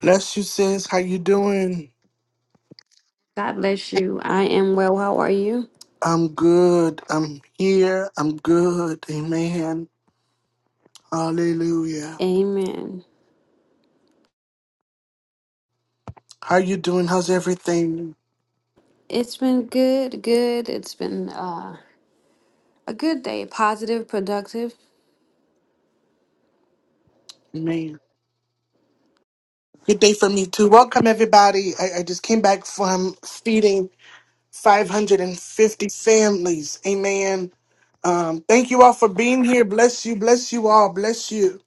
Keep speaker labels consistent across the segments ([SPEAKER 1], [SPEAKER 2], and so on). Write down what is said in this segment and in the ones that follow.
[SPEAKER 1] Bless you, sis. How you doing?
[SPEAKER 2] God bless you. I am well. How are you?
[SPEAKER 1] I'm good. I'm here. I'm good. Amen. Hallelujah.
[SPEAKER 2] Amen.
[SPEAKER 1] How you doing? How's everything?
[SPEAKER 2] It's been good, good. It's been uh, a good day, positive, productive.
[SPEAKER 1] Amen. Good day for me too. Welcome everybody. I, I just came back from feeding 550 families. Amen. Um, thank you all for being here. Bless you. Bless you all. Bless you.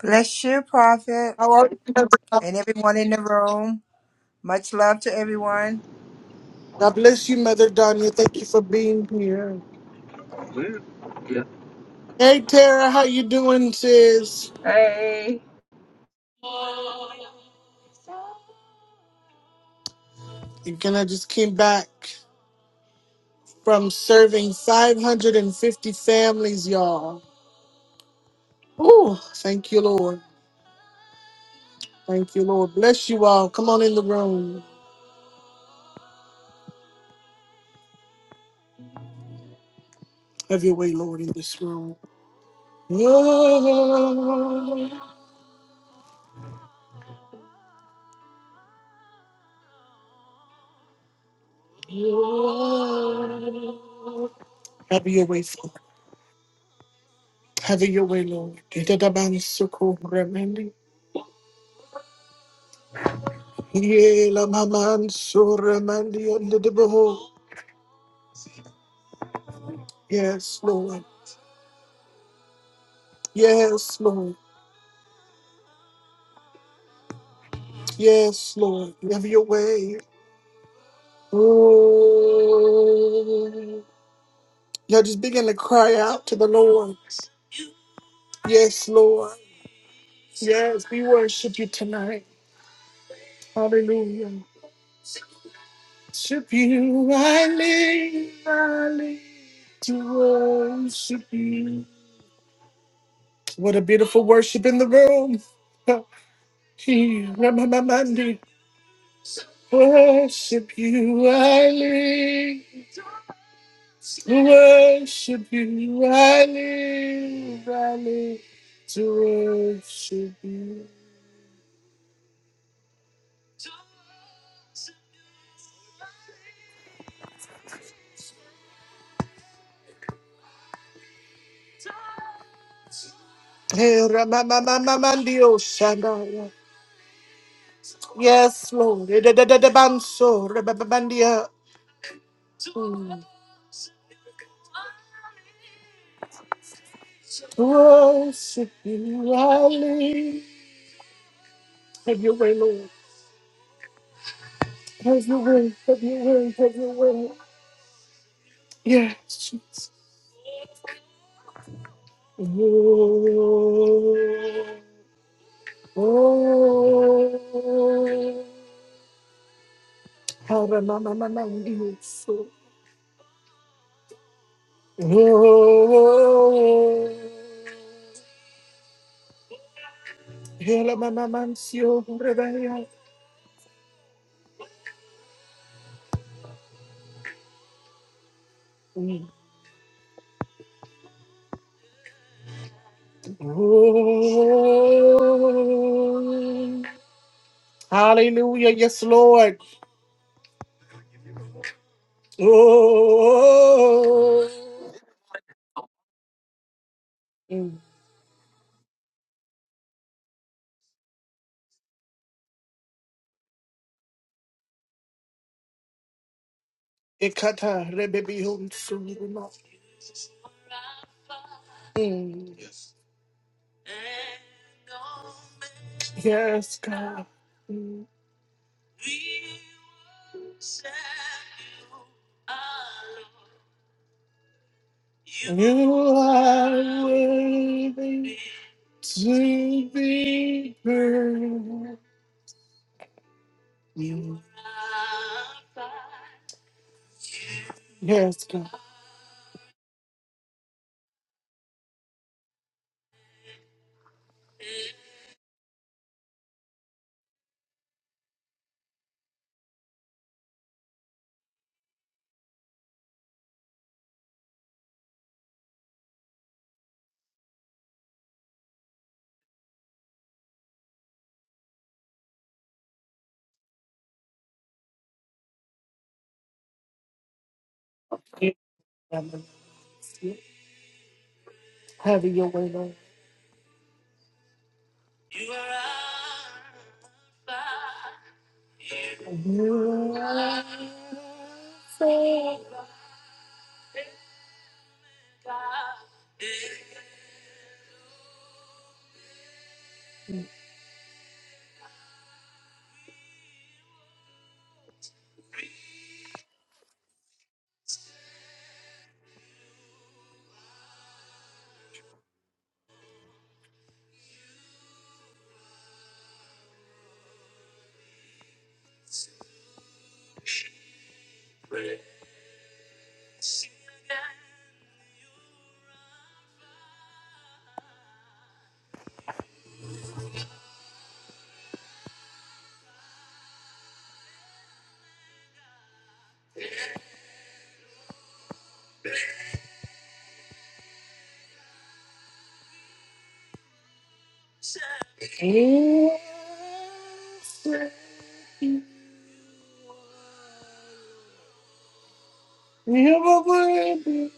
[SPEAKER 3] Bless you, Prophet,
[SPEAKER 1] How are you?
[SPEAKER 3] and everyone in the room. Much love to everyone.
[SPEAKER 1] God bless you, Mother Donya. Thank you for being here.
[SPEAKER 4] Well, yeah.
[SPEAKER 1] Hey Tara, how you doing, sis?
[SPEAKER 4] Hey.
[SPEAKER 1] Again, I just came back from serving 550 families, y'all. Oh, thank you, Lord. Thank you, Lord. Bless you all. Come on in the room. Have your way, Lord, in this room. Have your way, Lord. Have your way, Lord. Itadabansukuramandi. Yelamamansuramandiandadabaho. Yes, Lord. Yes, Lord. Yes, Lord, have your way. Ooh. Y'all just begin to cry out to the Lord. Yes, Lord. Yes, we worship you tonight. Hallelujah. Worship you, I live, I live to worship you. What a beautiful worship in the room. He- Ramamamandi. Worship you, I live. To worship you, I live, I live to worship you. Hey, Ramamamamandio Shandaya. Yes, Lord. Eh, da, da, da, da, Banso, Ramamandia. Mm. To worship you, I live. Have your way, Lord. Have your way, have your way, have your way. Yes, Jesus. Oh. Oh, how the mama mama so. Oh, hela mama mansio rebaya. Oh, hallelujah, yes, Lord. Oh, Mm. ekata rebebi hunsu. Mm. Yes, God. You are worthy to be praised. You, Yes, God. Have your way, Lord. You are worthy. You are worthy. You are worthy.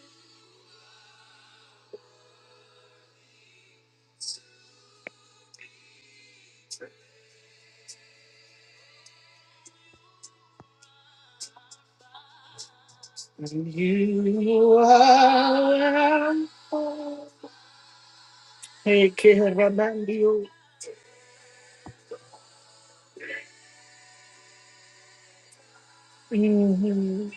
[SPEAKER 1] Hey, Kiramandio. Mhm.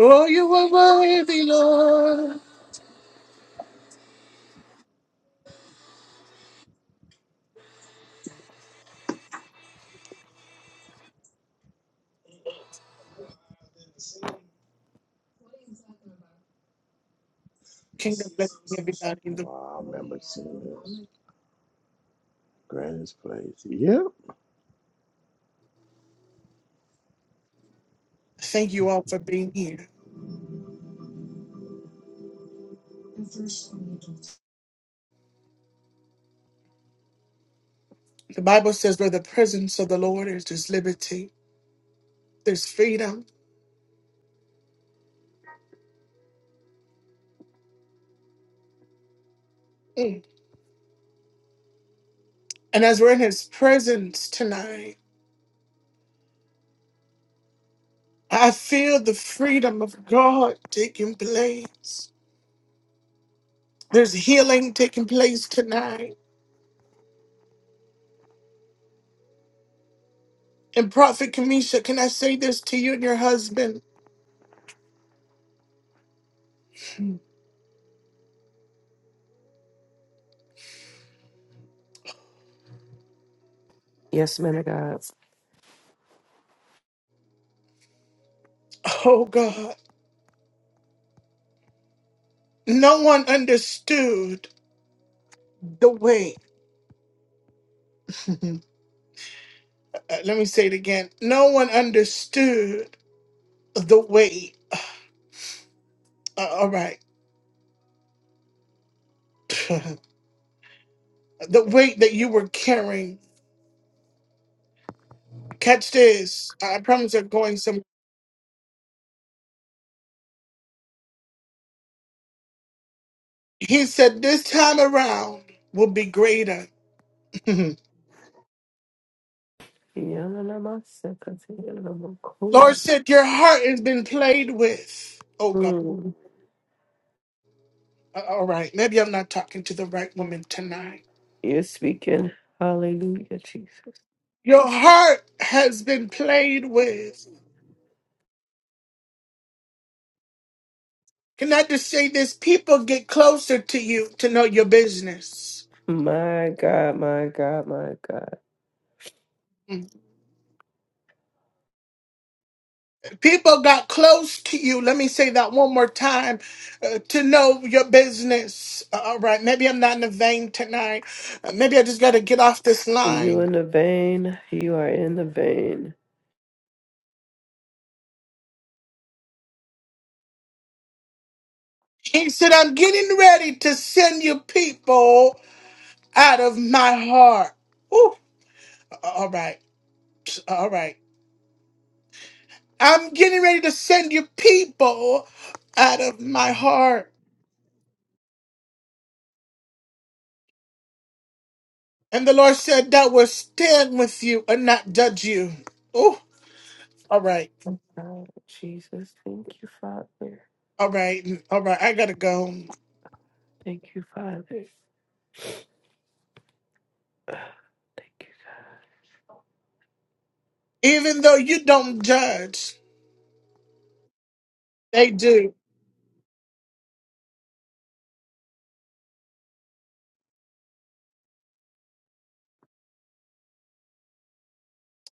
[SPEAKER 1] Oh, you are worthy, Lord. Kingdom bless everybody.
[SPEAKER 5] Wow, I remember seeing this. Granny's place. Yep.
[SPEAKER 1] Thank you all for being here. The Bible says, where the presence of the Lord is, there's liberty, there's freedom. Mm. And as we're in his presence tonight, I feel the freedom of God taking place. There's healing taking place tonight. And Prophet Kamisha, can I say this to you and your husband?
[SPEAKER 6] Yes, man of God.
[SPEAKER 1] Oh God, no one understood the way. Uh, let me say it again. No one understood the way. Uh, all right. the weight that you were carrying. Catch this. I promise I'm going some. He said, This time around will be greater. Lord
[SPEAKER 6] Mm.
[SPEAKER 1] said, Your heart has been played with. Oh, God. A- All right. Maybe I'm not talking to the right woman tonight.
[SPEAKER 6] You're speaking. Hallelujah, Jesus.
[SPEAKER 1] Your heart has been played with. Can I just say this? People get closer to you to know your business.
[SPEAKER 6] My God, my God, my God.
[SPEAKER 1] People got close to you. Let me say that one more time uh, to know your business. Uh, All right. Maybe I'm not in the vein tonight. Uh, maybe I just got to get off this
[SPEAKER 6] You
[SPEAKER 1] line.
[SPEAKER 6] in the vein. You are in the vein.
[SPEAKER 1] He said, I'm getting ready to send you people out of my heart. Ooh, all right. All right. I'm getting ready to send you people out of my heart. And the Lord said, that will stand with you and not judge you. Ooh, all right.
[SPEAKER 6] God, Jesus, thank you, Father.
[SPEAKER 1] All right, all right, I gotta go.
[SPEAKER 6] Thank you, Father. Thank you.
[SPEAKER 1] Even though you don't judge, they do.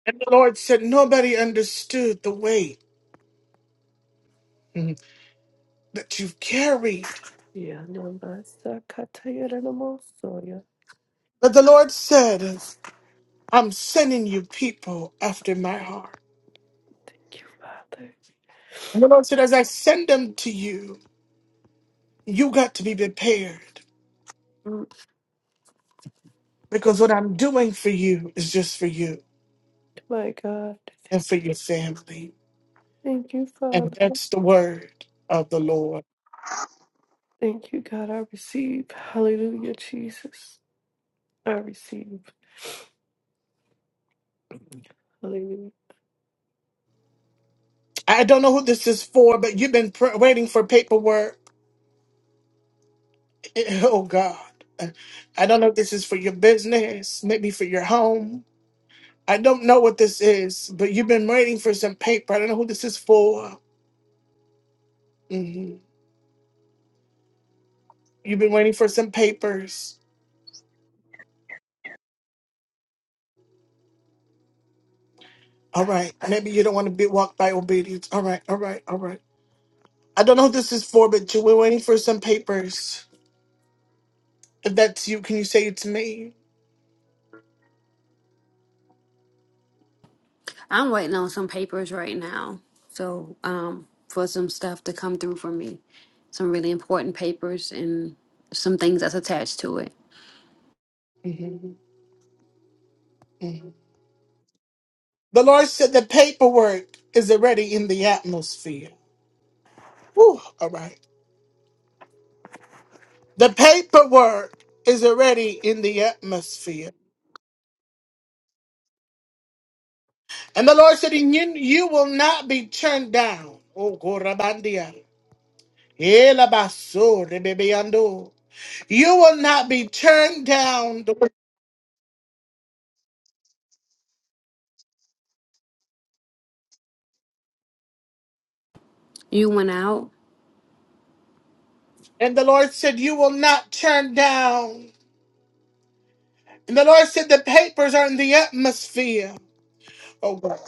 [SPEAKER 1] And the Lord said, Nobody understood the weight mhm, that you've carried.
[SPEAKER 6] Yeah, no, that's the kataya
[SPEAKER 1] But the Lord said, I'm sending you people after my heart.
[SPEAKER 6] Thank you, Father.
[SPEAKER 1] And the Lord said, As I send them to you, you got to be prepared
[SPEAKER 6] Mm,
[SPEAKER 1] because what I'm doing for you is just for you
[SPEAKER 6] My God,
[SPEAKER 1] and for
[SPEAKER 6] thank you.
[SPEAKER 1] your family.
[SPEAKER 6] Thank you,
[SPEAKER 1] And
[SPEAKER 6] Father.
[SPEAKER 1] that's the word of the Lord.
[SPEAKER 6] Thank you, God. I receive. Hallelujah, Jesus. I receive. Hallelujah.
[SPEAKER 1] I don't know who this is for, but you've been pr- waiting for paperwork Oh God. I don't know if this is for your business, maybe for your home. I don't know what this is, but you've been waiting for some paper. I don't know who this is for. hmm You've been waiting for some papers. All right. Maybe you don't want to be walked by obedience. All right. All right. All right. I don't know who this is for, but you were waiting for some papers. If that's you, can you say it to me?
[SPEAKER 2] I'm waiting on some papers right now. So, um, for some stuff to come through for me, some really important papers and some things that's attached to it.
[SPEAKER 1] Mhm. mhm. The Lord said the paperwork is already in the atmosphere. Whew, all right. The paperwork is already in the atmosphere. And the Lord said, and you, you will not be turned down. Oh, Korabandia. Elabaso, rebebeando. You will not be turned down.
[SPEAKER 2] You went out.
[SPEAKER 1] And the Lord said, You will not turn down. And the Lord said, The papers are in the atmosphere. Oh God.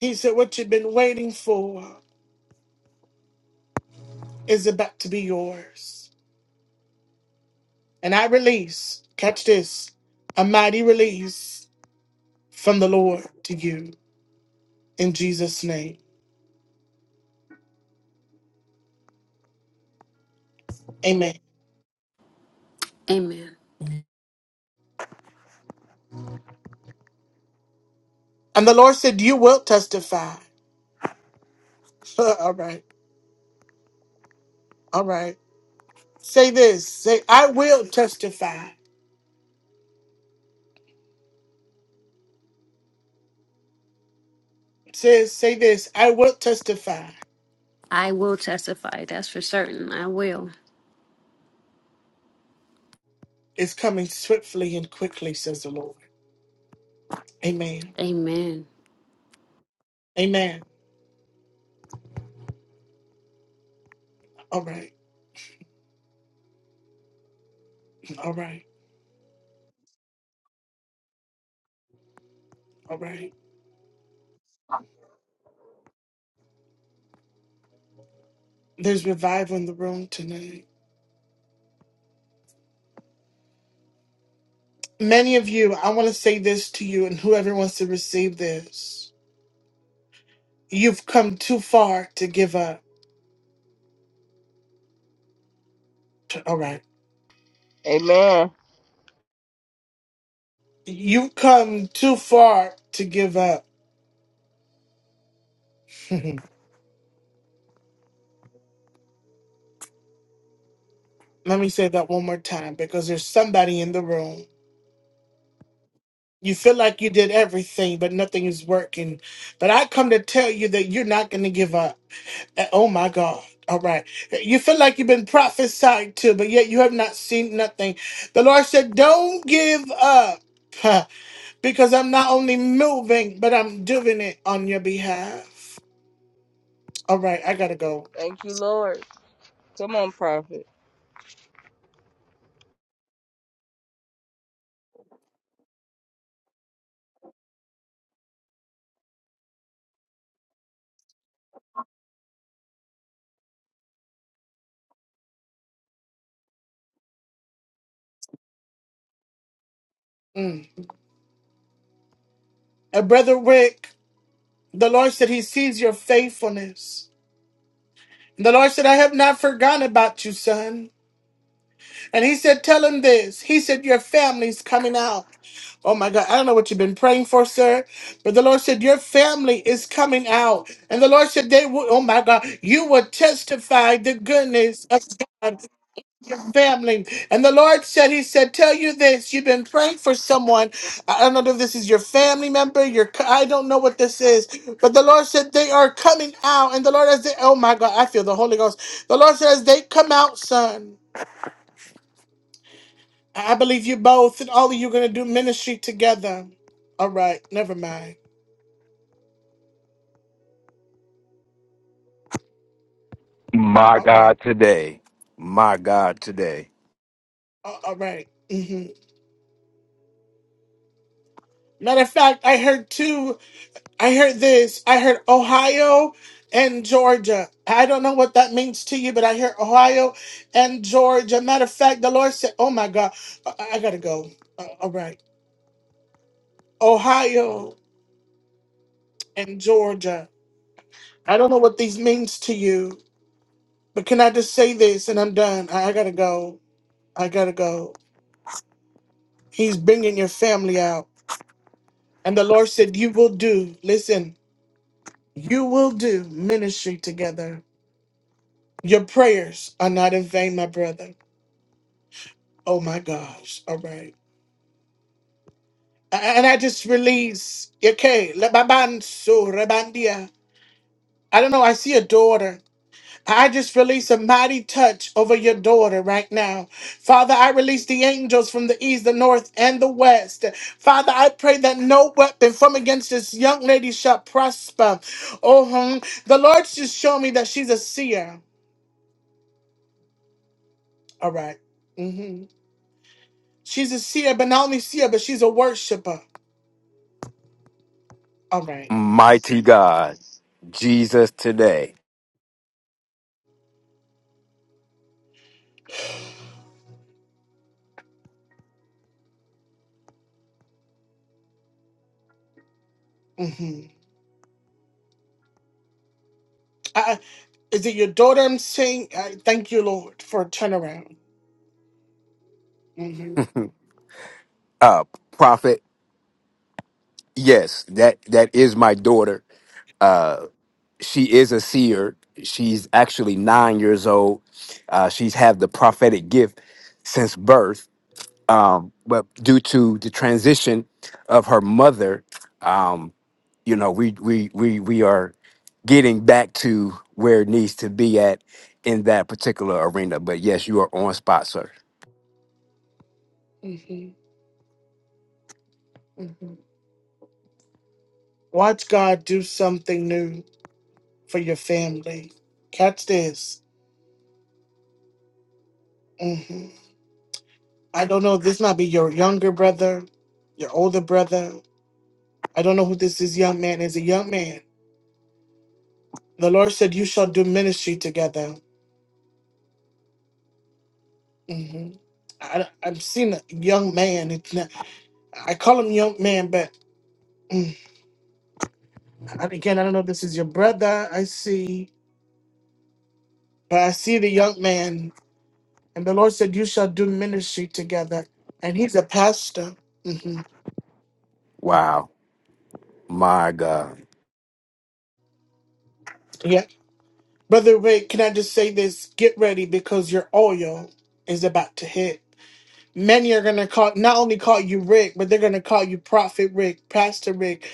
[SPEAKER 1] He said, What you've been waiting for is about to be yours. And I release, catch this, a mighty release from the Lord to you in Jesus' name. Amen.
[SPEAKER 2] Amen.
[SPEAKER 1] And the Lord said, You will testify. all right. All right. Say this. Say, I will testify. Says, say this. I will testify.
[SPEAKER 2] I will testify. That's for certain. I will.
[SPEAKER 1] It's coming swiftly and quickly, says the Lord. Amen.
[SPEAKER 2] Amen.
[SPEAKER 1] Amen. All right. All right. All right. There's revival in the room tonight. Many of you, I want to say this to you, and whoever wants to receive this, you've come too far to give up. All right.
[SPEAKER 4] Amen.
[SPEAKER 1] You've come too far to give up. Let me say that one more time because there's somebody in the room. You feel like you did everything, but nothing is working. But I come to tell you that you're not going to give up. Uh, Oh my God. All right. You feel like you've been prophesied to, but yet you have not seen nothing. The Lord said, Don't give up huh, because I'm not only moving, but I'm doing it on your behalf. All right. I got to go.
[SPEAKER 4] Thank you, Lord. Come on, prophet.
[SPEAKER 1] Mm. Uh, Brother Rick, the Lord said, He sees your faithfulness. The Lord said, I have not forgotten about you, son. And he said, Tell him this. He said, Your family's coming out. Oh my God, I don't know what you've been praying for, sir, but the Lord said, Your family is coming out. And the Lord said, They will, oh my God, you will testify the goodness of God, your family. And the Lord said, He said, Tell you this, you've been praying for someone. I I don't know if this is your family member, your, co- I don't know what this is, but the Lord said, They are coming out. And the Lord, as they, oh my God, I feel the Holy Ghost. The Lord says, They come out, son. I believe you both and all of you going to do ministry together. All right, never mind. A-
[SPEAKER 7] My
[SPEAKER 1] All
[SPEAKER 7] God
[SPEAKER 1] right,
[SPEAKER 7] today. My God today.
[SPEAKER 1] A- all right. Mm-hmm. Matter of fact, I heard two. I heard this. I heard Ohio and Georgia. I don't know what that means to you, but I hear Ohio and Georgia. Matter of fact, the Lord said, "Oh my God, I, I gotta go." Uh, all right, Ohio and Georgia. I don't know what these means to you, but can I just say this, and I'm done. I, I gotta go. I gotta go. He's bringing your family out. And the Lord said, You will do, listen, you will do ministry together. Your prayers are not in vain, my brother. Oh my gosh. All right. A- And I just release, okay, lebaban so rebandia. I don't know. I see a daughter. I just release a mighty touch over your daughter right now. Father, I release the angels from the east, the north, and the west. Father, I pray that no weapon from against this young lady shall prosper. Oh, hmm. the Lord's just showed me that she's a seer. All right, Mm-hmm. She's a seer, but not only seer, but she's a worshiper. All right,
[SPEAKER 7] Mighty God. Jesus today.
[SPEAKER 1] Mm-hmm. I, is it your daughter I'm seeing? I thank you, Lord, for a turnaround. hmm
[SPEAKER 7] Uh prophet, yes, that that is my daughter. Uh she is a seer. She's actually 9 years old. Uh she's had the prophetic gift since birth um, but due to the transition of her mother, um, you know, we we we we are getting back to where it needs to be at in that particular arena. But yes, you are on spot, sir.
[SPEAKER 1] hmm hmm Watch God do something new. for your family. Catch this. hmm I don't know. This might be your younger brother, your older brother. I don't know who this is. Young man is a young man. The Lord said, "You shall do ministry together." hmm I, I'm seeing a young man. It's not, I call him young man, but mm, and again, I don't know. If this is your brother. I see, but I see the young man, and the Lord said, "You shall do ministry together." And he's a pastor. hmm
[SPEAKER 7] Wow, my God,
[SPEAKER 1] Brother Rick, can I just say this? Get ready because your oil is about to hit. Many are gonna call not only call you Rick, but they're gonna call you Prophet Rick, Pastor Rick,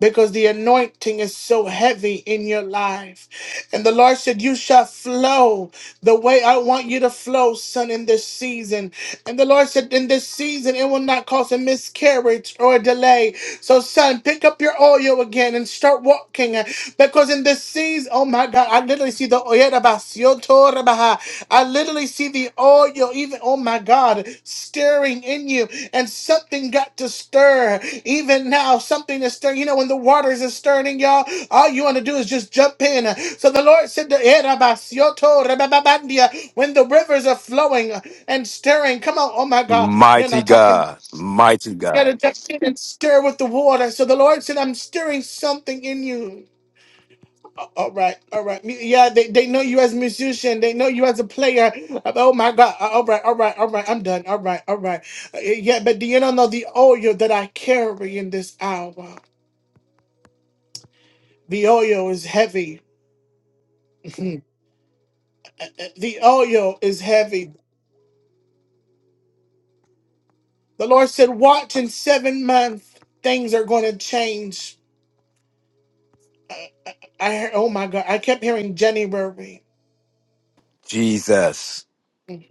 [SPEAKER 1] because the anointing is so heavy in your life. And the Lord said, You shall flow the way I want you to flow, son, in this season. And the Lord said, In this season, it will not cause a miscarriage or a delay. So, son, pick up your oil again and start walking. uh, Because in this season, oh my God, I literally see the oil I literally see the oil, even, oh my God, stirring in you. And something got to stir. Even now, something is stirring. You know, when the waters is stirring y'all, all you want to do is just jump in. So the Lord said, to Eh, rabasioto, rababandia, when the rivers are flowing and stirring, come on, oh my God, you're
[SPEAKER 7] mighty
[SPEAKER 1] not talking.
[SPEAKER 7] God, mighty
[SPEAKER 1] You gotta
[SPEAKER 7] God,
[SPEAKER 1] jump in and stir with the water. So the Lord said, I'm stirring something in you. All right, all right. Me- Yeah, they, they know you as a musician. They know you as a player. Uh, Oh my God. Uh, All right, all right, all right. I'm done. All right, all right. Uh, Yeah, but do you not know the oil that I carry in this hour? The oil is heavy. Uh, uh, the oil is heavy. The Lord said, Watch in seven months, things are going to change. Uh, uh, I heard, oh my God. I kept hearing January.
[SPEAKER 7] Jesus,
[SPEAKER 1] Mm.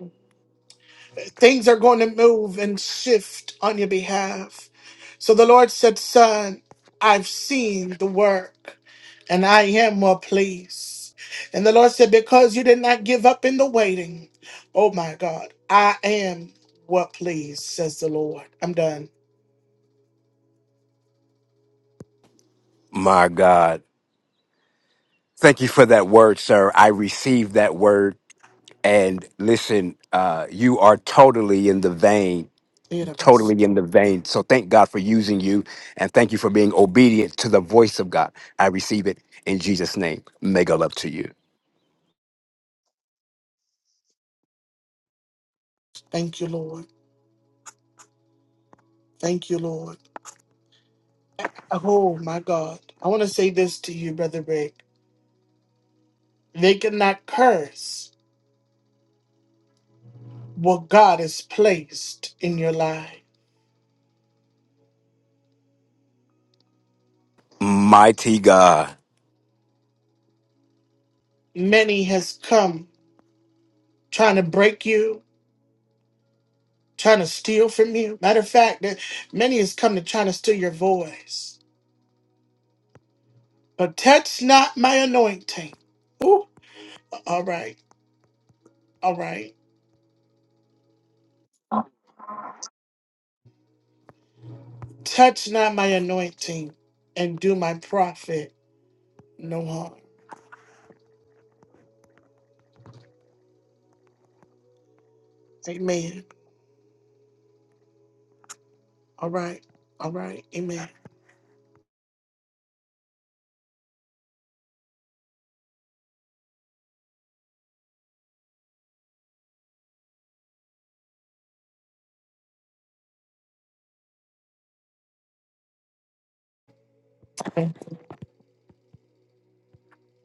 [SPEAKER 1] Things are going to move and shift on your behalf. So the Lord said, Son, I've seen the work and I am well pleased. And the Lord said, Because you did not give up in the waiting, oh my God, I am well pleased, says the Lord. I'm done.
[SPEAKER 7] my God. Thank you for that word, sir. I received that word, and listen, uh, you are totally in the vein totally in the vein. So thank God for using you and thank you for being obedient to the voice of God. I receive it in Jesus' name. Mega love to you.
[SPEAKER 1] Thank you, Lord. Thank you, Lord. Oh my God. I want to say this to you, Brother Rick. They cannot curse what God has placed in your life.
[SPEAKER 7] Mighty God.
[SPEAKER 1] many has come trying to break you, trying to steal from you. Matter of fact, that many has come to trying to steal your voice. But touch not my anointing. Ooh, all right, all right. Touch not my anointing and do my prophet no harm. Amen. All right, all right. Amen.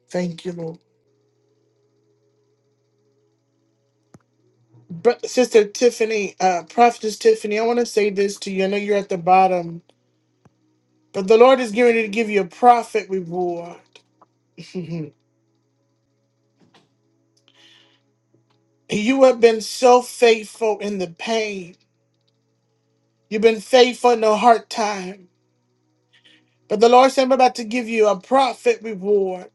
[SPEAKER 1] Thank you, Lord. Bro- Sister Tiffany, uh, Prophetess Tiffany, I want to say this to you. I know you're at the bottom, but the Lord is getting ready to give you a prophet reward. Mhm. You have been so faithful in the pain. You've been faithful in the hard time. But the Lord said, I'm about to give you a profit reward.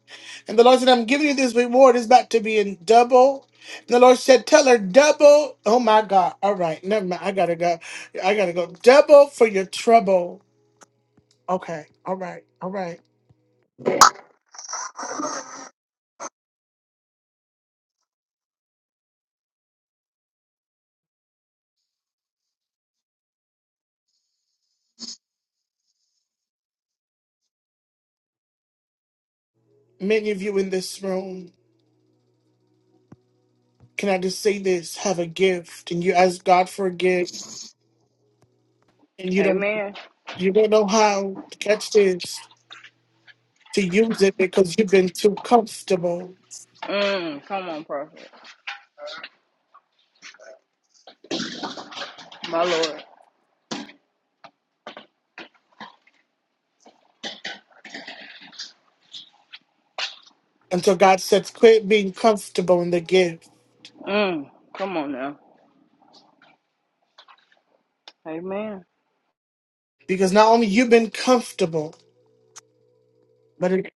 [SPEAKER 1] And the Lord said, I'm giving you this reward. It's about to be in double. And the Lord said, Tell her double. Oh my God. All right. Never mind. I got to go. I got to go. Double for your trouble. Okay. All right. All right. Many of you in this room, can I just say this? Have a gift. And you ask God for a gift. And you don't
[SPEAKER 4] Amen.
[SPEAKER 1] you don't know how. Catch this. to use it because you've been too comfortable.
[SPEAKER 4] Mm, come on, prophet. My Lord.
[SPEAKER 1] Until God says, quit being comfortable in the gift.
[SPEAKER 4] Mm, come on now. Amen.
[SPEAKER 1] Because not only you've been comfortable, but it,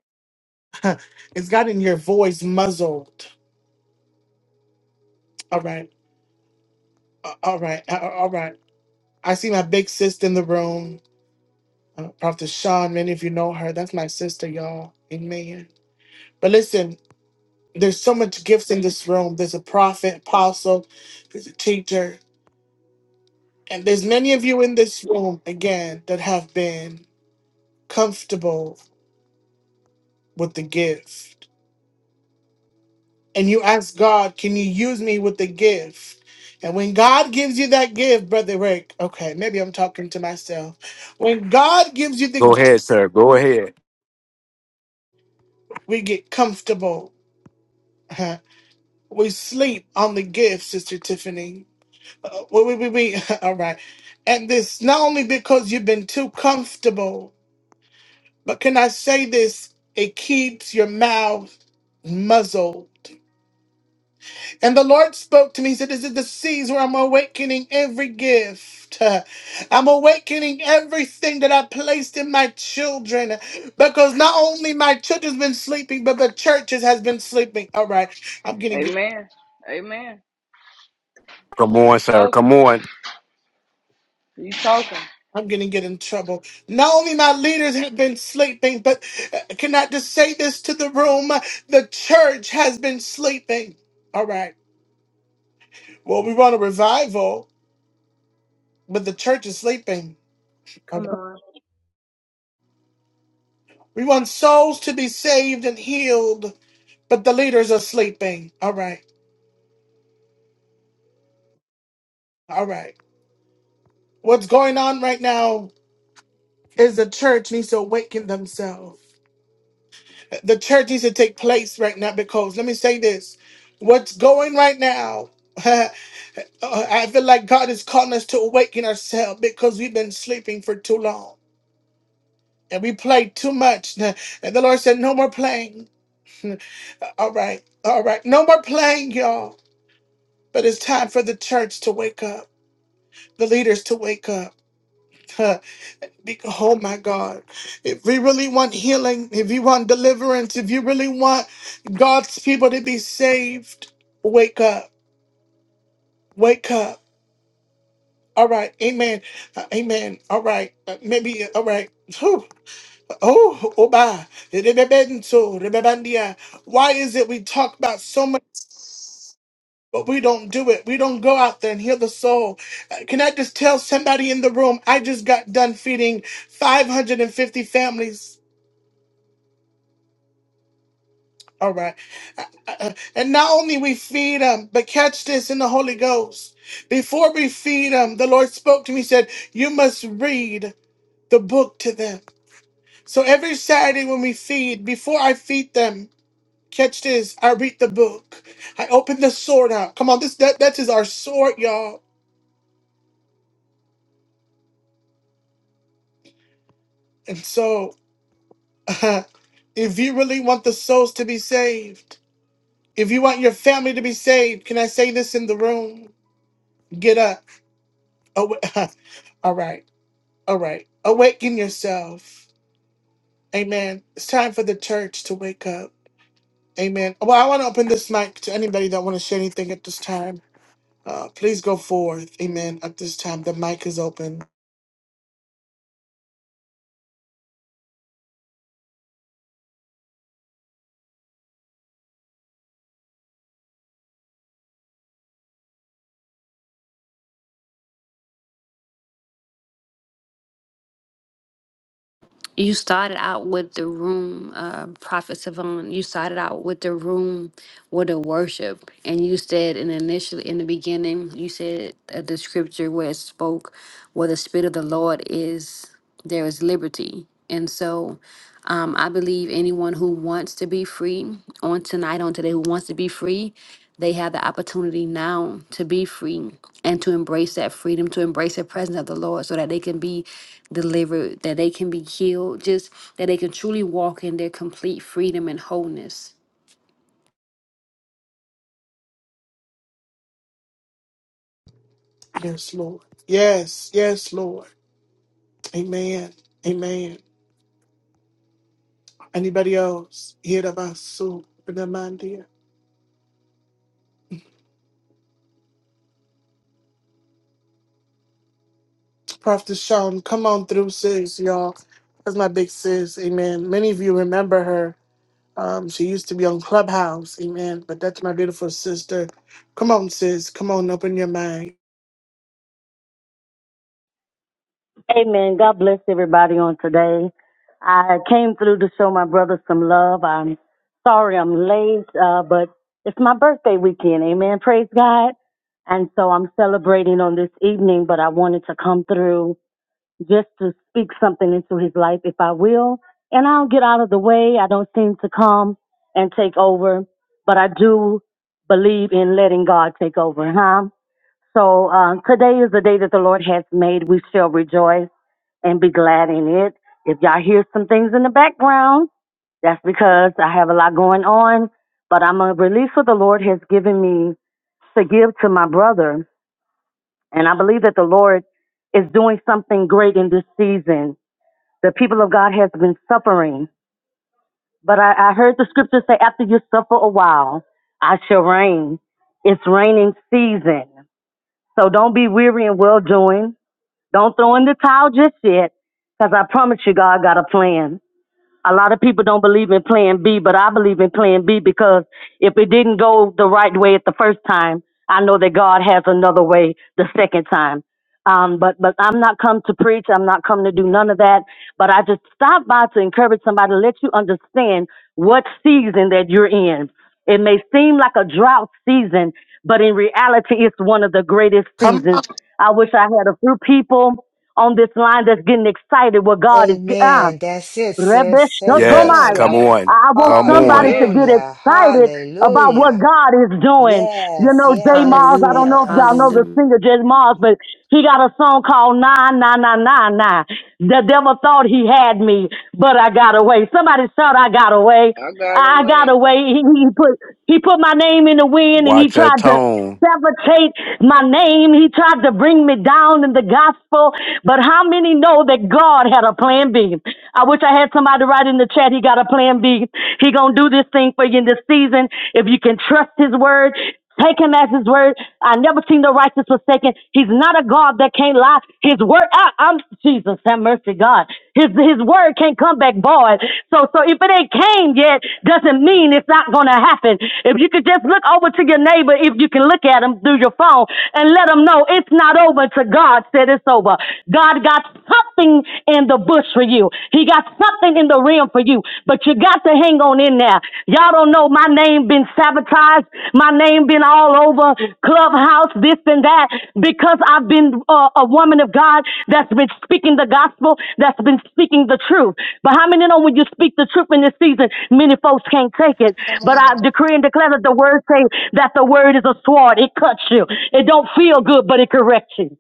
[SPEAKER 1] it's gotten your voice muzzled. All right. Uh, All right. Uh, uh, All right. I see my big sister in the room, uh, Prophet Sean. Many of you know her. That's my sister, y'all. Amen. But listen, there's so much gifts in this room. There's a prophet, apostle, there's a teacher. And there's many of you in this room, again, that have been. comfortable with the gift. And you ask God, can you use me with the gift? And when God gives you that gift, Brother Rick, okay, maybe I'm talking to myself. When God gives you the
[SPEAKER 7] Go
[SPEAKER 1] gift,
[SPEAKER 7] ahead, sir. Go ahead.
[SPEAKER 1] we get comfortable. huh? We sleep on the gift, Sister Tiffany. Uh, we, we, we, we, all right. And this, not only because you've been too comfortable, but can I say this? It keeps your mouth muzzled And the Lord spoke to me. He said, This is the season where I'm awakening every gift. Uh, I'm awakening everything that I placed in my children. Because not only my children's been sleeping, but the churches has been sleeping. All right. I'm gonna get
[SPEAKER 4] Amen. Amen.
[SPEAKER 7] Come on,
[SPEAKER 4] You
[SPEAKER 7] sir.
[SPEAKER 4] talking.
[SPEAKER 7] Come on.
[SPEAKER 4] You talking.
[SPEAKER 1] I'm gonna get in trouble. Not only my leaders have been sleeping, but uh, can I just say this to the room? The church has been sleeping. All right. Well, we want a revival, but the church is sleeping.
[SPEAKER 8] Come on.
[SPEAKER 1] We want souls to be saved and healed, but the leaders are sleeping. All right. All right. What's going on right now is the church needs to awaken themselves. The church needs to take place right now because let me say this. What's going right now? uh, I feel like God is calling us to awaken ourselves because we've been sleeping for too long and we played too much. And the Lord said, No more playing. All right. All right. No more playing, y'all. But it's time for the church to wake up. the leaders to wake up. Huh. Because, oh my God, if we really want healing, if you want deliverance, if you really want God's people to be saved, wake up, wake up. All right, amen, Uh, amen. All right, Uh, maybe, uh, all right. Whew. Oh, oh, bye. Why is it we talk about so much? But we don't do it. We don't go out there and heal the soul. Uh, Can I just tell somebody in the room? I just got done feeding 550 families. All right. Uh, uh, uh, And not only we feed them, but catch this in the Holy Ghost. Before we feed them, the Lord spoke to me, said, You must read the book to them. So every Saturday when we feed, before I feed them, catch this, I read the book. I open the sword out. Come on, this that, that is our sword, y'all. And so if you really want the souls to be saved, if you want your family to be saved, can I say this in the room? Get up. Awa- all right. All right. Awaken yourself. Amen. It's time for the church to wake up. Amen. Well, I want to open this mic to anybody that want to share anything at this time. Uh, please go forth. Amen. At this time, the mic is open.
[SPEAKER 2] You started out with the room, uh, Prophet Savon. You started out with the room with the worship, and you said, and initially in the beginning, you said uh, the scripture where it spoke, "Where the spirit of the Lord is, there is liberty." And so, um, I believe anyone who wants to be free on tonight, on today, who wants to be free, they have the opportunity now to be free and to embrace that freedom, to embrace the presence of the Lord so that they can be delivered, that they can be healed, just that they can truly walk in their complete freedom and wholeness.
[SPEAKER 1] Yes, Lord. Yes. Yes, Lord. Amen. Amen. Anybody else? Hear about Prophet Sean, come on through, sis, y'all. That's my big sis, amen. Many of you remember her. Um, she used to be on Clubhouse, amen. But that's my beautiful sister. Come on, sis. Come on, open your mind.
[SPEAKER 9] Amen. God bless everybody on today. I came through to show my brother some love. I'm sorry I'm late, uh, but it's my birthday weekend. Amen. Praise God. And so I'm celebrating on this evening, but I wanted to come through just to speak something into his life if I will. And I'll get out of the way. I don't seem to come and take over, but I do believe in letting God take over, huh? So uh, today is the day that the Lord has made. We shall rejoice and be glad in it. If y'all hear some things in the background, that's because I have a lot going on, but I'm going to release what the Lord has given me to give to my brother. And I believe that the Lord is doing something great in this season. The people of God has been suffering, but I, I heard the scripture say, after you suffer a while, I shall reign. It's raining season. So don't be weary in well doing. Don't throw in the towel just yet, because I promise you, God got a plan. a lot of people don't believe in plan B, but I believe in plan B because if it didn't go the right way at the first time, I know that God has another way the second time. Um, but but I'm not come to preach. I'm not come to do none of that. But I just stopped by to encourage somebody, let you understand what season that you're in. It may seem like a drought season, but in reality, it's one of the greatest
[SPEAKER 1] Come on.
[SPEAKER 9] seasons. I wish I had a few people on this line that's getting excited. What God is.
[SPEAKER 3] Amen. That's it, sis.
[SPEAKER 7] Yes, come
[SPEAKER 3] Amen.
[SPEAKER 9] Rebeshotomaya.
[SPEAKER 4] Amen.
[SPEAKER 7] on.
[SPEAKER 9] I I want
[SPEAKER 7] Come
[SPEAKER 9] somebody
[SPEAKER 7] on.
[SPEAKER 9] to
[SPEAKER 4] Amen.
[SPEAKER 9] get
[SPEAKER 3] Hallelujah.
[SPEAKER 9] excited about what
[SPEAKER 3] Hallelujah.
[SPEAKER 9] God is doing. You
[SPEAKER 3] Yes,
[SPEAKER 9] know, Jay
[SPEAKER 3] yes,
[SPEAKER 9] Miles, I don't
[SPEAKER 2] Hallelujah.
[SPEAKER 9] know if y'all know
[SPEAKER 3] yes.
[SPEAKER 9] the
[SPEAKER 2] Hallelujah.
[SPEAKER 9] singer Jay Miles, but he got a song called Nine, Nine, Nine, Nine, Nine. The devil thought he had me, but I got away. Somebody shout, I got away.
[SPEAKER 4] I got
[SPEAKER 9] I got
[SPEAKER 4] away.
[SPEAKER 9] away. He, he put he put my name in the wind, and he
[SPEAKER 7] Watch your
[SPEAKER 9] tried to
[SPEAKER 7] tone.
[SPEAKER 9] sabotage my name. He tried to bring me down in the gospel. But how many know that God had a plan B? I wish I had somebody write in the chat. He got a plan B. He gonna do this thing for you in this season. If you can trust His word. Take him as his word. I never seen the righteous forsaken. He's not a God that can't lie. His word, I, am Jesus, have mercy mercy, God. His His word can't come back void. So so if it ain't came yet, doesn't mean it's not gonna happen. If you could just look over to your neighbor, if you can look at him through your phone and let him know it's not over till God said it's over. God got something in the bush for you. He got something in the rim for you, but you got to hang on in there. Y'all don't know. My my name been sabotaged. My name been all over clubhouse, this and that, because I've been uh, a woman of God that's been speaking the gospel, that's been speaking the truth. But how many know when you speak the truth in this season, many folks can't take it. But I decree and declare that the word say that the word is a sword. It cuts you. It don't feel good, but it corrects you.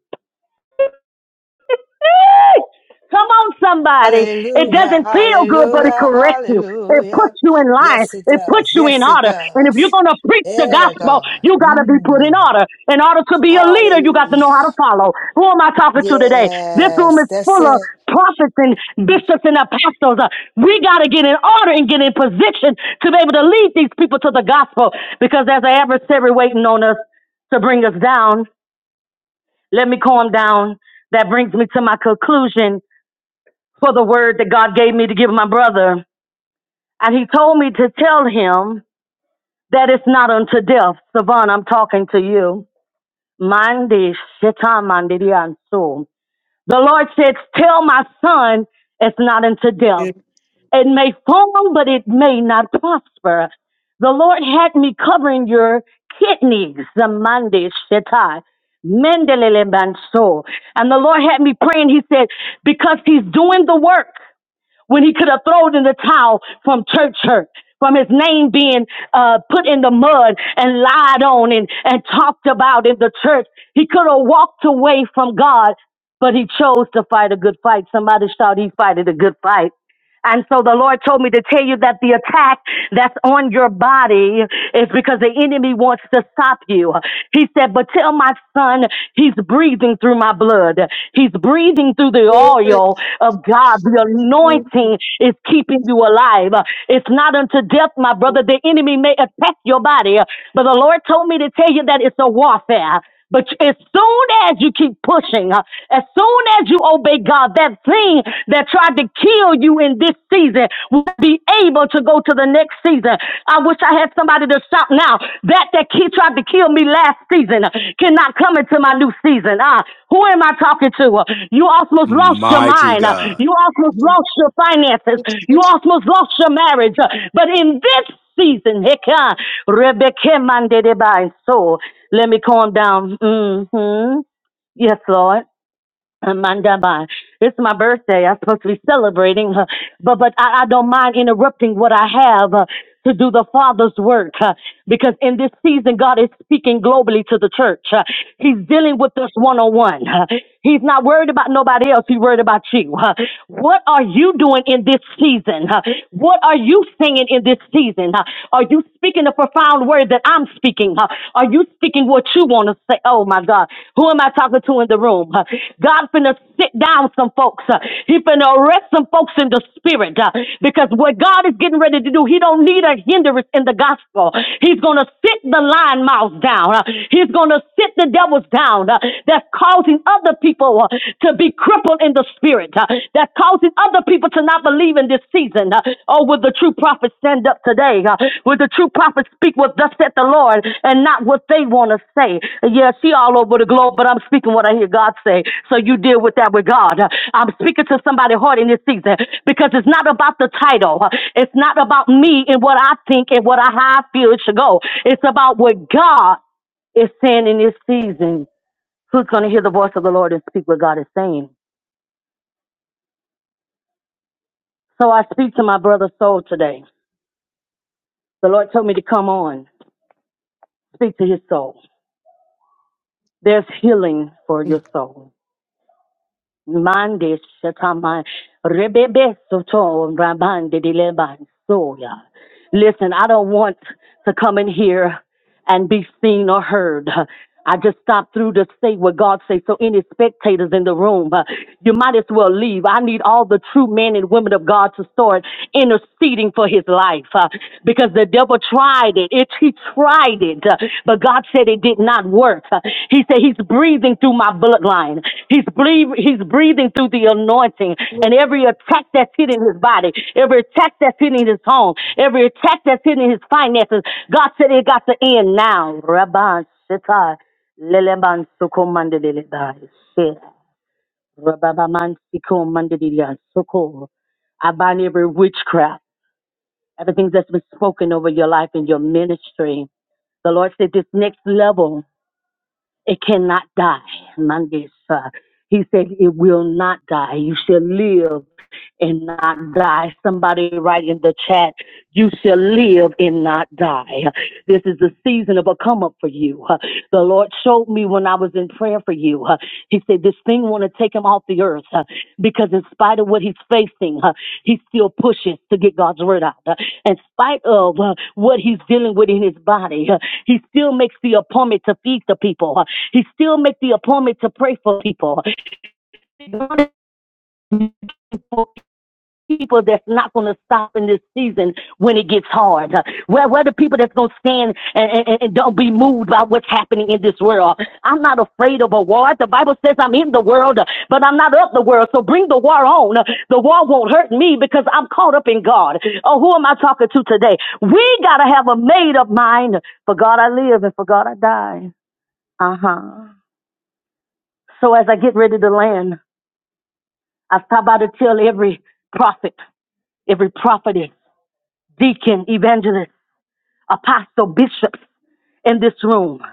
[SPEAKER 9] Hey! Come on, somebody. It
[SPEAKER 3] Hallelujah.
[SPEAKER 9] doesn't feel good, but it
[SPEAKER 3] Hallelujah.
[SPEAKER 9] corrects you. It
[SPEAKER 3] Hallelujah.
[SPEAKER 9] puts you in line.
[SPEAKER 3] Yes, it
[SPEAKER 9] It puts
[SPEAKER 3] does.
[SPEAKER 9] you in
[SPEAKER 3] Yes, it
[SPEAKER 9] order. And if you're
[SPEAKER 3] does.
[SPEAKER 9] going to preach the
[SPEAKER 3] Yeah,
[SPEAKER 9] gospel,
[SPEAKER 3] God.
[SPEAKER 9] you got to be put in
[SPEAKER 3] Mm.
[SPEAKER 9] order. In order to be a leader, you got to know
[SPEAKER 3] Hallelujah.
[SPEAKER 9] how to follow. Who am I talking to today? This room
[SPEAKER 3] Yes,
[SPEAKER 9] is
[SPEAKER 3] that's
[SPEAKER 9] full of
[SPEAKER 3] it.
[SPEAKER 9] prophets and bishops and apostles. Uh, We got to get in order and get in position to be able to lead these people to the gospel because there's an adversary waiting on us to bring us down. Let me calm down. That brings me to my conclusion for the word that God gave me to give my brother. And he told me to tell him that it's not unto death. Savon, I'm talking to you. Mandi shita mandi diansu. The Lord says, Tell my son it's not unto death.
[SPEAKER 1] Yeah.
[SPEAKER 9] It may fall, but it may not prosper. The Lord had me covering your kidneys, the Monday Shetai. Mendelele Manso. And the Lord had me praying. He said, because he's doing the work when he could have thrown in the towel from church hurt, from his name being uh, put in the mud and lied on and, and talked about in the church. He could have walked away from God, but he chose to fight a good fight. Somebody shout, he fighted a good fight. And so the Lord told me to tell you that the attack that's on your body is because the enemy wants to stop you. He said, But tell my son he's breathing through my blood. He's breathing through the
[SPEAKER 1] Glory
[SPEAKER 9] oil of God. The
[SPEAKER 1] to
[SPEAKER 9] anointing is keeping you alive. It's not unto death, my brother. The enemy may attack your body, but the Lord told me to tell you that it's a warfare. But as soon as you keep pushing, uh, as soon as you obey God, that thing that tried to kill you in this season will be able to go to the next season. I wish I had somebody to shout now. That that kid tried to kill me last season uh, cannot come into my new season. Ah, who am I talking to? Uh, You almost lost your
[SPEAKER 7] Mighty
[SPEAKER 9] mind. Uh,
[SPEAKER 7] God.
[SPEAKER 9] You almost lost your finances. You almost lost your marriage. Uh, But in this season. Heka, Rebecca, Mandedeba. And so let me calm down. Mm hmm Yes, Lord. Amandaba. It's my birthday. I'm supposed to be celebrating, uh, but but I, I don't mind interrupting what I have uh, to do the Father's work uh, because in this season God is speaking globally to the church. uh, He's dealing with us one on one. He's not worried about nobody else. He's worried about you. uh. What are you doing in this season? uh? What are you singing in this season? uh? Are you speaking the prophetic? profound word that I'm speaking? Huh? Are you speaking what you want to say? Oh my God. Who am I talking to in the room? Huh? God finna sit down some folks. Huh? He finna arrest some folks in the spirit. Huh? Because what God is getting ready to do, He don't need a hindrance in the gospel. He's gonna sit the lying mouth down. Huh? He's gonna sit the devils down huh? that's causing other people huh, to be crippled in the spirit. huh? that causes other people to not believe in this season. Uh, Oh, will the true prophet stand up today? Uh, Will the true prophet speak what thus said the Lord and not what they want to say? Yeah, she all over the globe, but I'm speaking what I hear God say. So you deal with that with God. Uh, I'm speaking to somebody hard in this season because it's not about the title. Uh, It's not about me and what I think and what I, how I feel it should go. It's about what God is saying in this season. Who's going to hear the voice of the Lord and speak what God is saying? So I speak to my brother's soul today. The Lord told me to come on, speak to his soul. There's healing for your
[SPEAKER 1] you.
[SPEAKER 9] soul. Mande shatama rebebe soto rabande dileban soya. Listen, I don't want to come in here and be seen or heard. I just stopped through to say what God says. So any spectators in the room, uh, you might as well leave. I need all the true men and women of God to start interceding for his life uh, because the devil tried it. it he tried it, uh, but God said it did not work. He said he's breathing through my bloodline. He's breathing, he's breathing through the anointing and every attack that's hitting his body, every attack that's hitting his home, every attack that's hitting his finances. God said it got to end now. Rabban Shetai, Leleman Sukomandelelebai, Shea, Rababaman Sikomandelelebai, Soko. I bind every witchcraft, everything that's been spoken over your life and your ministry. The Lord said this next level. It cannot die. Mondays, uh, he said it will not die. You shall live and not die. Somebody write in the chat, you shall live and not die. This is the season of a come up for you. Uh, The Lord showed me when I was in prayer for you. uh, He said, this thing want to take him off the earth uh, because in spite of what he's facing, uh, he still pushes to get God's word out. Uh, In spite of uh, what he's dealing with in his body, uh, he still makes the appointment to feed the people. She still make the appointment to pray for people. People that's not going to stop in this season when it gets hard. Where, where the people that's going to stand and, and, and don't be moved by what's happening in this world. I'm not afraid of a war. The Bible says I'm in the world, but I'm not of the world. So bring the war on. The war won't hurt me because I'm caught up in God. Oh, who am I talking to today? We got to have a made up mind. For God I live and for God I die. Uh huh. So as I get ready to land, I stop by to tell every prophet, every prophetess, deacon, evangelist, apostle, bishop in this room.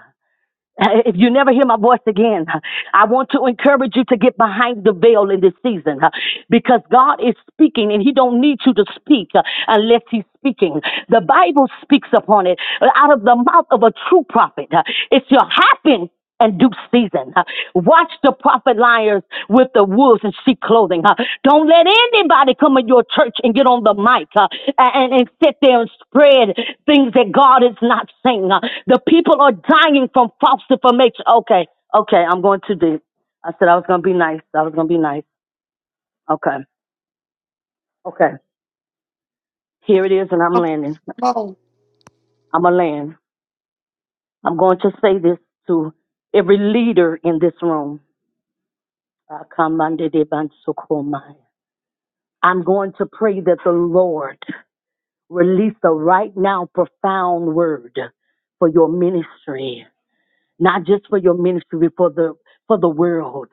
[SPEAKER 9] Uh, If you never hear my voice again, uh, I want to encourage you to get behind the veil in this season uh, because God is speaking and He don't need you to speak uh, unless He's speaking. The Bible speaks upon it uh, out of the mouth of a true prophet. uh, It's your happen and due season. huh? Watch the prophet liars with the wolves in sheep clothing. huh? Don't let anybody come in your church and get on the mic huh, and, and sit there and spread things that God is not saying. huh? The people are dying from false information. Okay, okay, I'm going too deep. I said I was going to be nice. I was going to be nice. Okay, okay. Here it is, and I'm
[SPEAKER 1] Come
[SPEAKER 9] landing.
[SPEAKER 1] on.
[SPEAKER 9] I'm a land. I'm going to say this to every leader in this room. Uh, Kamande de Bansukomai. I'm going to pray that the Lord release a right now profound word for your ministry, not just for your ministry, but for the for the world,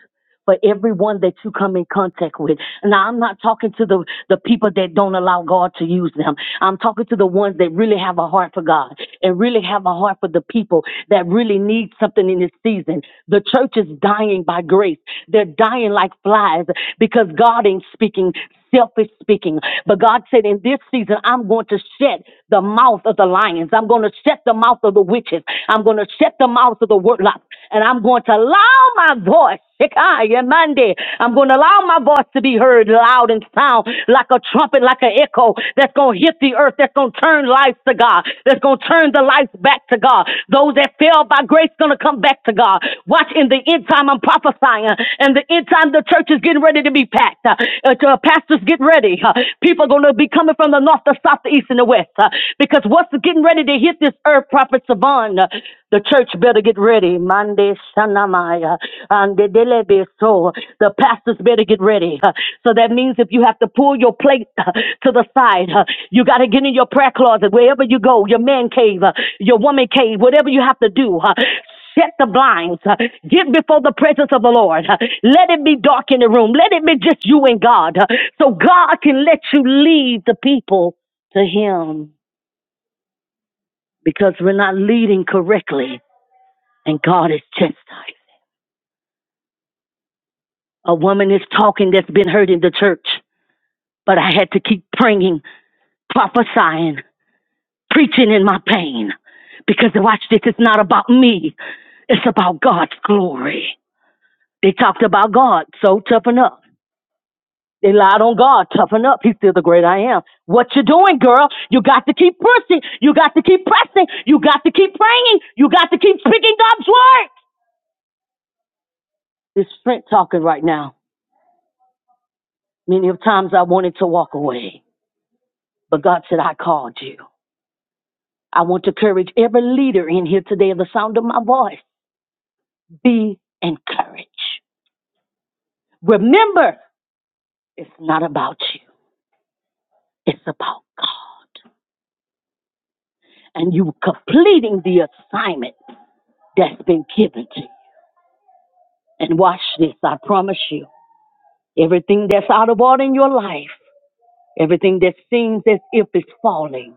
[SPEAKER 9] for everyone that you come in contact with. Now I'm not talking to the, the people that don't allow God to use them. I'm talking to the ones that really have a heart for God and really have a heart for the people that really need something in this season. The church is dying by grace. They're dying like flies because God ain't speaking selfish speaking. But God said, in this season, I'm going to shut the mouth of the lions. I'm going to shut the mouth of the witches. I'm going to shut the mouth of the warlocks. And I'm going to allow my voice. Shekinah, Monday. I'm going to allow my voice to be heard loud and sound like a trumpet, like an echo that's going to hit the earth, that's going to turn lives to God, that's going to turn the lives sacrifice back to God. Those that fell by grace gonna come back to God. Watch in the end time, I'm prophesying. And the end time, the church is getting ready to be packed. Uh, uh, pastors, get ready. Uh, people are gonna be coming from the north, the south, the east, and the west. Uh, because what's getting ready to hit this earth, Prophet Savon? Uh, the church better get ready. Monday, Shanamaya, and the Delebe so the pastors better get ready. Uh, So that means if you have to pull your plate uh, to the side, uh, you got to get in your prayer closet, wherever you go, your man cave, uh, your woman cave, whatever you have to do. Set the blinds. uh, Get before the presence of the Lord. uh, Let it be dark in the room. Let it be just you and God. uh, So God can let you lead the people to Him because we're not leading correctly and God is chastised. A woman is talking that's been hurt in the church. But I had to keep praying, prophesying, preaching in my pain. Because watch this, it's not about me. It's about God's glory. They talked about God, so toughen up. They lied on God, toughen up. He's still the great I am. What you doing, girl? You got to keep pushing. You got to keep pressing. You got to keep praying. You got to keep speaking God's word. This Trent talking right now. Many of times I wanted to walk away, but God said, I called you. I want to encourage every leader in here today of the sound of my voice. Be encouraged. Remember, it's not about you, it's about God. And you completing the assignment that's been given to you. And watch this, I promise you. Everything that's out of order in your life, everything that seems as if it's falling,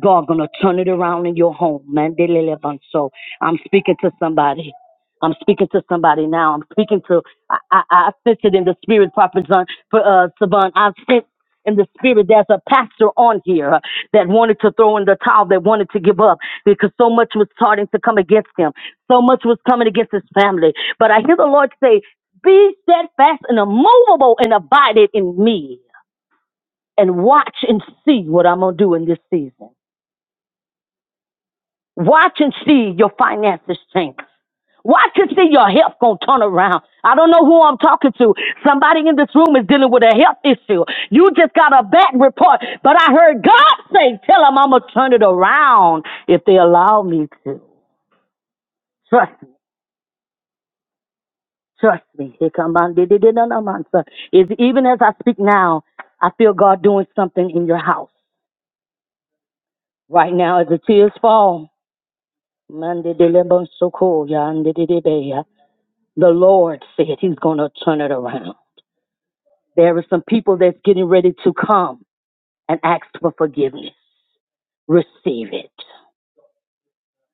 [SPEAKER 9] God gonna turn it around in your home, man. So I'm speaking to somebody. I'm speaking to somebody now. I'm speaking to I I, I sense it in the spirit, Prophet John, for uh Saban. I sense in the spirit there's a pastor on here that wanted to throw in the towel, that wanted to give up because so much was starting to come against him. So much was coming against his family. But I hear the Lord say, Be steadfast and immovable and abided in me and watch and see what I'm gonna do in this season. Watch and see your finances change. Watch and see your health gonna turn around. I don't know who I'm talking to. Somebody in this room is dealing with a health issue. You just got a bad report, but I heard God say, "Tell them I'm gonna turn it around if they allow me to." Trust me. Trust me. Here come on. did- did- did- no, no, man, Even as I speak now, I feel God doing something in your house right now as the tears fall. Man, did- so cool, yeah, yeah. The Lord said He's going to turn it around. There are some people that's getting ready to come and ask for forgiveness. Receive it.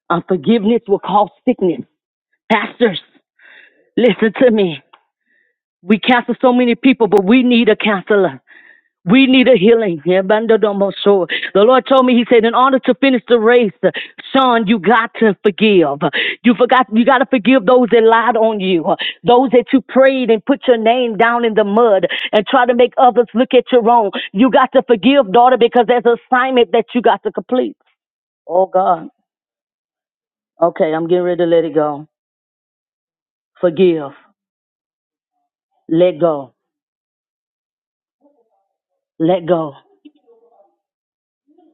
[SPEAKER 9] Unforgiveness will cause sickness. Pastors, listen to me. We counsel so many people, but we need a counselor. We need a healing. Yeah, bandadomoso. The Lord told me, He said, in order to finish the race, son, you got to forgive. You forgot, you got to forgive those that lied on you, those that you prayed and put your name down in the mud and try to make others look at your own. You got to forgive, daughter, because there's an assignment that you got to complete. Oh, God. Okay, I'm getting ready to let it go. Forgive. Let go. Let go.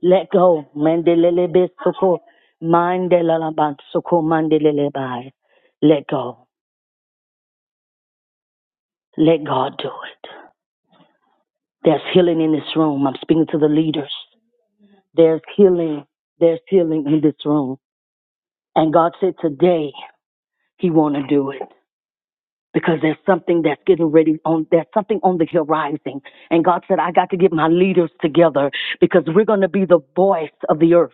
[SPEAKER 9] Let go. Mandelele besoko. Mandelala bansoko. Mandelele bai. Let go. Let God do it. There's healing in this room. I'm speaking to the leaders. There's healing. There's healing in this room. And God said today He want to do it. because there's something that's getting ready on there's something on the horizon and god said i got to get my leaders together because we're going to be the voice of the earth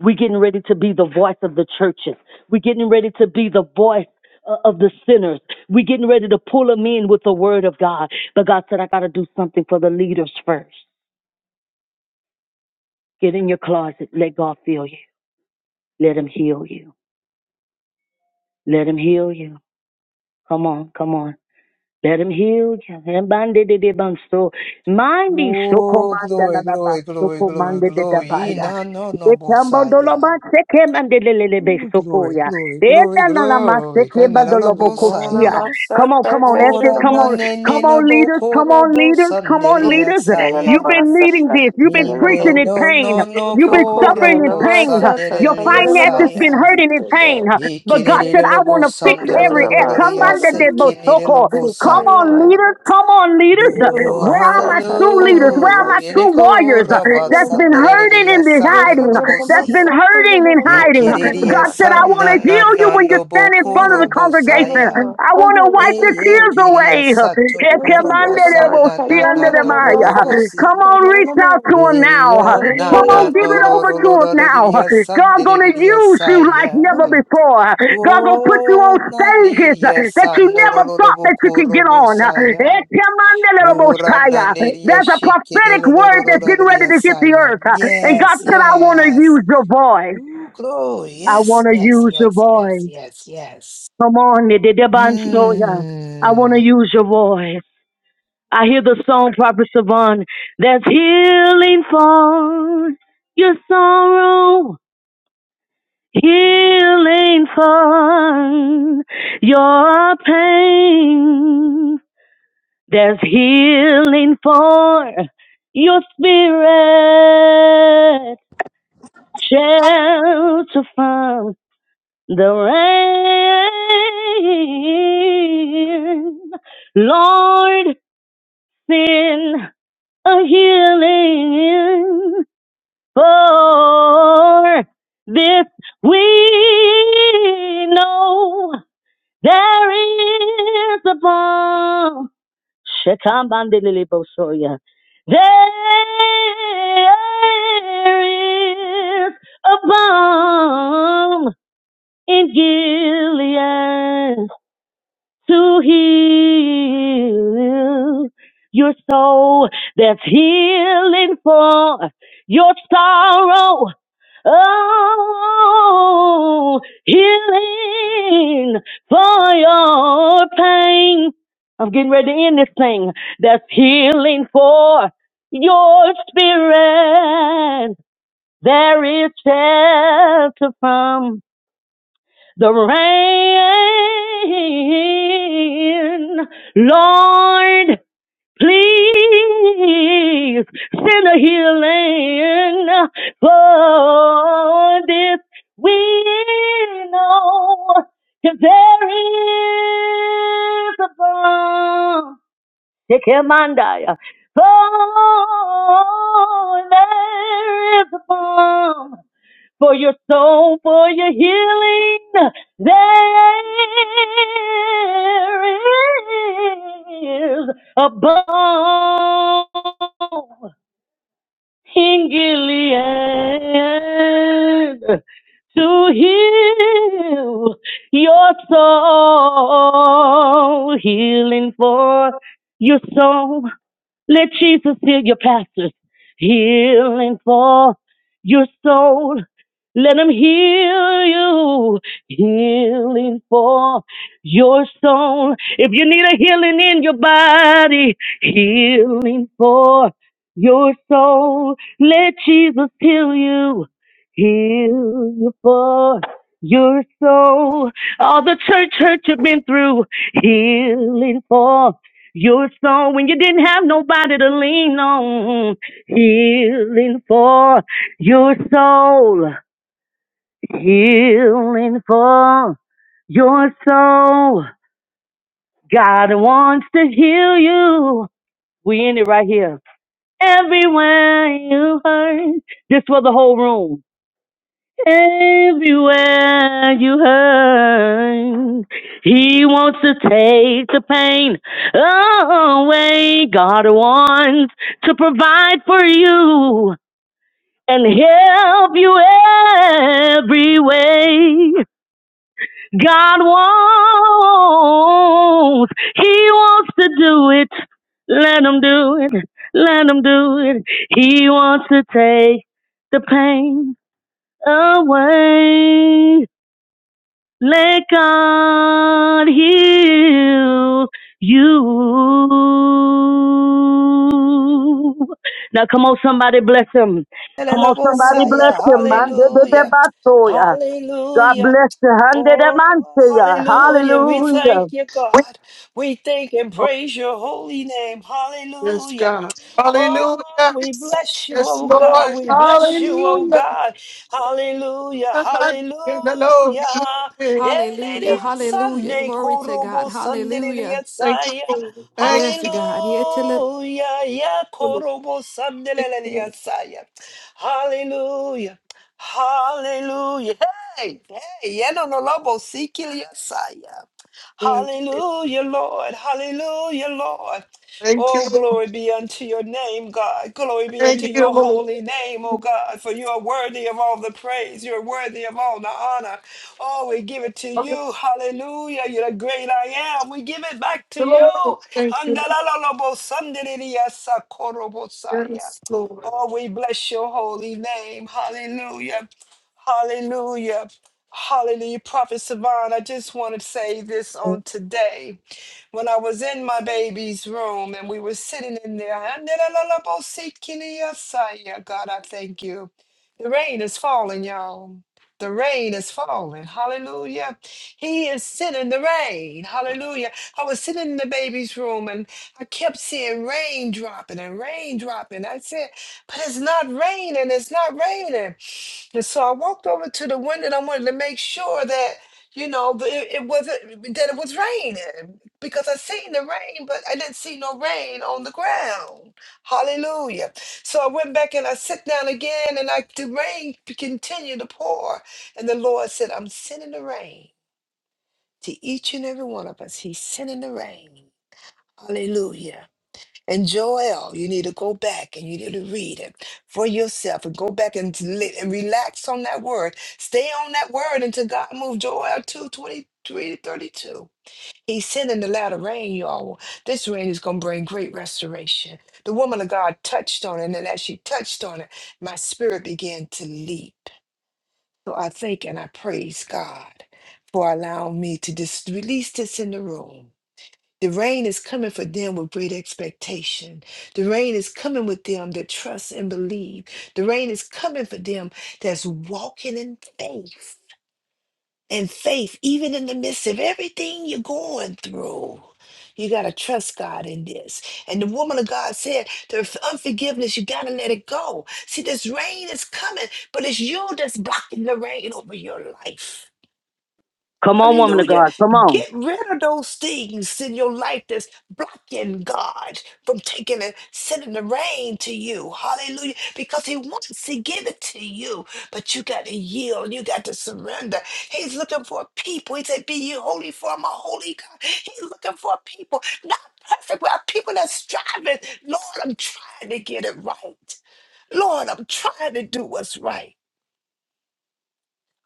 [SPEAKER 9] we're getting ready to be the voice of the churches we're getting ready to be the voice uh, of the sinners. We're getting ready to pull them in with the word of God. But God said, I got to do something for the leaders first. Get in your closet. Let God fill you. Let him heal you. Let him heal you. Come on, come on. Let him heal you. And bande de de banso. Mindi soko
[SPEAKER 3] Oh,
[SPEAKER 9] manda la
[SPEAKER 3] glory,
[SPEAKER 9] la ba.
[SPEAKER 3] glory, glory,
[SPEAKER 9] Soko
[SPEAKER 3] glory,
[SPEAKER 9] mande de da ba
[SPEAKER 3] glory.
[SPEAKER 9] la.
[SPEAKER 3] Na no no
[SPEAKER 9] Ekambo dolo ba
[SPEAKER 3] bosaya.
[SPEAKER 9] seke mande le le le be
[SPEAKER 3] Oh,
[SPEAKER 9] soko
[SPEAKER 3] glory,
[SPEAKER 9] ya.
[SPEAKER 3] glory, glory, glory. Kanana la
[SPEAKER 6] Lord, I'm
[SPEAKER 9] Etanalamasekebandolobokochia.
[SPEAKER 3] bosaya.
[SPEAKER 6] outside,
[SPEAKER 9] Come on,
[SPEAKER 6] I
[SPEAKER 9] come on,
[SPEAKER 6] take
[SPEAKER 9] that's
[SPEAKER 6] it
[SPEAKER 9] it.
[SPEAKER 6] in
[SPEAKER 3] Ora
[SPEAKER 6] the
[SPEAKER 9] Come
[SPEAKER 3] na
[SPEAKER 9] on,
[SPEAKER 6] most.
[SPEAKER 3] ne
[SPEAKER 9] come
[SPEAKER 3] ne na
[SPEAKER 9] on, leaders, come
[SPEAKER 3] bokoro
[SPEAKER 9] on, leaders, come on,
[SPEAKER 6] Lord,
[SPEAKER 3] bosaneria
[SPEAKER 9] leaders.
[SPEAKER 6] I'm
[SPEAKER 9] You've
[SPEAKER 3] saya.
[SPEAKER 9] been
[SPEAKER 6] outside,
[SPEAKER 9] needing
[SPEAKER 6] I
[SPEAKER 9] this.
[SPEAKER 6] take
[SPEAKER 9] You've
[SPEAKER 6] it
[SPEAKER 9] been
[SPEAKER 6] in the
[SPEAKER 3] Ine
[SPEAKER 9] preaching in
[SPEAKER 6] most.
[SPEAKER 3] no
[SPEAKER 9] pain.
[SPEAKER 3] no no
[SPEAKER 6] Lord,
[SPEAKER 9] You've
[SPEAKER 6] to
[SPEAKER 9] been
[SPEAKER 6] call you, and
[SPEAKER 3] koro
[SPEAKER 9] suffering in
[SPEAKER 6] I'm
[SPEAKER 9] pain.
[SPEAKER 6] outside, I
[SPEAKER 9] Your
[SPEAKER 6] take it
[SPEAKER 3] bosaneria
[SPEAKER 6] in the
[SPEAKER 9] finances
[SPEAKER 6] most.
[SPEAKER 9] been
[SPEAKER 6] Lord,
[SPEAKER 3] saya.
[SPEAKER 9] hurting in pain. But God said,
[SPEAKER 3] Ikinere lo
[SPEAKER 9] I
[SPEAKER 6] to
[SPEAKER 9] want to
[SPEAKER 6] call
[SPEAKER 9] fix
[SPEAKER 6] you,
[SPEAKER 3] bosandro
[SPEAKER 6] and
[SPEAKER 3] lo
[SPEAKER 9] every
[SPEAKER 6] I'm
[SPEAKER 3] lo
[SPEAKER 9] air.
[SPEAKER 3] lo lo
[SPEAKER 9] Come
[SPEAKER 6] outside,
[SPEAKER 3] ya
[SPEAKER 9] on,
[SPEAKER 6] I take
[SPEAKER 9] the
[SPEAKER 6] it in the
[SPEAKER 3] se
[SPEAKER 9] dead
[SPEAKER 6] most.
[SPEAKER 3] kinere lo
[SPEAKER 9] botoko.
[SPEAKER 6] Lord, to call you, and I'm outside, I take it in the most. Lord, to call you,
[SPEAKER 9] Come on,
[SPEAKER 3] bosaya.
[SPEAKER 9] leaders, come on, leaders.
[SPEAKER 6] and I'm
[SPEAKER 3] Oh,
[SPEAKER 9] Where are
[SPEAKER 6] outside,
[SPEAKER 9] my
[SPEAKER 6] I
[SPEAKER 9] true leaders? Where are my
[SPEAKER 3] hallelujah.
[SPEAKER 9] true
[SPEAKER 6] take
[SPEAKER 3] Eneko
[SPEAKER 9] warriors?
[SPEAKER 3] raba
[SPEAKER 6] it in
[SPEAKER 9] That's
[SPEAKER 6] the
[SPEAKER 9] been
[SPEAKER 6] most.
[SPEAKER 9] hurting in
[SPEAKER 3] sandelelea
[SPEAKER 9] this
[SPEAKER 6] Lord,
[SPEAKER 9] hiding.
[SPEAKER 6] forget it
[SPEAKER 9] That's
[SPEAKER 6] about
[SPEAKER 9] been
[SPEAKER 3] sandorolobosia.
[SPEAKER 6] stuff, forget
[SPEAKER 9] hurting
[SPEAKER 6] it
[SPEAKER 9] in
[SPEAKER 6] about- forget
[SPEAKER 9] hiding.
[SPEAKER 6] it
[SPEAKER 3] Ekereria
[SPEAKER 9] God
[SPEAKER 6] about
[SPEAKER 9] said, I
[SPEAKER 6] that
[SPEAKER 9] want
[SPEAKER 3] sana
[SPEAKER 9] to
[SPEAKER 3] na
[SPEAKER 9] heal
[SPEAKER 6] times.
[SPEAKER 9] you
[SPEAKER 3] na
[SPEAKER 9] when you
[SPEAKER 3] no
[SPEAKER 9] stand in front of the
[SPEAKER 6] Mm, forget it
[SPEAKER 3] bokorobosaya.
[SPEAKER 9] congregation.
[SPEAKER 6] about-
[SPEAKER 9] I want
[SPEAKER 6] forget
[SPEAKER 9] to
[SPEAKER 6] it
[SPEAKER 9] wipe the
[SPEAKER 6] about
[SPEAKER 3] Eye
[SPEAKER 9] tears
[SPEAKER 6] things.
[SPEAKER 9] away.
[SPEAKER 3] keria sato
[SPEAKER 6] Lord,
[SPEAKER 9] Come
[SPEAKER 6] forget it
[SPEAKER 3] korobosa
[SPEAKER 6] about-
[SPEAKER 3] na na
[SPEAKER 6] forget
[SPEAKER 3] na
[SPEAKER 6] it
[SPEAKER 3] no
[SPEAKER 6] about stuff, forget
[SPEAKER 3] borobosia.
[SPEAKER 9] on,
[SPEAKER 6] it
[SPEAKER 9] reach out
[SPEAKER 6] about-
[SPEAKER 9] to him now.
[SPEAKER 3] Eya
[SPEAKER 6] forget it
[SPEAKER 3] na
[SPEAKER 9] Come
[SPEAKER 6] about-
[SPEAKER 3] na
[SPEAKER 9] on,
[SPEAKER 6] forget it
[SPEAKER 9] give
[SPEAKER 3] no
[SPEAKER 9] it
[SPEAKER 6] about
[SPEAKER 9] over to
[SPEAKER 6] stuff.
[SPEAKER 9] him now.
[SPEAKER 3] rororororelea
[SPEAKER 9] God gonna
[SPEAKER 3] sandelelea
[SPEAKER 9] use you like never
[SPEAKER 3] saya.
[SPEAKER 9] before. God gonna put you on
[SPEAKER 3] Oh, na
[SPEAKER 9] stages
[SPEAKER 3] niria
[SPEAKER 9] that you never thought that you could get on. There's a
[SPEAKER 3] sanorolobosaya.
[SPEAKER 9] prophetic
[SPEAKER 3] Ora naneria
[SPEAKER 9] word that's getting ready to hit the
[SPEAKER 3] shekelelolororororiasaya.
[SPEAKER 9] earth. And God
[SPEAKER 3] Yes,
[SPEAKER 9] said, I want to
[SPEAKER 3] yes.
[SPEAKER 9] use your voice.
[SPEAKER 3] Ooh, glory.
[SPEAKER 9] I
[SPEAKER 3] Yes,
[SPEAKER 9] want to
[SPEAKER 3] yes,
[SPEAKER 9] use your
[SPEAKER 3] yes,
[SPEAKER 9] voice.
[SPEAKER 3] yes, yes, yes.
[SPEAKER 9] Come on, Nididabansoya. I want to
[SPEAKER 3] Mm.
[SPEAKER 9] use your voice. I hear the song, Prophet Savon, There's healing for your sorrow, healing for your pain. There's healing for your spirit, shelter from the rain. Lord, send a healing for this we know there is a bomb. Shekambandelibosoya. There is a bomb in Gilead. to heal your soul. There's healing for your sorrow. Oh, healing for your pain. I'm getting ready to end this thing. There's healing for your spirit. There is shelter from the rain. Lord, please send a healing for this we know 'cause there is a bomb. Tekemandaya. Oh, there is a bomb for your soul, for your healing. There is a balm in Gilead to heal your soul, healing for your soul let Jesus heal your pastors. Healing for your soul. Let him heal you. Healing for your soul. If you need a healing in your body, healing for your soul. Let Jesus heal you. Heal you for your soul. All the church hurt you've been through. Healing for your song when you didn't have nobody to lean on. Healing for your soul. Healing for your soul. God wants to heal you. We end it right here. Everywhere you hurt. This for the whole room. Everywhere you hurt, he wants to take the pain away. God wants to provide for you and help you every way. God wants, he wants to do it. Let him do it. Let him do it. He wants to take the pain away. Let God heal you. Now come on, somebody bless him. Come on, somebody
[SPEAKER 3] Elelobosaya.
[SPEAKER 9] bless him, man. De- de- de-
[SPEAKER 3] Hallelujah.
[SPEAKER 9] basoya. God
[SPEAKER 3] Hallelujah.
[SPEAKER 9] bless you. Hande de
[SPEAKER 3] Oh,
[SPEAKER 9] manseya.
[SPEAKER 3] hallelujah. We thank
[SPEAKER 9] Hallelujah.
[SPEAKER 3] you, God. We thank and praise your holy name.
[SPEAKER 1] Yes,
[SPEAKER 3] Hallelujah.
[SPEAKER 1] God. Hallelujah.
[SPEAKER 3] Oh, we bless you,
[SPEAKER 1] Yes,
[SPEAKER 3] oh
[SPEAKER 1] Lord.
[SPEAKER 3] God. We bless you, oh
[SPEAKER 1] Hallelujah.
[SPEAKER 3] God. Hallelujah,
[SPEAKER 1] Thank
[SPEAKER 3] hallelujah.
[SPEAKER 1] you, the Lord. glory.
[SPEAKER 2] Hallelujah.
[SPEAKER 3] Elelea
[SPEAKER 2] Hallelujah.
[SPEAKER 3] Sunday,
[SPEAKER 2] Glory to God.
[SPEAKER 3] korobo
[SPEAKER 2] Hallelujah.
[SPEAKER 3] sandelelea
[SPEAKER 1] Thank
[SPEAKER 3] saya.
[SPEAKER 1] you.
[SPEAKER 2] Yes,
[SPEAKER 1] Thank
[SPEAKER 2] God. Yeah, till it-
[SPEAKER 3] Hallelujah, yeah, korobo sandelelea
[SPEAKER 1] you.
[SPEAKER 3] saya. Hallelujah. Hallelujah. Hey, hey, yeno no lobo
[SPEAKER 1] Thank you.
[SPEAKER 3] Hallelujah, Lord. Hallelujah, Lord.
[SPEAKER 1] Thank you,
[SPEAKER 3] Oh,
[SPEAKER 1] Lord.
[SPEAKER 3] glory be unto your name, God. Glory be unto
[SPEAKER 1] Thank you,
[SPEAKER 3] your
[SPEAKER 1] Lord.
[SPEAKER 3] holy name, oh God. For you are worthy of all the praise. You're worthy of all the honor. Oh, we give it to
[SPEAKER 1] Thank
[SPEAKER 3] you. Hallelujah. You're the great I am. We give it back
[SPEAKER 1] you,
[SPEAKER 3] to you.
[SPEAKER 1] Lord. Thank you, Lord.
[SPEAKER 3] Handalalalobo sandiriasa korobosaya.
[SPEAKER 1] Yes, Lord.
[SPEAKER 3] Oh, we bless your holy name. Hallelujah. Hallelujah. Hallelujah. Prophet Savan, I just want to say this on today. When I was in my baby's room and we were sitting in there, God, I thank you. The rain is falling, y'all. The rain is falling. Hallelujah. He is sending the rain. Hallelujah. I was sitting in the baby's room and I kept seeing rain dropping and rain dropping. I said, but it's not raining. It's not raining. And so I walked over to the window and I wanted to make sure that, you know, the- it, it wasn't that it was raining because I seen the rain, but I didn't see no rain on the ground. Hallelujah. So I went back and I sat down again and I the rain continued to pour. And the Lord said, I'm sending the rain to each and every one of us. He's sending the rain. Hallelujah. And Joel, you need to go back and you need to read it for yourself and go back and, li- and relax on that word. Stay on that word until God moves Joel 2 twenty-three to 32. He's sending the latter rain, y'all. This rain is going to bring great restoration. The woman of God touched on it, and as she touched on it, my spirit began to leap. So I thank and I praise God for allowing me to just release this in the room the rain is coming for them with great expectation. The rain is coming with them that trust and believe. The rain is coming for them that's walking in faith. And faith, even in the midst of everything you're going through, you got to trust God in this. And the woman of God said, The unforgiveness, you got to let it go. See, this rain is coming, but it's you that's blocking the rain over your life.
[SPEAKER 9] Come on, woman of
[SPEAKER 3] Hallelujah.
[SPEAKER 9] God. Come on.
[SPEAKER 3] Get rid of those things in your life that's blocking God from taking and sending the rain to you. Hallelujah. Because He wants to give it to you, but you got to yield. You got to surrender. He's looking for a people. He said, Be ye holy, for I'm a holy God. He's looking for a people, not perfect, but people that's striving. Lord, I'm trying to get it right. Lord, I'm trying to do what's right.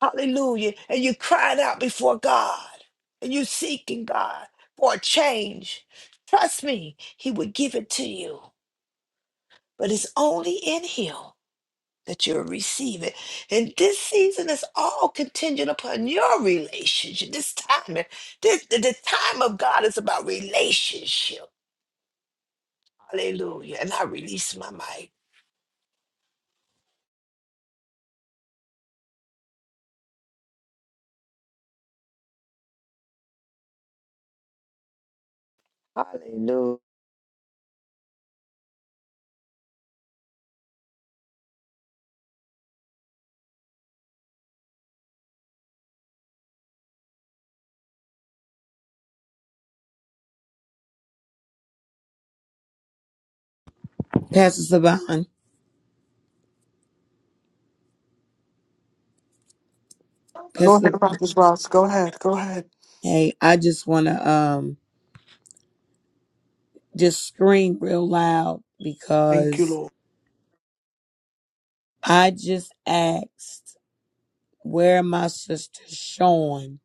[SPEAKER 3] Hallelujah. And you're crying out before God and you're seeking God for a change. Trust me, He would give it to you. But it's only in Him that you'll receive it. And this season is all contingent upon your relationship. This time, this, the, the time of God is about relationship. Hallelujah. And I release my mic. Hallelujah.
[SPEAKER 10] Pastor Savan,
[SPEAKER 1] Go
[SPEAKER 10] Pastor
[SPEAKER 1] ahead,
[SPEAKER 10] Savan,
[SPEAKER 1] Prophet Ross. Go ahead. Go ahead.
[SPEAKER 10] hey, I just want to um just scream real loud
[SPEAKER 1] Thank you,
[SPEAKER 10] because
[SPEAKER 1] Lord.
[SPEAKER 10] I just asked where my sister Sean,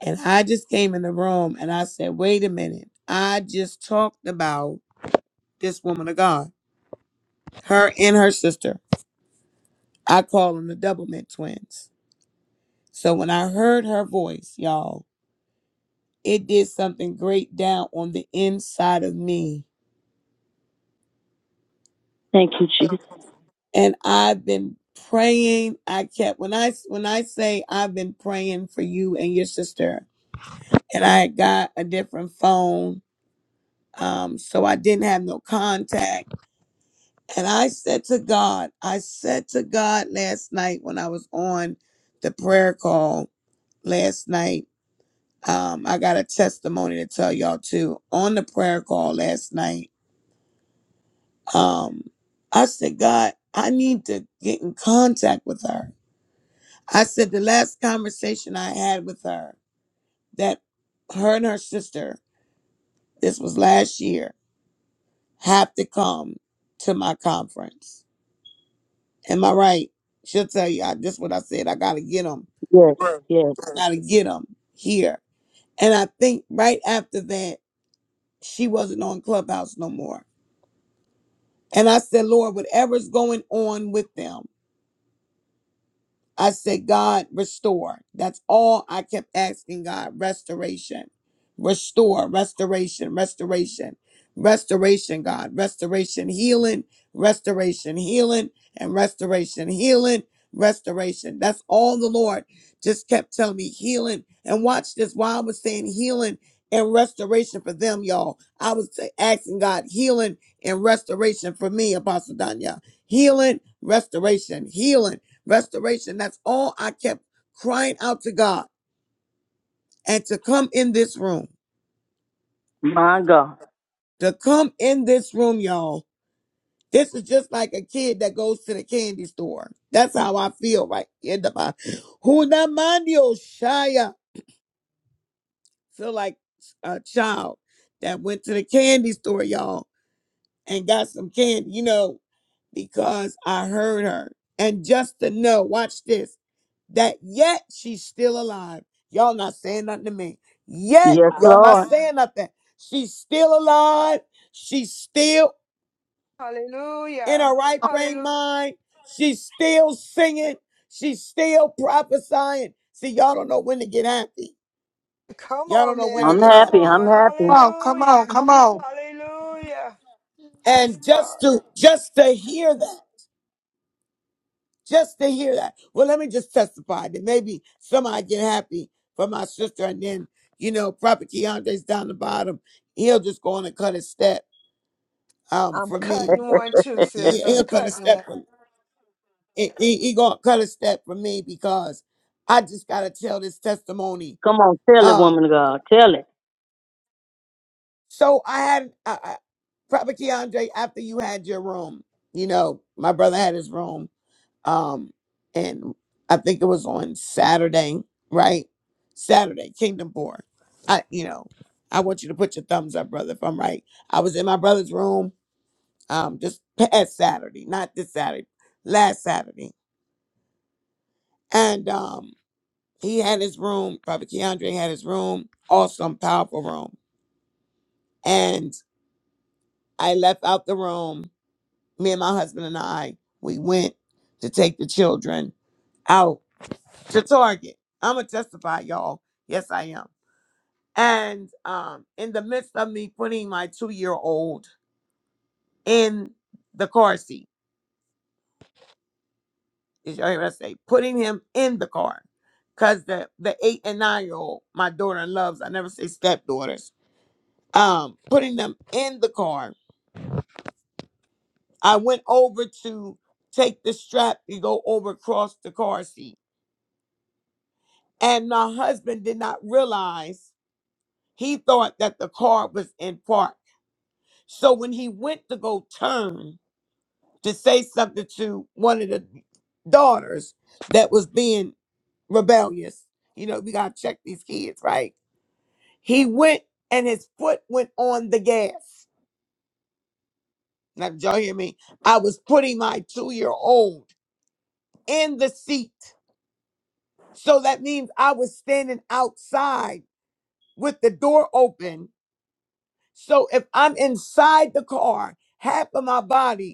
[SPEAKER 10] and I just came in the room and I said, wait a minute, I just talked about this woman of God, her and her sister. I call them the double mint twins. So when I heard her voice, y'all, it did something great down on the inside of me
[SPEAKER 9] Thank you, Jesus.
[SPEAKER 10] and I've been praying. I kept when I when I say I've been praying for you and your sister, and I got a different phone, um, so I didn't have no contact. And I said to God, I said to God last night when I was on the prayer call last night. Um, I got a testimony to tell y'all too on the prayer call last night. Um, I said, God, I need to get in contact with her. I said the last conversation I had with her that her and her sister, this was last year, have to come to my conference. Am I right? She'll tell you. I, this is what I said. I gotta get them.
[SPEAKER 9] Yes, yes.
[SPEAKER 10] I Gotta get them here. And I think right after that, she wasn't on Clubhouse no more. And I said, Lord, whatever's going on with them, I said, God, restore. That's all I kept asking God restoration, restore, restoration, restoration, restoration, God, restoration, healing, restoration, healing, and restoration, healing, restoration. That's all the Lord just kept telling me healing. And watch this while I was saying healing and restoration for them, y'all. I was asking God healing and restoration for me, Apostle Danya. Healing, restoration, healing restoration. That's all I kept crying out to God and to come in this room,
[SPEAKER 9] My God.
[SPEAKER 10] to come in this room, y'all. This is just like a kid that goes to the candy store. That's how I feel right in the mind. Hunamandio Shaya. Feel like a child that went to the candy store, y'all, and got some candy, you know, because I heard her. And just to know, watch this. that yet she's still alive. Y'all not saying nothing to me. Yet
[SPEAKER 9] Yes,
[SPEAKER 10] y'all not Wow.
[SPEAKER 9] Lord.
[SPEAKER 10] saying nothing. She's still alive. She's still in
[SPEAKER 3] Hallelujah.
[SPEAKER 10] her right brain
[SPEAKER 3] Hallelujah.
[SPEAKER 10] mind. She's still singing. She's still prophesying. See, y'all don't know when to get happy.
[SPEAKER 3] Come
[SPEAKER 10] Y'all don't
[SPEAKER 3] on
[SPEAKER 10] know when to
[SPEAKER 3] now.
[SPEAKER 9] I'm
[SPEAKER 10] get
[SPEAKER 3] Come
[SPEAKER 9] happy.
[SPEAKER 10] happy.
[SPEAKER 9] I'm
[SPEAKER 3] on.
[SPEAKER 9] happy.
[SPEAKER 1] Come on, come
[SPEAKER 3] Hallelujah.
[SPEAKER 1] on, come on.
[SPEAKER 3] Hallelujah. Yes,
[SPEAKER 10] And just
[SPEAKER 3] God.
[SPEAKER 10] to just to hear that. just to hear that. Well, let me just testify that maybe somehow I get happy for my sister, and then you know, Prophet Keandre's down the bottom. He'll just go on and cut a step um
[SPEAKER 3] I'm
[SPEAKER 10] for me.
[SPEAKER 3] cutting one too,
[SPEAKER 9] Eh,
[SPEAKER 10] He,
[SPEAKER 3] sis. I'm
[SPEAKER 10] will cut a
[SPEAKER 3] cutting one.
[SPEAKER 10] step for he, he he gonna cut a step for me because I just gotta tell this testimony.
[SPEAKER 9] Come on, tell it,
[SPEAKER 10] Um,
[SPEAKER 9] woman of God. Tell it.
[SPEAKER 10] so I had I, I, Prophet Keandre after you had your room. You know, my brother had his room um and i think it was on saturday right saturday kingdom born i you know i want you to put your thumbs up brother if i'm right i was in my brother's room um just past saturday not this saturday last saturday and um he had his room prophet keandre had his room awesome powerful room and i left out the room me and my husband and i we went to take the children out to Target. I'm gonna testify, y'all. Yes, I am. And um, in the midst of me putting my two year old in the car seat, is you hear what I say? Putting him in the car, cause the the eight and nine year old, my daughter loves. I never say stepdaughters. Um, putting them in the car. I went over to take the strap and go over across the car seat, and my husband did not realize. He thought that the car was in park So when he went to go turn to say something to one of the daughters that was being rebellious, you know, we got to check these kids, right? He went and his foot went on the gas. Now, did y'all hear me? I was putting my two year old in the seat. So that means I was standing outside with the door open. So if I'm inside the car, half of my body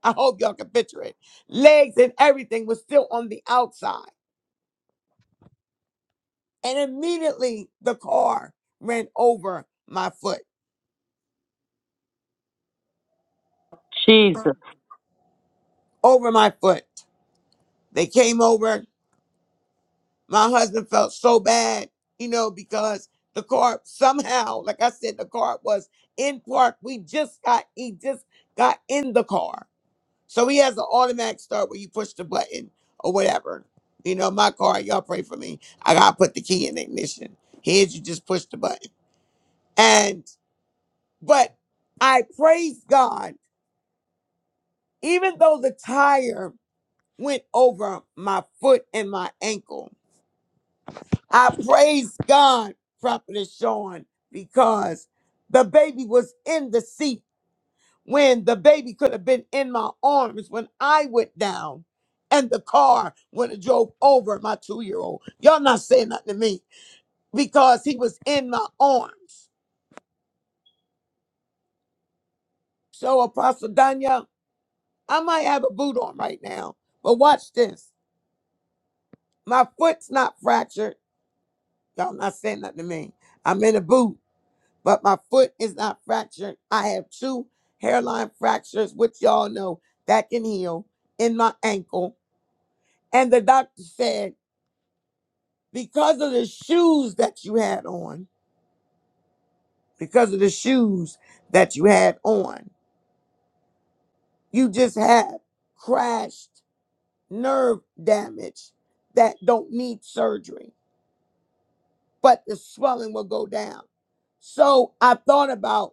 [SPEAKER 10] I hope y'all can picture it. Legs and everything was still on the outside. And immediately the car ran over my foot,
[SPEAKER 9] Jesus.
[SPEAKER 10] over my foot. They came over. My husband felt so bad, you know, because the car somehow, like I said, the car was in park. We just got, he just got in the car. So he has an automatic start where you push the button or whatever. You know, my car, y'all pray for me. I got to put the key in the ignition. Here's you just push the button. and. But I praise God, even though the tire went over my foot and my ankle. I praise God, Prophetess Sean, because the baby was in the seat when the baby could have been in my arms when I went down and the car would have drove over my two year old. Y'all not saying nothing to me because he was in my arms. So, Apostle Danya, I might have a boot on right now, but watch this. My foot's not fractured. Y'all not saying nothing to me. I'm in a boot, but my foot is not fractured. I have two hairline fractures, which y'all know that can heal in my ankle. And the doctor said, because of the shoes that you had on, because of the shoes that you had on, you just have crashed nerve damage that don't need surgery, but the swelling will go down. So I thought about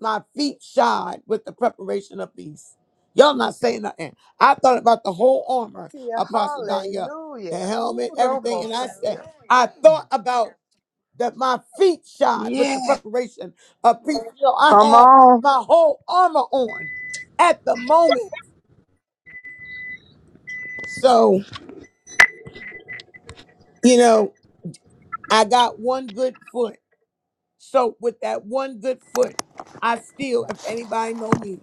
[SPEAKER 10] my feet shod with the preparation of peace. Y'all not saying nothing. I thought about the whole armor,
[SPEAKER 3] See ya.
[SPEAKER 10] Apostle Danya, the
[SPEAKER 3] Hallelujah. Ooh,
[SPEAKER 10] helmet, everything, and I said,
[SPEAKER 3] Robosaya.
[SPEAKER 10] I
[SPEAKER 3] Mm.
[SPEAKER 10] thought about that my feet shod with the
[SPEAKER 3] Yeah.
[SPEAKER 10] preparation of peace. You know, I
[SPEAKER 9] Come
[SPEAKER 10] had
[SPEAKER 9] on.
[SPEAKER 10] my whole armor on at the moment. So, you know, I got one good foot. So with that one good foot, I still, if anybody know me,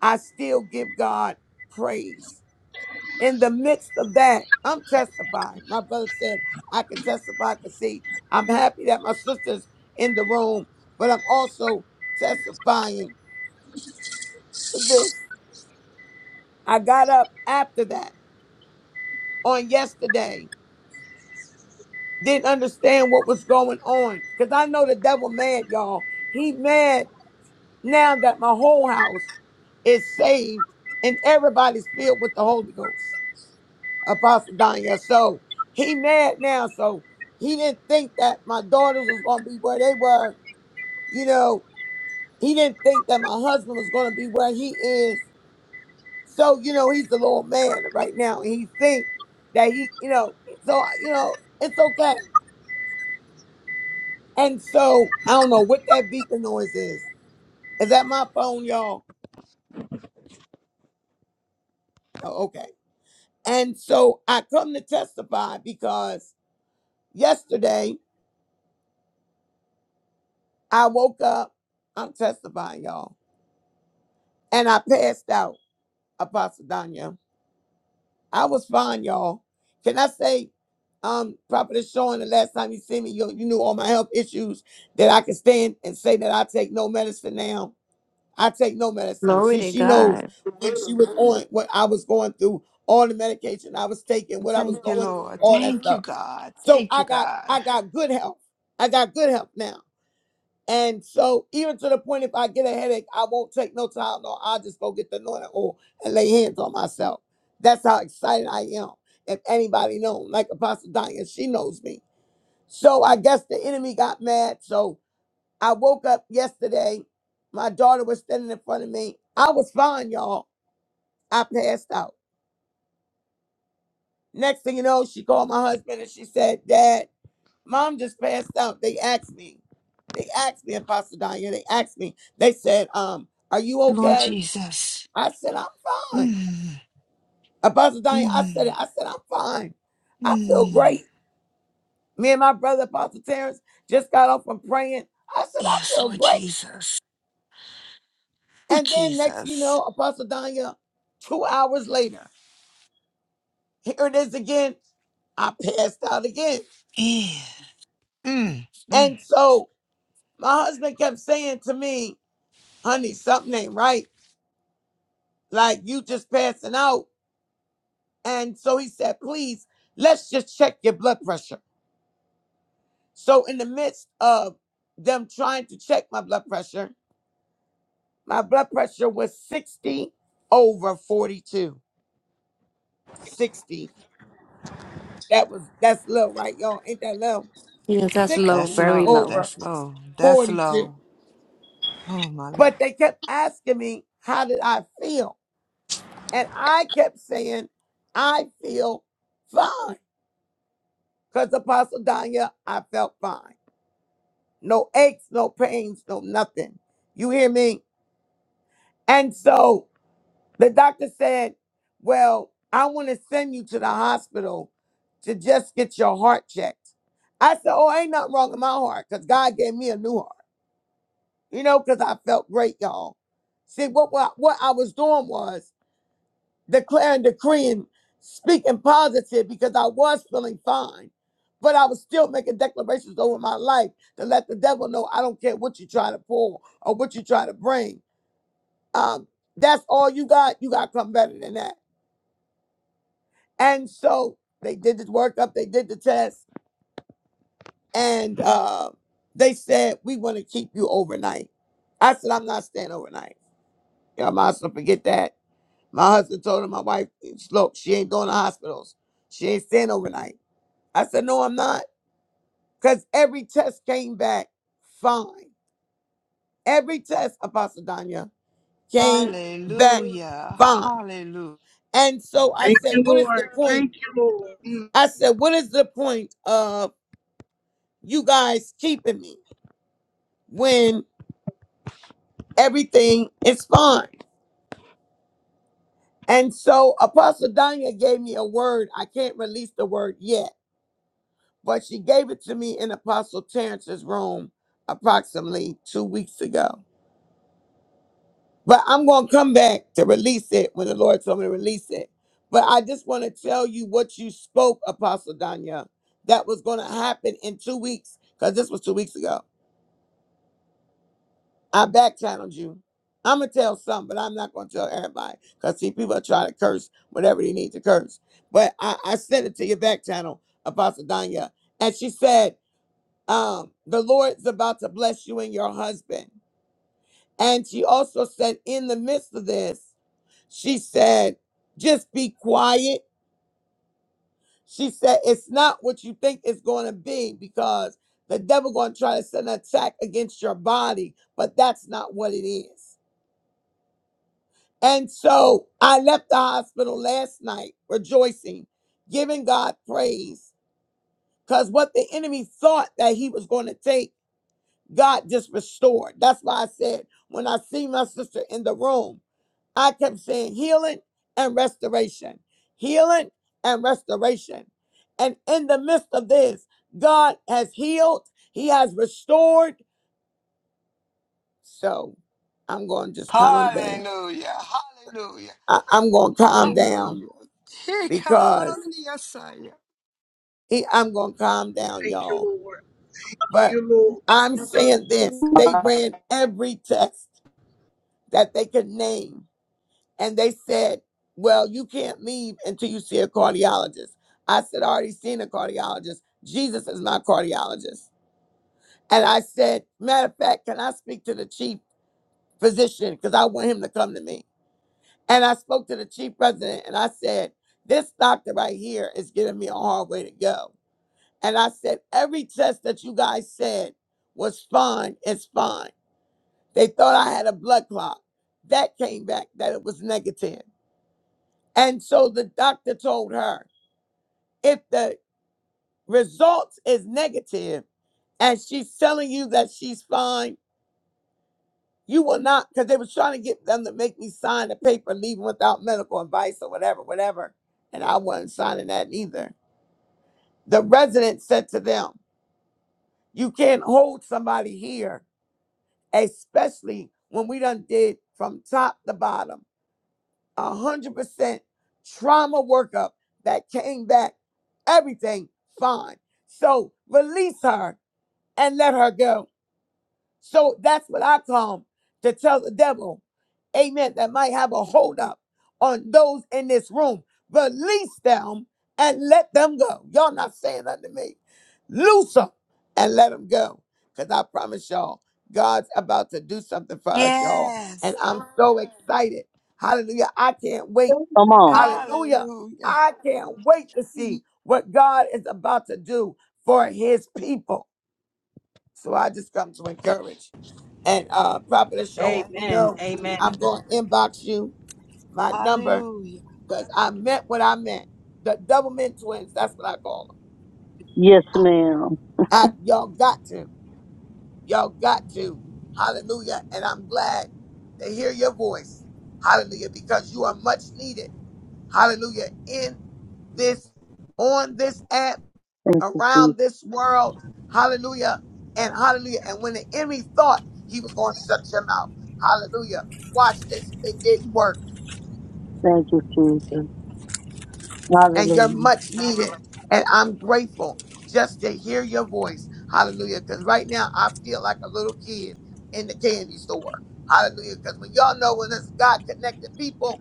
[SPEAKER 10] I still give God praise in the midst of that, I'm testifying. My brother said I can testify to see. I'm happy that my sister's in the room, but I'm also testifying for this. I got up after that on yesterday, didn't understand what was going on because I know the devil mad, y'all. He mad now that my whole house is saved and everybody's filled with the Holy Ghost. Apostle Danya. So he mad now. So he didn't think that my daughters was gonna be where they were. You know, he didn't think that my husband was gonna be where he is. So you know, he's the little man right now, and he think that he, you know, so you know, it's okay. And so I don't know what that beeping noise is. Is that my phone, y'all? Oh, okay. And so I come to testify because yesterday I woke up. I'm testifying, y'all. and I passed out, Apostle Danya. I was fine, y'all. Can I say, um, Prophet Sean, the last time you see me, you, you knew all my health issues that I could stand and say that I take no medicine now. I take no medicine.
[SPEAKER 2] Glory
[SPEAKER 10] See,
[SPEAKER 2] to
[SPEAKER 10] she
[SPEAKER 2] God.
[SPEAKER 10] knows when she was on, what I was going through, all the medication I was taking, what I was
[SPEAKER 3] Thank you,
[SPEAKER 10] going through,
[SPEAKER 3] Lord.
[SPEAKER 10] all that
[SPEAKER 3] Thank you,
[SPEAKER 10] stuff.
[SPEAKER 3] God.
[SPEAKER 10] So
[SPEAKER 3] Thank
[SPEAKER 10] I
[SPEAKER 3] you,
[SPEAKER 10] got,
[SPEAKER 3] God.
[SPEAKER 10] I got good health. I got good health now. And so, even to the point, if I get a headache, I won't take no time. No, I'll just go get the anointing oil and lay hands on myself. That's how excited I am. If anybody knows, like Apostle Diane, she knows me. So I guess the enemy got mad. So I woke up yesterday. My daughter was standing in front of me. I was fine, y'all. I passed out. Next thing you know, she called my husband and she said, "Dad." Mom just passed out. They asked me. They asked me, Apostle Danya. They asked me. They said, um, are you
[SPEAKER 3] Lord
[SPEAKER 10] okay?
[SPEAKER 3] Jesus.
[SPEAKER 10] I said, I'm fine.
[SPEAKER 3] Mm,
[SPEAKER 10] Apostle Danya, I
[SPEAKER 3] mm,
[SPEAKER 10] said it. I said, I'm fine. I feel
[SPEAKER 3] mm.
[SPEAKER 10] great. Me and my brother, Apostle Terrence, just got off from praying. I said, I
[SPEAKER 3] Yes,
[SPEAKER 10] feel
[SPEAKER 3] Lord
[SPEAKER 10] great.
[SPEAKER 3] Jesus. Oh,
[SPEAKER 10] And then next, you
[SPEAKER 3] Jesus.
[SPEAKER 10] know, Apostle Danya, two hours later, here it is again. I passed out again.
[SPEAKER 3] Yeah. Mm, mm.
[SPEAKER 10] And so my husband kept saying to me, honey, something ain't right. Like you just passing out. And so he said, please, let's just check your blood pressure. So, in the midst of them trying to check my blood pressure, my blood pressure was 60 over 42. 60. That was, that's low, right, y'all? Ain't that low? 60
[SPEAKER 3] That's low.
[SPEAKER 10] over
[SPEAKER 3] That's low. That's
[SPEAKER 10] 42.
[SPEAKER 3] low. Oh, my.
[SPEAKER 10] But they kept asking me, how did I feel? And I kept saying, I feel fine. Because Apostle Danya, I felt fine. no aches, no pains, no nothing. You hear me? And so the doctor said, Well, I want to send you to the hospital to just get your heart checked. I said, Oh, ain't nothing wrong with my heart because God gave me a new heart, you know, because I felt great, y'all. See, what, what, what I was doing was declaring, decreeing, speaking positive because I was feeling fine. But I was still making declarations over my life to let the devil know I don't care what you try to pull or what you try to bring. Um, that's all you got. You got to come better than that. And so they did this workup, they did the test, and uh, they said, We want to keep you overnight. I said, I'm not staying overnight. Yeah, I might as well forget that. My husband told her, my wife, look, she ain't going to hospitals. She ain't staying overnight. I said, No, I'm not. Because every test came back fine. Every test, Apostle Danya, came back
[SPEAKER 3] Hallelujah.
[SPEAKER 10] fine.
[SPEAKER 3] Hallelujah.
[SPEAKER 10] And so I
[SPEAKER 1] Thank
[SPEAKER 10] said,
[SPEAKER 1] you,
[SPEAKER 10] What is
[SPEAKER 1] Lord.
[SPEAKER 10] the point?
[SPEAKER 1] Thank you, Lord. Mm,
[SPEAKER 10] I said, What is the point of you guys keeping me when everything is fine? And so Apostle Danya gave me a word. I can't release the word yet, but she gave it to me in Apostle Terrence's room approximately two weeks ago. But I'm going to come back to release it when the Lord told me to release it. But I just want to tell you what you spoke, Apostle Danya, that was going to happen in two weeks, because this was two weeks ago. I back channeled you. I'm going to tell some, but I'm not going to tell everybody, because see, people are trying to curse whatever they need to curse. But I, I sent it to your back channel, Apostle Danya, and she said, um, The Lord's about to bless you and your husband. And she also said, In the midst of this, She said, just be quiet. She said, it's not what you think it's going to be because the devil going to try to send an attack against your body, but that's not what it is. And so I left the hospital last night rejoicing, giving God praise because what the enemy thought that he was going to take, God just restored. That's why I said, when I see my sister in the room. I kept saying healing and restoration, healing and restoration. And in the midst of this, God has healed, He has restored. So I'm going to just calm down.
[SPEAKER 3] Hallelujah. Hallelujah.
[SPEAKER 10] I, am going to calm down
[SPEAKER 3] Hallelujah. Hey,
[SPEAKER 10] because
[SPEAKER 3] hallelujah. Saya.
[SPEAKER 10] he, I'm going to calm down,
[SPEAKER 1] Thank
[SPEAKER 10] y'all.
[SPEAKER 1] you, Lord. You,
[SPEAKER 10] But
[SPEAKER 1] Lord.
[SPEAKER 10] I'm saying this they ran every test that they could name And they said, Well, you can't leave until you see a cardiologist. I said, I already seen a cardiologist. Jesus is my cardiologist. And I said, Matter of fact, can I speak to the chief physician? Because I want him to come to me. And I spoke to the chief president and I said, This doctor right here is giving me a hard way to go. And I said, Every test that you guys said was fine, it's fine. They thought I had a blood clot. That came back that it was negative. And so the doctor told her, if the results is negative and she's telling you that she's fine, you will not, because they was trying to get them to make me sign a paper leaving without medical advice or whatever, whatever. And I wasn't signing that either. The resident said to them, you can't hold somebody here, especially when we done did from top to bottom. a hundred percent trauma workup that came back, everything fine. So release her and let her go. So that's what I come to tell the devil, amen, that might have a hold up on those in this room. Release them and let them go. Y'all not saying that to me. Loose them and let them go. Because I promise y'all, God's about to do something for us, y'all. And
[SPEAKER 3] Yes.
[SPEAKER 10] I'm so excited. Hallelujah. I can't wait.
[SPEAKER 9] Come on.
[SPEAKER 10] Hallelujah.
[SPEAKER 3] Hallelujah.
[SPEAKER 10] I can't wait to see what God is about to do for his people. So I just come to encourage. And uh probably showing, you
[SPEAKER 11] Amen.
[SPEAKER 10] know,
[SPEAKER 11] Amen.
[SPEAKER 10] I'm gonna inbox you my number
[SPEAKER 3] Hallelujah.
[SPEAKER 10] because I meant what I meant. The double men twins, that's what I call
[SPEAKER 9] Yes,
[SPEAKER 10] them.
[SPEAKER 9] ma'am.
[SPEAKER 10] I, I y'all got to. Y'all got to. Hallelujah. And I'm glad to hear your voice. Hallelujah. Because you are much needed. Hallelujah. In this on this app
[SPEAKER 9] Thank you,
[SPEAKER 10] around
[SPEAKER 9] Jesus.
[SPEAKER 10] this world. Hallelujah. And hallelujah. And when the enemy thought he was going to shut your mouth, hallelujah. Watch this. It didn't work.
[SPEAKER 9] Thank you, Jesus.
[SPEAKER 10] And you're
[SPEAKER 9] Hallelujah.
[SPEAKER 10] much needed. And I'm grateful just to hear your voice. Hallelujah. Because right now I feel like a little kid in the candy store. Hallelujah. Because when y'all know when it's God connected people,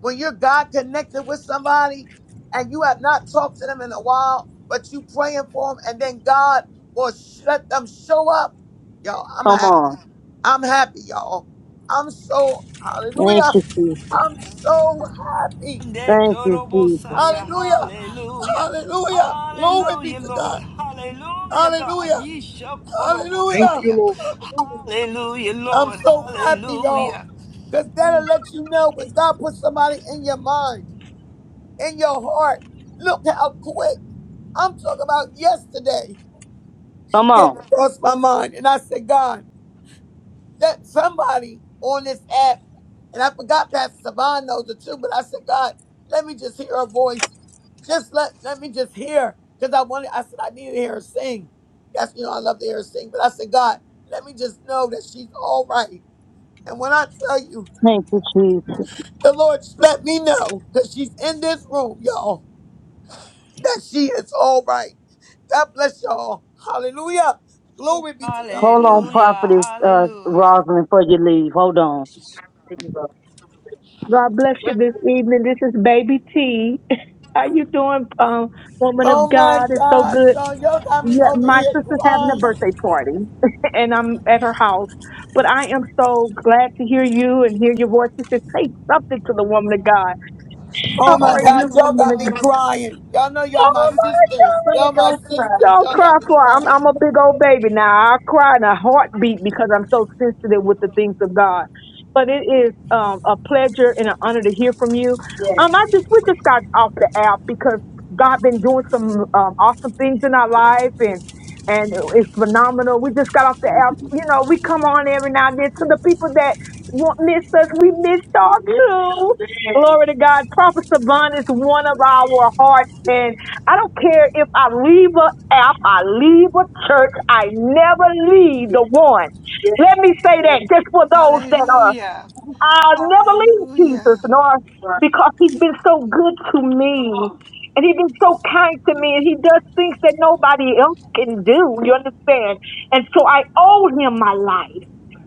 [SPEAKER 10] when you're God connected with somebody and you have not talked to them in a while, but you praying for them, and then God will sh- let them show up. Y'all, I'm
[SPEAKER 9] Come
[SPEAKER 10] happy.
[SPEAKER 9] on.
[SPEAKER 10] I'm happy, y'all. I'm so
[SPEAKER 9] Thank
[SPEAKER 10] hallelujah.
[SPEAKER 9] you, Jesus.
[SPEAKER 10] I'm so happy.
[SPEAKER 3] Ande
[SPEAKER 9] Thank you, Jesus.
[SPEAKER 3] korobosaya.
[SPEAKER 10] Hallelujah.
[SPEAKER 3] Hallelujah.
[SPEAKER 10] Hallelujah. Glory be
[SPEAKER 3] Hallelujah,
[SPEAKER 10] to God.
[SPEAKER 3] Lord. Hallelujah, God.
[SPEAKER 10] Hallelujah.
[SPEAKER 3] Yesha
[SPEAKER 1] Thank
[SPEAKER 10] Hallelujah.
[SPEAKER 1] you,
[SPEAKER 3] korobosaya.
[SPEAKER 1] Lord.
[SPEAKER 3] Hallelujah,
[SPEAKER 10] I'm
[SPEAKER 3] Lord.
[SPEAKER 10] so happy, y'all.
[SPEAKER 3] Hallelujah.
[SPEAKER 10] Because that'll
[SPEAKER 3] Ooh,
[SPEAKER 10] let you know when God put somebody in your mind. in your heart. Look how quick. I'm talking about yesterday. She
[SPEAKER 9] Come
[SPEAKER 10] came
[SPEAKER 9] on.
[SPEAKER 10] across my mind. And I said, God, that somebody on this app, and I forgot Pastor Savan knows it too, but I said, God, let me just hear her voice. Just let, let me just hear. Because I wanted, I said, I need to hear her sing. That's, you know, I love to hear her sing. But I said, God, let me just know that she's all right. And when I tell you,
[SPEAKER 9] Thank you, Jesus.
[SPEAKER 10] the Lord let me know, because she's in this room, y'all. that she is all right. God bless y'all. Hallelujah. Glory be to God.
[SPEAKER 9] Hold on,
[SPEAKER 3] hallelujah.
[SPEAKER 9] prophetess uh,
[SPEAKER 3] Hallelujah.
[SPEAKER 9] Rosalind, before you leave. Hold on. God bless you this evening. This is Baby T. How you doing, um, woman of
[SPEAKER 10] Oh my
[SPEAKER 9] God? It's so
[SPEAKER 10] God,
[SPEAKER 9] good.
[SPEAKER 10] y'all, y'all got me
[SPEAKER 9] Yeah,
[SPEAKER 10] over
[SPEAKER 9] my
[SPEAKER 10] here
[SPEAKER 9] sister's having a
[SPEAKER 10] crying.
[SPEAKER 9] birthday party, and I'm at her house. But I am so glad to hear you and hear your voice. She said, "Take something to the woman of God."
[SPEAKER 10] Oh
[SPEAKER 9] How
[SPEAKER 10] my
[SPEAKER 9] are
[SPEAKER 10] God,
[SPEAKER 9] you,
[SPEAKER 10] y'all
[SPEAKER 9] woman
[SPEAKER 10] got
[SPEAKER 9] of
[SPEAKER 10] me crying. Y'all know y'all my sisters. Y'all my
[SPEAKER 9] don't cry.
[SPEAKER 10] sisters.
[SPEAKER 9] Don't
[SPEAKER 10] Y'all
[SPEAKER 9] cry
[SPEAKER 10] got me
[SPEAKER 9] for I'm
[SPEAKER 10] crying.
[SPEAKER 9] I'm a big old baby now. I cry in a heartbeat because I'm so sensitive with the things of God. But it is um, a pleasure and an honor to hear from you. Yes. Um, I just we just got off the app because God been doing some um, awesome things in our life and and it's phenomenal. We just got off the app. You know, we come on every now and then to the people that want miss us. We miss y'all Yes. too. Yes. Glory to God. Prophet Savan is one of our hearts and. I don't care if I leave a app, I leave a church, I never leave the one. Yes. Let me say that just for those that are,
[SPEAKER 3] Hallelujah.
[SPEAKER 9] I'll never leave
[SPEAKER 3] Hallelujah.
[SPEAKER 9] Jesus, nor because he's been so good to me and he's been so kind to me and he does things that nobody else can do. You understand? And so I owe him my life.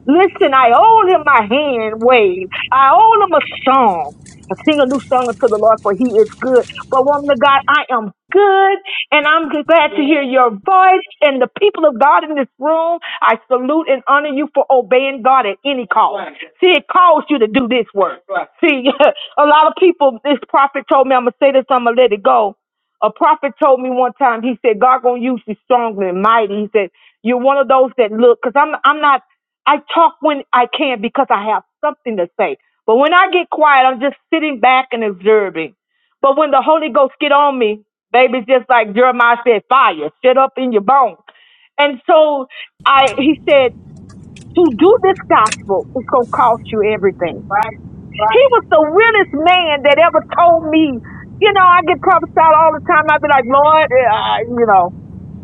[SPEAKER 9] Listen, I owe him my hand wave. I owe him a song and Sing a new song unto the Lord, for he is good. But woman of God, I am good, and I'm glad to hear your voice. And the people of God in this room, I salute and honor you for obeying God at any cost. See, it calls you to do this work. See, a lot of people, this prophet told me, I'm going to say this, I'm going to let it go. A prophet told me one time, he said, God going to use you strongly and mighty. He said, you're one of those that look, because I'm, I'm not, I talk when I can because I have something to say. But when I get quiet, I'm just sitting back and observing. But when the Holy Ghost get on me, baby, it's just like Jeremiah said, fire, shut up in your bones. And so I, he said, to do this gospel is going to cost you everything. Right. right. He was the realest man that ever told me, you know, I get prophesied all the time. I'd be like, Lord, uh, I, you know.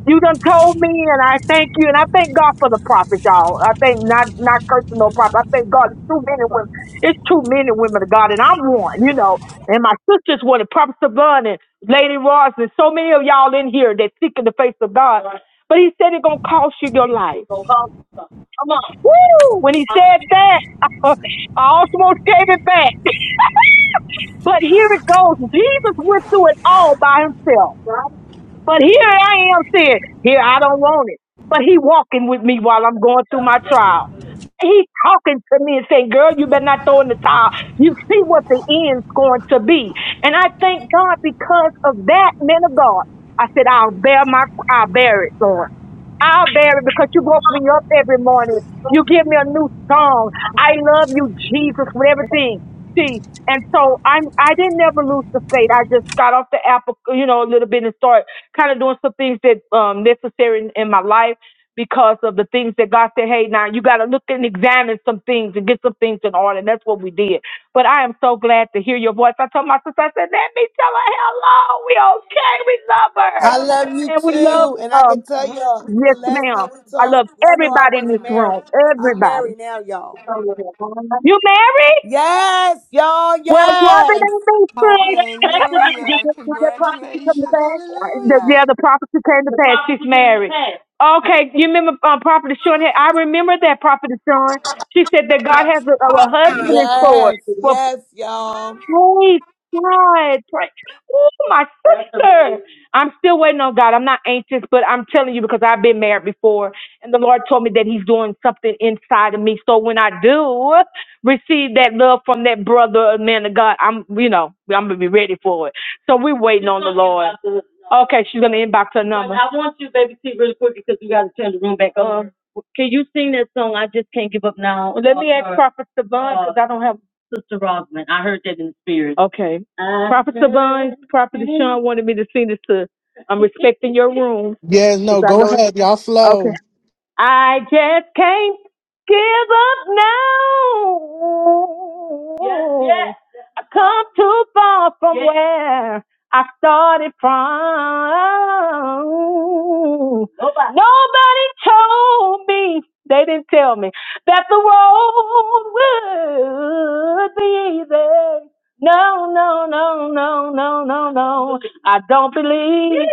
[SPEAKER 9] You done told me, and I thank you, and I thank God for the prophets, y'all. I thank not not cursing no prophet. I thank God. It's two men and women. It's two men and women of God, and I'm one, you know. And my sisters were the prophet Savon and Lady Ross, and so many of y'all in here that seeking the face of God. But he said it's gonna cost you your life. Woo! When he said that, I almost gave it back. But here it goes. Jesus went through it all by himself. But here I am saying, here I don't want it. But he walking with me while I'm going through my trial. He talking to me and saying, girl, you better not throw in the towel. You see what the end's going to be. And I thank God because of that, man of God. I said, I'll bear my, I'll bear it, Lord. I'll bear it because you woke me up every morning. You give me a new song. I love you, Jesus, with everything. See, and so I'm I didn't ever lose the faith. I just got off the apple, you know, a little bit and started kind of doing some things that um necessary in, in my life because of the things that God said, hey, now you got to look and examine some things and get some things in order. And that's what we did. But I am so glad to hear your voice. I told my sister, I said, let me tell her hello. We okay. We love her.
[SPEAKER 10] I love you
[SPEAKER 9] And we love,
[SPEAKER 10] too. And I
[SPEAKER 9] um,
[SPEAKER 10] can tell y'all, the
[SPEAKER 9] yes,
[SPEAKER 10] last
[SPEAKER 9] ma'am.
[SPEAKER 10] time we
[SPEAKER 9] I love
[SPEAKER 10] talked, y'all know I
[SPEAKER 9] everybody in
[SPEAKER 10] wasn't
[SPEAKER 9] this
[SPEAKER 10] married.
[SPEAKER 9] room.
[SPEAKER 10] I'm
[SPEAKER 9] Everybody.
[SPEAKER 10] married now, y'all.
[SPEAKER 9] You married?
[SPEAKER 10] Yes, y'all,
[SPEAKER 9] Well, woman
[SPEAKER 10] yes.
[SPEAKER 9] ain't been said expected and did,
[SPEAKER 3] Hallelujah.
[SPEAKER 9] that, did that prophecy come to
[SPEAKER 3] Congratulations.
[SPEAKER 9] pass? Uh, The,
[SPEAKER 3] Hallelujah.
[SPEAKER 9] yeah, the prophecy came to The pass. She's prophecy came to married. pass. Okay, you remember um, Prophet Sean? I remember that Prophet Sean. She said that God has a, a husband in store.
[SPEAKER 10] Yes, yes, y'all.
[SPEAKER 9] Praise God. Pray. Oh, my sister. I'm still waiting on God. I'm not anxious, but I'm telling you because I've been married before, and the Lord told me that He's doing something inside of me. So when I do receive that love from that brother or man of God, I'm, you know, I'm going to be ready for it. So we're waiting on the Lord. Okay, she's going to inbox her number. I I want you, you baby, T, really quick because we gotta turn the room back on. Can can't sing that song? I just Can't give up now. Let me ask Prophet Savon because I don't have Sister Rosamond. I heard that in the spirit. Okay. I Prophet heard Savon, Prophet it. Sean wanted me to send this to, I'm respecting your room.
[SPEAKER 1] Yeah,
[SPEAKER 9] Cause
[SPEAKER 1] no,
[SPEAKER 9] I
[SPEAKER 1] go
[SPEAKER 9] know it's,
[SPEAKER 1] ahead. Y'all
[SPEAKER 9] okay.
[SPEAKER 1] flow.
[SPEAKER 9] I just can't give up now. Yes, yes. I come too far from Yes. where I started from. Nobody. Nobody told me. They didn't tell me that the road would be easy. No, no, no, no, no, no, no. I don't believe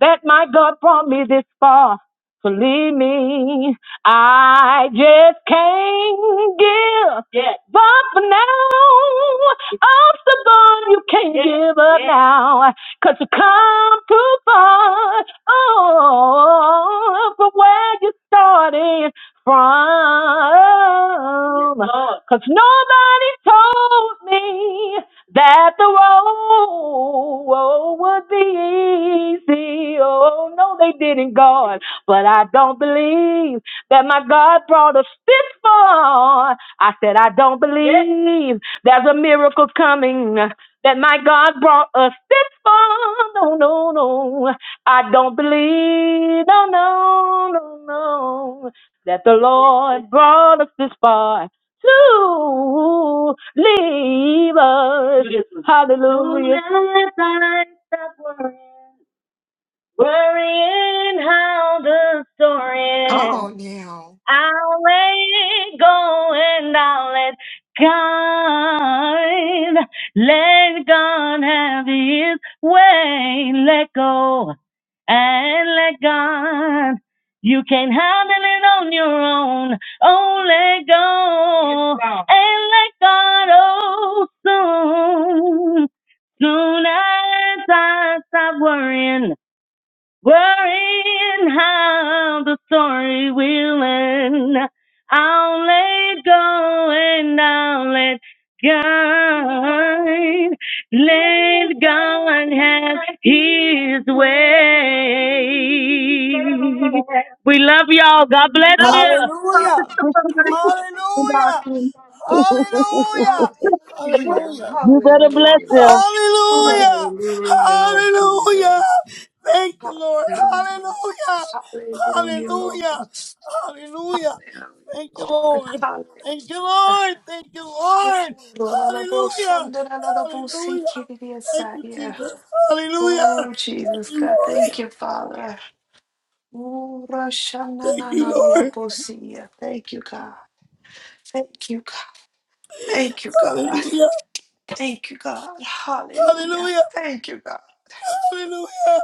[SPEAKER 9] that my God brought me this far. Believe me, I just can't give yes. up now. Obstacle, you can't Yes, give up yes. now. Cause you come too far oh, from where you started from. Yes, Lord. Cause nobody told me that the road would be easy. Oh, no, they didn't, God. But I don't believe that my God brought us this far. I said, I don't believe there's a miracle coming. That my God brought us this far. No, no, no. I don't believe. No, no, no, no. That the Lord brought us this far to leave us. Hallelujah worrying how the story
[SPEAKER 3] Come
[SPEAKER 9] ends.
[SPEAKER 3] on now.
[SPEAKER 9] I'll let it go and I'll let God, let God have His way. Let go and let God. You can not handle it on your own. Oh, let go Yes, and let God. Oh, soon, soon as I stop worrying. Worrying how the story will end. I'll let go and I'll let God. Let God have His way. We love y'all. God bless
[SPEAKER 10] Hallelujah. Hallelujah.
[SPEAKER 9] you.
[SPEAKER 10] Hallelujah.
[SPEAKER 3] Hallelujah.
[SPEAKER 10] Hallelujah.
[SPEAKER 9] You better bless
[SPEAKER 3] Hallelujah.
[SPEAKER 9] them.
[SPEAKER 10] Hallelujah.
[SPEAKER 3] Hallelujah, Lord Jesus.
[SPEAKER 10] Hallelujah. Thank you, Lord.
[SPEAKER 3] Hallelujah, Lord.
[SPEAKER 10] Hallelujah.
[SPEAKER 3] Hallelujah, Lord.
[SPEAKER 10] Hallelujah. Hallelujah.
[SPEAKER 3] Hallelujah,
[SPEAKER 10] Thank you,
[SPEAKER 3] Lord.
[SPEAKER 10] Lord. Thank you,
[SPEAKER 3] Hallelujah.
[SPEAKER 10] Lord. Thank you, Lord.
[SPEAKER 3] Ooh, Lord, I love you.
[SPEAKER 10] Hallelujah.
[SPEAKER 3] Sunday, I love you. See,
[SPEAKER 10] Hallelujah.
[SPEAKER 3] kitty, yes,
[SPEAKER 10] Thank
[SPEAKER 3] I,
[SPEAKER 10] you,
[SPEAKER 3] yeah.
[SPEAKER 10] Jesus. Hallelujah.
[SPEAKER 3] Oh,
[SPEAKER 10] Thank
[SPEAKER 3] Jesus,
[SPEAKER 10] you,
[SPEAKER 3] God, thank
[SPEAKER 10] Lord.
[SPEAKER 3] you, Father. Ooh, Roshana,
[SPEAKER 10] Thank
[SPEAKER 3] na,
[SPEAKER 10] you,
[SPEAKER 3] na, na, love
[SPEAKER 10] Lord.
[SPEAKER 3] you. See ya. Thank you, God. Thank you, God. Thank you, God.
[SPEAKER 10] Hallelujah.
[SPEAKER 3] Thank you, God. Hallelujah.
[SPEAKER 10] Hallelujah.
[SPEAKER 3] Thank you, God.
[SPEAKER 10] Hallelujah.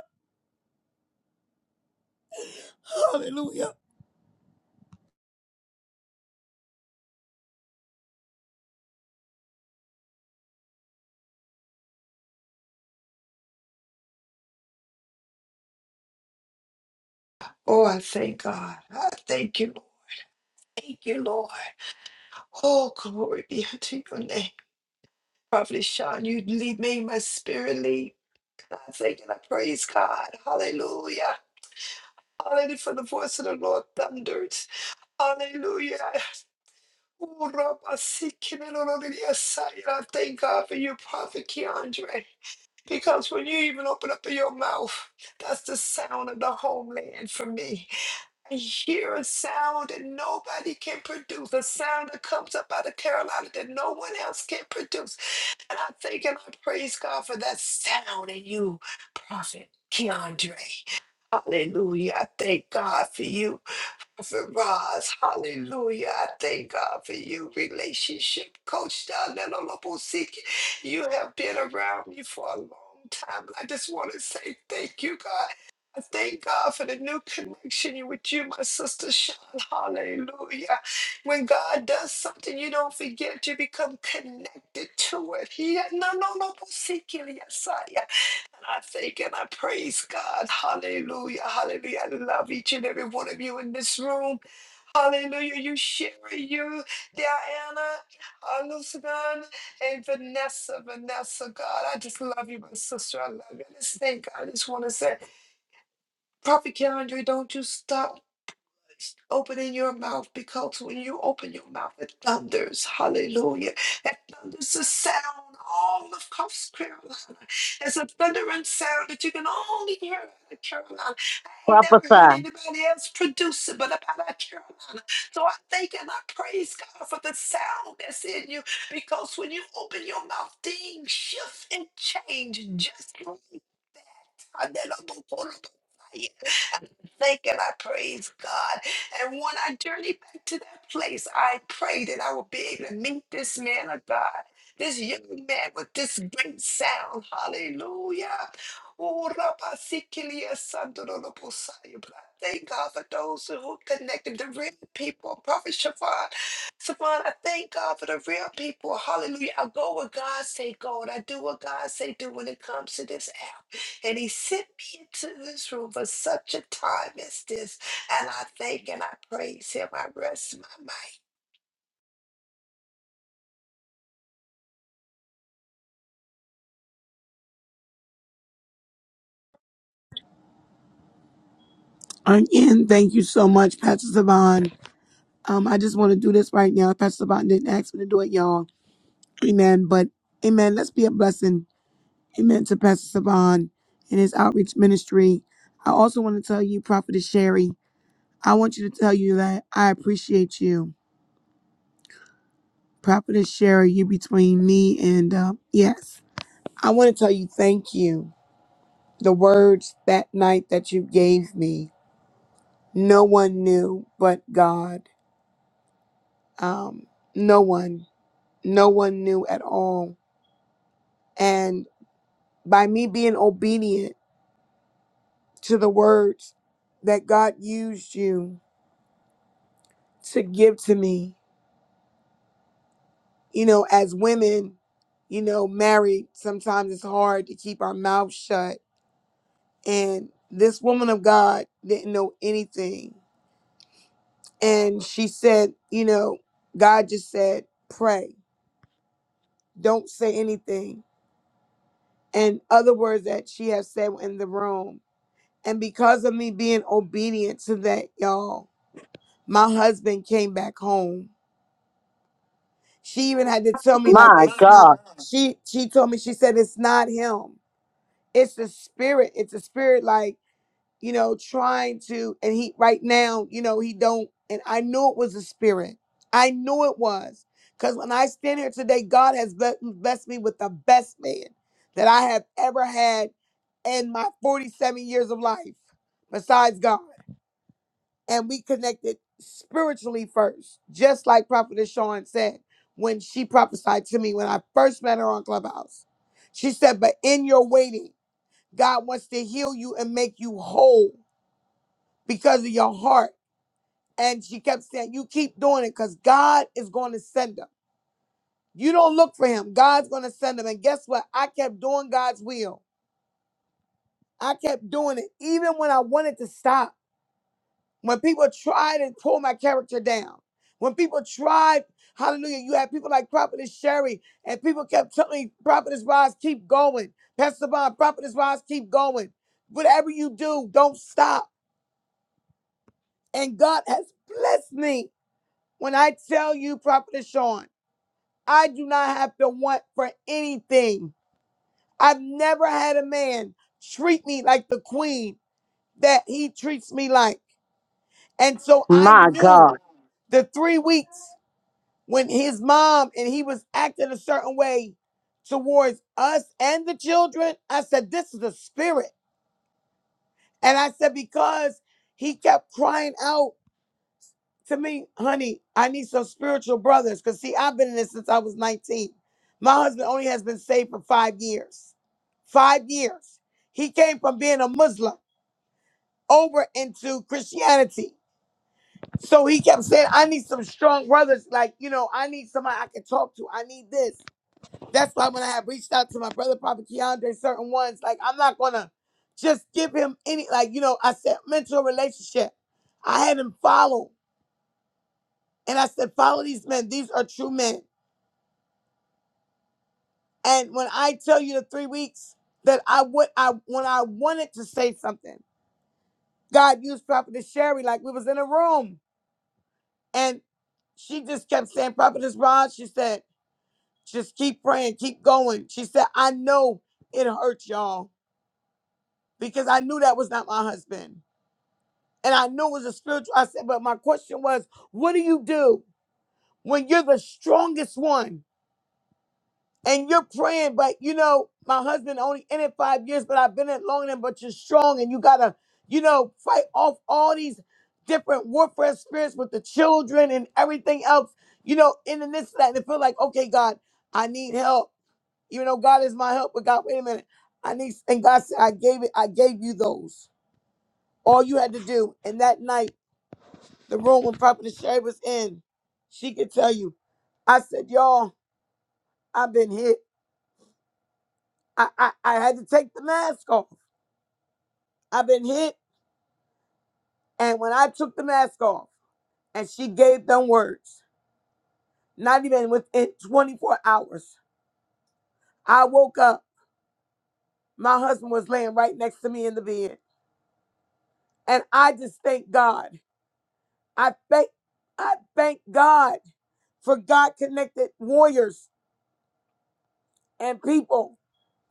[SPEAKER 10] Hallelujah.
[SPEAKER 3] Oh, I thank God. I thank you, Lord. Thank you, Lord. Oh, glory be unto your name. Prophet Sean, you lead me, my spirit lead. And I thank and I praise God. Hallelujah. Hallelujah for the voice of the Lord thunders. Hallelujah. Oh, Rabba, Sikhi, Lord, Lord, yes, I I thank God for you, Prophet Keandre. Because when you even open up your mouth, that's the sound of the homeland for me. I hear a sound that nobody can produce, a sound that comes up out of Carolina that no one else can produce. And I thank and I praise God for that sound in you, Prophet Keandre. Hallelujah. I thank God for you. Prophet Roz, hallelujah. I thank God for you, relationship coach down there on Lobo Seek. You have been around me for a long time. I just want to say thank you, God. I thank God for the new connection with you, my sister Sean. Hallelujah. When God does something, you don't forget. You become connected to it. He no no no and I thank and I praise God. Hallelujah. Hallelujah. I love each and every one of you in this room. Hallelujah. You, Sherry, you, Diana, Alucidan, and Vanessa. Vanessa, God, I just love you, my sister. I love you. Let's thank God. I just want to say, Prophet Keandre, don't you stop opening your mouth because when you open your mouth, it thunders. Hallelujah. It thunders a sound all of Coast Carolina. It's a thundering sound that you can only hear out of Carolina. I ain't never heard
[SPEAKER 9] Prophesy.
[SPEAKER 3] anybody else produce it but about our Carolina. So I thank and I praise God for the sound that's in you because when you open your mouth, things shift and change just like thank and I praise God. And when I journey back to that place, I pray that I will be able to meet this man of God, this young man with this great sound. Hallelujah. Oh, Rabba Sikilia Sandoro Bosaya. But I Thank God for those who connected the real people. Prophet Siobhan, Siobhan, I thank God for the real people. Hallelujah. I go where God say go, and I do what God say do when it comes to this hour. And he sent me into this room for such a time as this. And I thank and I praise him. I rest my might.
[SPEAKER 10] Again, thank you so much, Pastor Savon. Um, I just want to do this right now. Pastor Savon didn't ask me to do it, y'all. Amen. But amen. Let's be a blessing. Amen to Pastor Savon and his outreach ministry. I also want to tell you, Prophetess Sherry, I want you to tell you that I appreciate you. Prophetess Sherry, you between me and, uh, yes. I want to tell you thank you. The words that night that you gave me, no one knew but God. Um, no one. no one knew at all. And by me being obedient to the words that God used you to give to me, you know, as women, you know, married, sometimes it's hard to keep our mouth shut. And this woman of God didn't know anything. And she said, you know, God just said, pray, don't say anything. And other words that she has said in the room. And because of me being obedient to that, y'all, my husband came back home. She even had to tell me like
[SPEAKER 9] My
[SPEAKER 10] it's not
[SPEAKER 9] God.
[SPEAKER 10] she she told me she said it's not him. It's the spirit. It's a spirit like, you know, trying to and he right now, you know, he don't and I knew it was a spirit. I knew it was. Cuz when I stand here today, God has ble- blessed me with the best man that I have ever had in my 47 years of life besides God. and we connected spiritually first, just like Prophetess Shawn said when she prophesied to me when I first met her on Clubhouse. She said, But in your waiting, God wants to heal you and make you whole because of your heart. And she kept saying, You keep doing it because God is going to send him. You don't look for him, God's going to send him. And guess what? I kept doing God's will. I kept doing it even when I wanted to stop. When people tried to pull my character down, when people tried, hallelujah, you had people like Prophetess Sherry, and people kept telling me, Prophetess Rise, keep going. Pastor Bob, Prophetess Rise, keep going. Whatever you do, don't stop. And God has blessed me. When I tell you, Prophetess Sean, I do not have to want for anything. I've never had a man treat me like the queen that he treats me like. And so I
[SPEAKER 9] My
[SPEAKER 10] knew
[SPEAKER 9] God.
[SPEAKER 10] the three weeks. when his mom and he was acting a certain way towards us and the children, I said, This is a spirit. And I said, Because he kept crying out to me, honey, I need some spiritual brothers. Because, see, I've been in this since I was 19. My husband only has been saved for five years. Five years. He came from being a Muslim over into Christianity. So he kept saying, I need some strong brothers. Like, you know, I need somebody I can talk to. I need this. That's why when I have reached out to my brother, Prophet Keandre, certain ones, like I'm not gonna just give him any, like, you know, I said mentor relationship. I had him follow. And I said, follow these men. These are true men. And when I tell you the three weeks that I would I when I wanted to say something, God used Prophetess Sherry, like we was in a room. And she just kept saying, Prophetess Rod, she said, just keep praying, keep going. She said, I know it hurt y'all because I knew that was not my husband. And I knew it was a spiritual. I said, but my question was, what do you do when you're the strongest one and you're praying? But you know, my husband only in it five years, but I've been in it longer than. But you're strong, and you gotta, you know, fight off all these different warfare spirits with the children and everything else. You know, in the midst of that, and it feel like, okay, God, I need help. Even though God is my help, but God, wait a minute, I need. And God said, I gave it. I gave you those. All you had to do, and that night. the room when Prophet Shay was in, she could tell you. I said, y'all, I've been hit. I, I, I had to take the mask off. I've been hit. And when I took the mask off, and she gave them words, not even within 24 hours, I woke up. My husband was laying right next to me in the bed. And I just thank God. I thank, I thank God for God connected warriors and people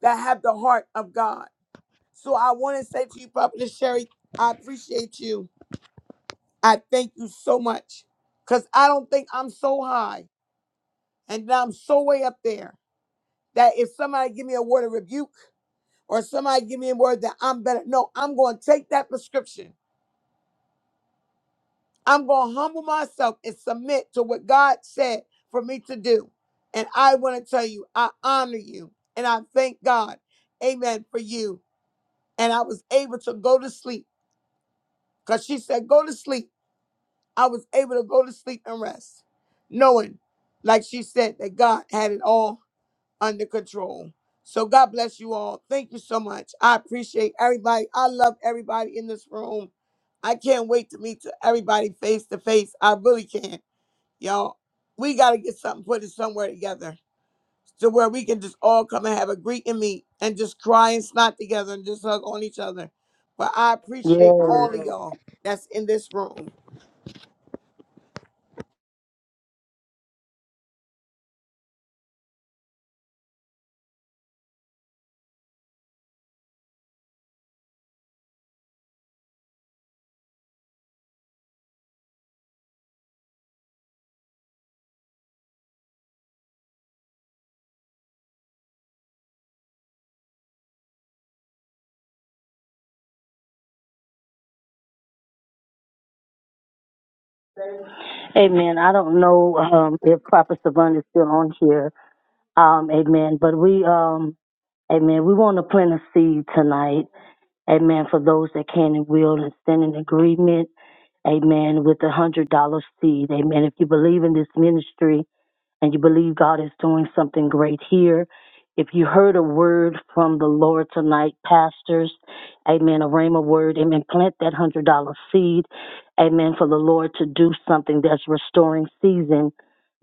[SPEAKER 10] that have the heart of God. So I want to say to you, Prophet Sherry, I appreciate you. I thank you so much. Because I don't think I'm so high and that I'm so way up there that if somebody give me a word of rebuke or somebody give me a word that I'm better, no, I'm going to take that prescription. I'm going to humble myself and submit to what God said for me to do. And I want to tell you, I honor you and I thank God. Amen for you. And I was able to go to sleep because she said, go to sleep. I was able to go to sleep and rest, knowing, like she said, that God had it all under control. So God bless you all. Thank you so much. I appreciate everybody. I love everybody in this room. I can't wait to meet to everybody face to face. I really can. Y'all, we got to get something put it somewhere together to where we can just all come and have a greet and meet and just cry and snot together and just hug on each other. But I appreciate
[SPEAKER 9] Yes.
[SPEAKER 10] all of y'all that's in this room.
[SPEAKER 9] Amen. I don't know um, if Papa Savant is still on here. Um, amen. But we, um, amen, we want to plant a seed tonight. Amen. For those that can and will and stand in agreement. Amen. With a hundred dollar seed. Amen. If you believe in this ministry and you believe God is doing something great here. If you heard a word from the Lord tonight, pastors, amen, a rhema word, amen, plant that $100 seed, amen, for the Lord to do something that's restoring season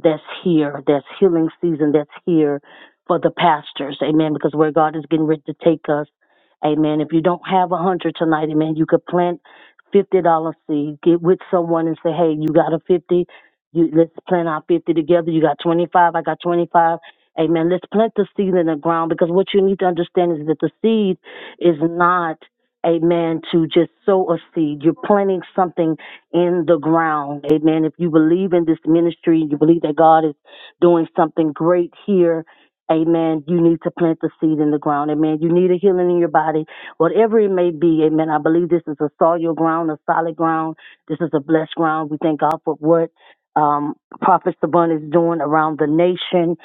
[SPEAKER 9] that's here, that's healing season that's here for the pastors. Amen. Because where God is getting ready to take us. Amen. If you don't have a hundred tonight, amen, you could plant fifty dollar seed. Get with someone and say, hey, you got a fifty. You let's plant our fifty together. You got twenty five. I got twenty five. Amen. Let's plant the seed in the ground because what you need to understand is that the seed is not amen to just sow a seed you're planting something in the ground amen if you believe in this ministry you believe that god is doing something great here amen you need to plant the seed in the ground amen you need a healing in your body whatever it may be. Amen. I believe this is a solid ground, a solid ground. This is a blessed ground. We thank God for what um, Prophet Saban is doing around the nation.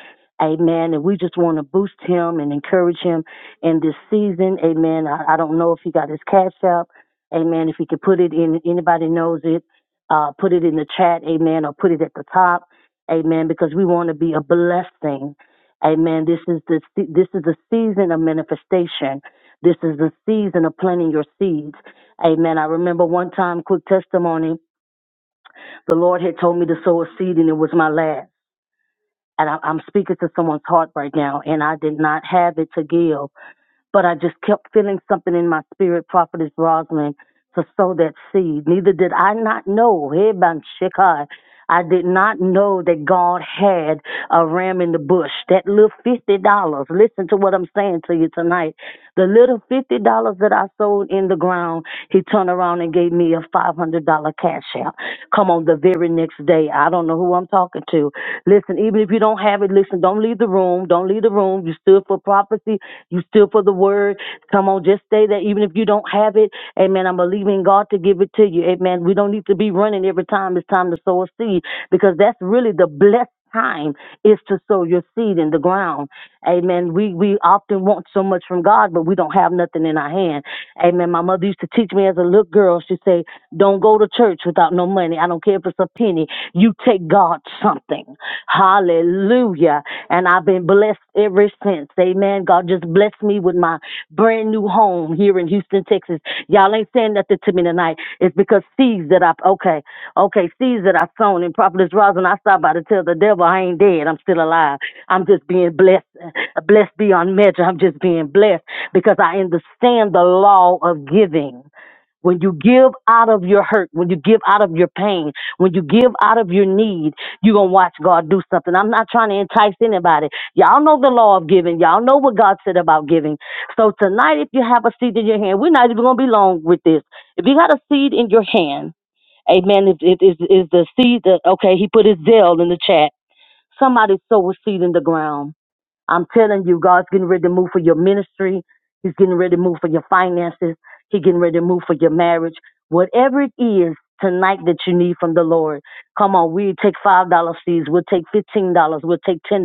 [SPEAKER 9] Amen. And we just want to boost him and encourage him in this season. Amen. I, I don't know if he got his cash up. Amen. If he could put it in, anybody knows it, uh, put it in the chat. Amen. Or put it at the top. Amen. Because we want to be a blessing. Amen. This is the this is the season of manifestation. This is the season of planting your seeds. Amen. I remember one time, quick testimony, the Lord had told me to sow a seed and it was my last. And I, I'm speaking to someone's heart right now, and I did not have it to give but I just kept feeling something in my spirit, Prophetess Rosalind, to sow that seed. Neither did I not know, hey, Shekai, I did not know that God had a ram in the bush. That little fifty dollars. Listen to what I'm saying to you tonight. The little fifty dollars that I sold in the ground, he turned around and gave me a five hundred dollar cash out. Come on, the very next day. I don't know who I'm talking to. Listen, even if you don't have it, listen, don't leave the room. Don't leave the room. You stood for prophecy you still for the word. Come on, just stay there. Even if you don't have it, amen. I'm believing God to give it to you. Amen. We don't need to be running every time it's time to sow a seed because that's really the blessed time is to sow your seed in the ground. Amen. We we often want so much from God, but we don't have nothing in our hand. Amen. My mother used to teach me as a little girl. She said. Don't go to church without no money. I don't care if it's a penny. You take God something. Hallelujah. And I've been blessed ever since. Amen. God just blessed me with my brand new home here in Houston, Texas. Y'all ain't saying nothing to me tonight. It's because seeds that I, okay, okay, seeds that I sown in Prophetess Rosin, I stopped by to tell the devil I ain't dead. I'm still alive. I'm just being blessed, blessed beyond measure. I'm just being blessed because I understand the law of giving. When you give out of your hurt, when you give out of your pain, when you give out of your need, you're going to watch God do something. I'm not trying to entice anybody. Y'all know the law of giving. Y'all know what God said about giving. So tonight, if you have a seed in your hand, we're not even going to be long with this. If you got a seed in your hand, amen, it, it is, is the seed that, okay, he put his zeal in the chat. Somebody sow a seed in the ground I'm telling you, God's getting ready to move for your ministry. He's getting ready to move for your finances. He's getting ready to move for your marriage. Whatever it is tonight that you need from the Lord, come on, we take $5 seeds. We'll take $15. We'll take $10.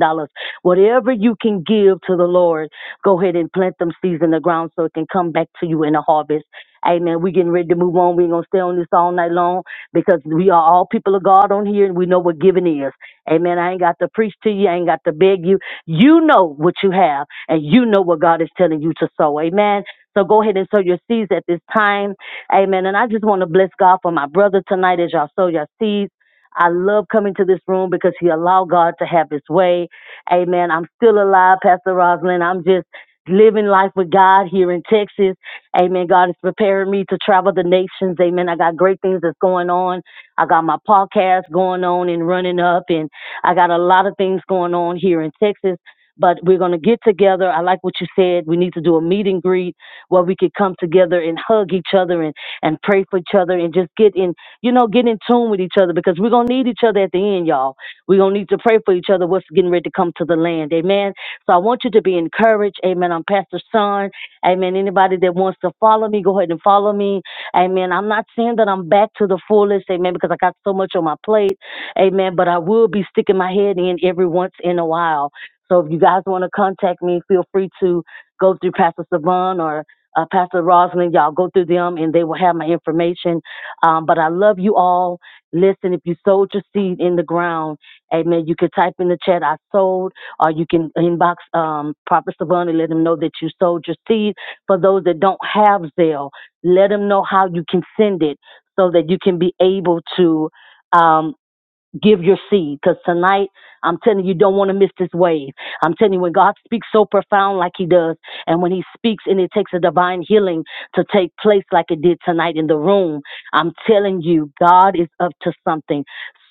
[SPEAKER 9] Whatever you can give to the Lord, go ahead and plant them seeds in the ground so it can come back to you in a harvest. Amen. We're getting ready to move on. we ain't going to stay on this all night long because we are all people of God on here and we know what giving is. Amen. I ain't got to preach to you. I ain't got to beg you. You know what you have, and you know what God is telling you to sow. Amen. So go ahead and sow your seeds at this time. Amen. And I just want to bless God for my brother tonight as y'all sow your seeds. I love coming to this room because he allowed God to have his way. Amen. I'm still alive, Pastor Rosalind. I'm just living life with God here in Texas. Amen. God is preparing me to travel the nations. Amen. I got great things that's going on. I got my podcast going on and running up and I got a lot of things going on here in Texas but we're going to get together. I like what you said. We need to do a meet and greet where we could come together and hug each other and, and pray for each other and just get in, you know, get in tune with each other because we're going to need each other at the end, y'all. We're going to need to pray for each other what's getting ready to come to the land. Amen. So I want you to be encouraged. Amen. I'm Pastor Son. Amen. Anybody that wants to follow me, go ahead and follow me. Amen. I'm not saying that I'm back to the fullest. Amen. Because I got so much on my plate. Amen. But I will be sticking my head in every once in a while. So if you guys want to contact me, feel free to go through Pastor Savon or uh, Pastor Rosalind. Y'all go through them and they will have my information. Um, but I love you all. Listen, if you sowed your seed in the ground, amen, you could type in the chat, I sold, or you can inbox um, Prophet Savon and let him know that you sold your seed. For those that don't have Zelle, let them know how you can send it so that you can be able to. um give your seed because tonight i'm telling you you don't want to miss this wave i'm telling you when god speaks so profound like he does and when he speaks and it takes a divine healing to take place like it did tonight in the room i'm telling you god is up to something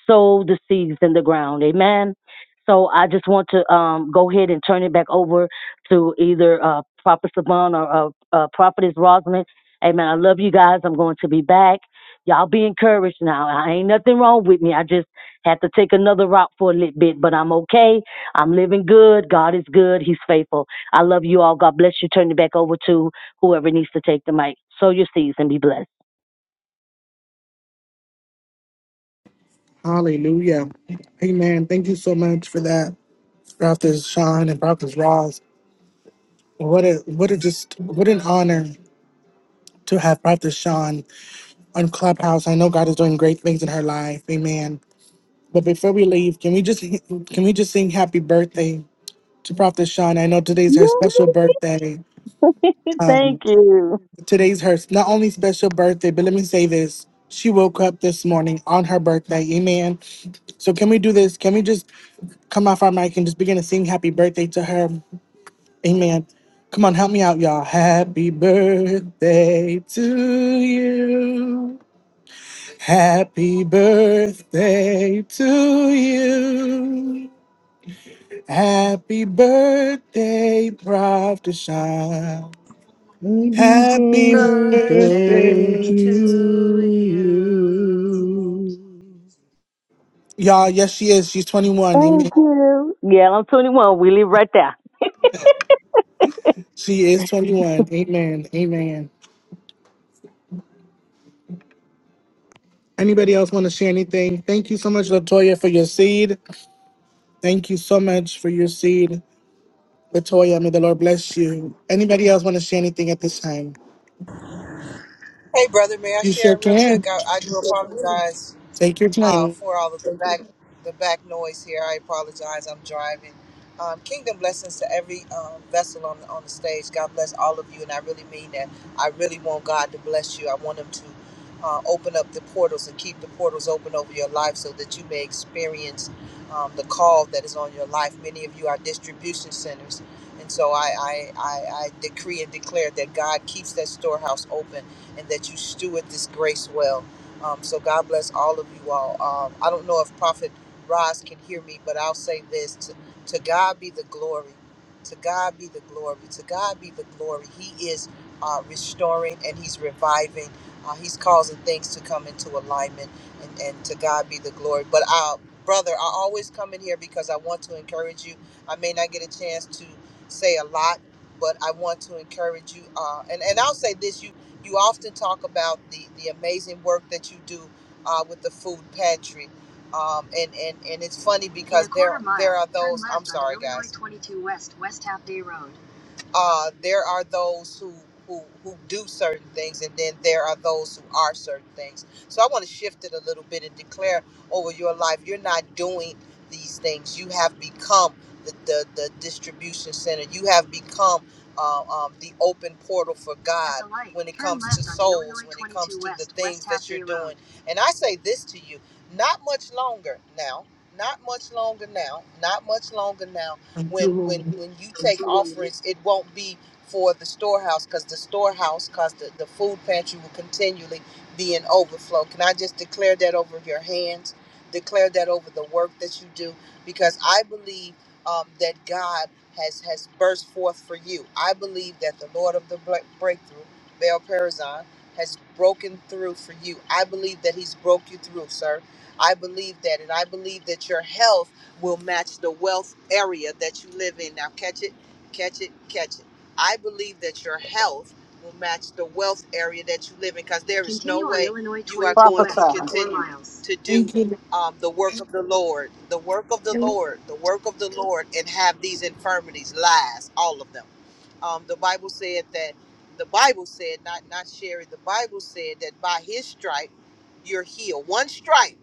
[SPEAKER 9] sow the seeds in the ground amen so i just want to um, go ahead and turn it back over to either uh, prophet saban or uh, uh, prophetess rosalind amen i love you guys i'm going to be back y'all be encouraged now. I ain't nothing wrong with me. I just had to take another route for a little bit, but I'm okay. I'm living good. God is good. He's faithful. I love you all. God bless you. Turn it back over to whoever needs to take the mic. Sow your seeds and be blessed.
[SPEAKER 1] Hallelujah. Amen. Thank you so much for that, Prophet Sean and Prophet Ross. What a what a just what an honor to have Prophet Sean on Clubhouse. I know God is doing great things in her life. Amen. But before we leave, can we just can we just sing happy birthday to Prophet Sean? I know today's her special birthday. Um,
[SPEAKER 9] Thank you.
[SPEAKER 1] today's her not only special birthday, but let me say this. She woke up this morning on her birthday. Amen. So can we do this? Can we just come off our mic and just begin to sing happy birthday to her? Amen. Come on, help me out, y'all. Happy birthday to you. Happy birthday to you. Happy birthday, Prof. Deshaun.
[SPEAKER 5] Happy
[SPEAKER 1] Happy
[SPEAKER 5] birthday
[SPEAKER 3] Birthday
[SPEAKER 1] birthday.
[SPEAKER 5] to
[SPEAKER 3] to you.
[SPEAKER 5] you.
[SPEAKER 1] Y'all, yes, she is. She's 21.
[SPEAKER 9] Thank
[SPEAKER 1] Amen.
[SPEAKER 9] you. Yeah, I'm 21. We live right there.
[SPEAKER 1] She is 21. Amen. Amen. Anybody else want to share anything? Thank you so much, Latoya, for your seed. Thank you so much for your seed. Latoya, may the Lord bless you. Anybody else want to share anything at this time?
[SPEAKER 12] Hey, brother, may I
[SPEAKER 1] You sure
[SPEAKER 12] share real
[SPEAKER 1] can.
[SPEAKER 12] quick? I, I do apologize
[SPEAKER 1] Take your
[SPEAKER 12] uh,
[SPEAKER 1] time.
[SPEAKER 12] for all of the back the back noise here. I apologize. I'm driving. Um, kingdom blessings to every um, vessel on on the stage. God bless all of you, and I really mean that. I really want God to bless you. I want Him to uh, open up the portals and keep the portals open over your life, so that you may experience um, the call that is on your life. Many of you are distribution centers, and so I I, I, I decree and declare that God keeps that storehouse open, and that you steward this grace well um, so God bless all of you all. Um, I don't know if Prophet Roz can hear me, but I'll say this: to, to God be the glory. To God be the glory. To God be the glory. He is uh, restoring and He's reviving. Uh, he's causing things to come into alignment, and, and to God be the glory. But uh, brother, I always come in here because I want to encourage you. I may not get a chance to say a lot, but I want to encourage you. Uh, and and I'll say this: you you often talk about the, the amazing work that you do uh, with the food pantry. Um, and, and, and it's funny because there, there are those. I'm sorry, guys. 22 West, West Half Day Road uh, there are those who, who who do certain things, and then there are those who are certain things. So I want to shift it a little bit and declare over your life: you're not doing these things. You have become the the, the distribution center. You have become uh, um, the open portal for God when it comes to souls, when it comes to the things that you're doing. And I say this to you: not much longer now. Not much longer now. Not much longer now
[SPEAKER 1] Thank you,
[SPEAKER 12] when when
[SPEAKER 1] Lord.
[SPEAKER 12] when you take offerings it won't be for the storehouse because the storehouse because the, the food pantry will continually be in overflow can i just declare that over your hands declare that over the work that you do because i believe um, that god has has burst forth for you i believe that the lord of the Bre- breakthrough baal perazon has broken through for you i believe that he's broke you through sir i believe that and i believe that your health will match the wealth area that you live in. Now, catch it, catch it, catch it. I believe that your health will match the wealth area that you live in because there is no way you are going to
[SPEAKER 9] Prophesy.
[SPEAKER 12] continue to do
[SPEAKER 1] Thank you.
[SPEAKER 12] um, the work of the Lord, the work of the
[SPEAKER 1] Lord.
[SPEAKER 12] Lord, the work of the Lord, and have these infirmities, lies, all of them. Um, the Bible said that, the Bible said, not, not Sherry, the Bible said that by his stripe, you're healed. One stripe.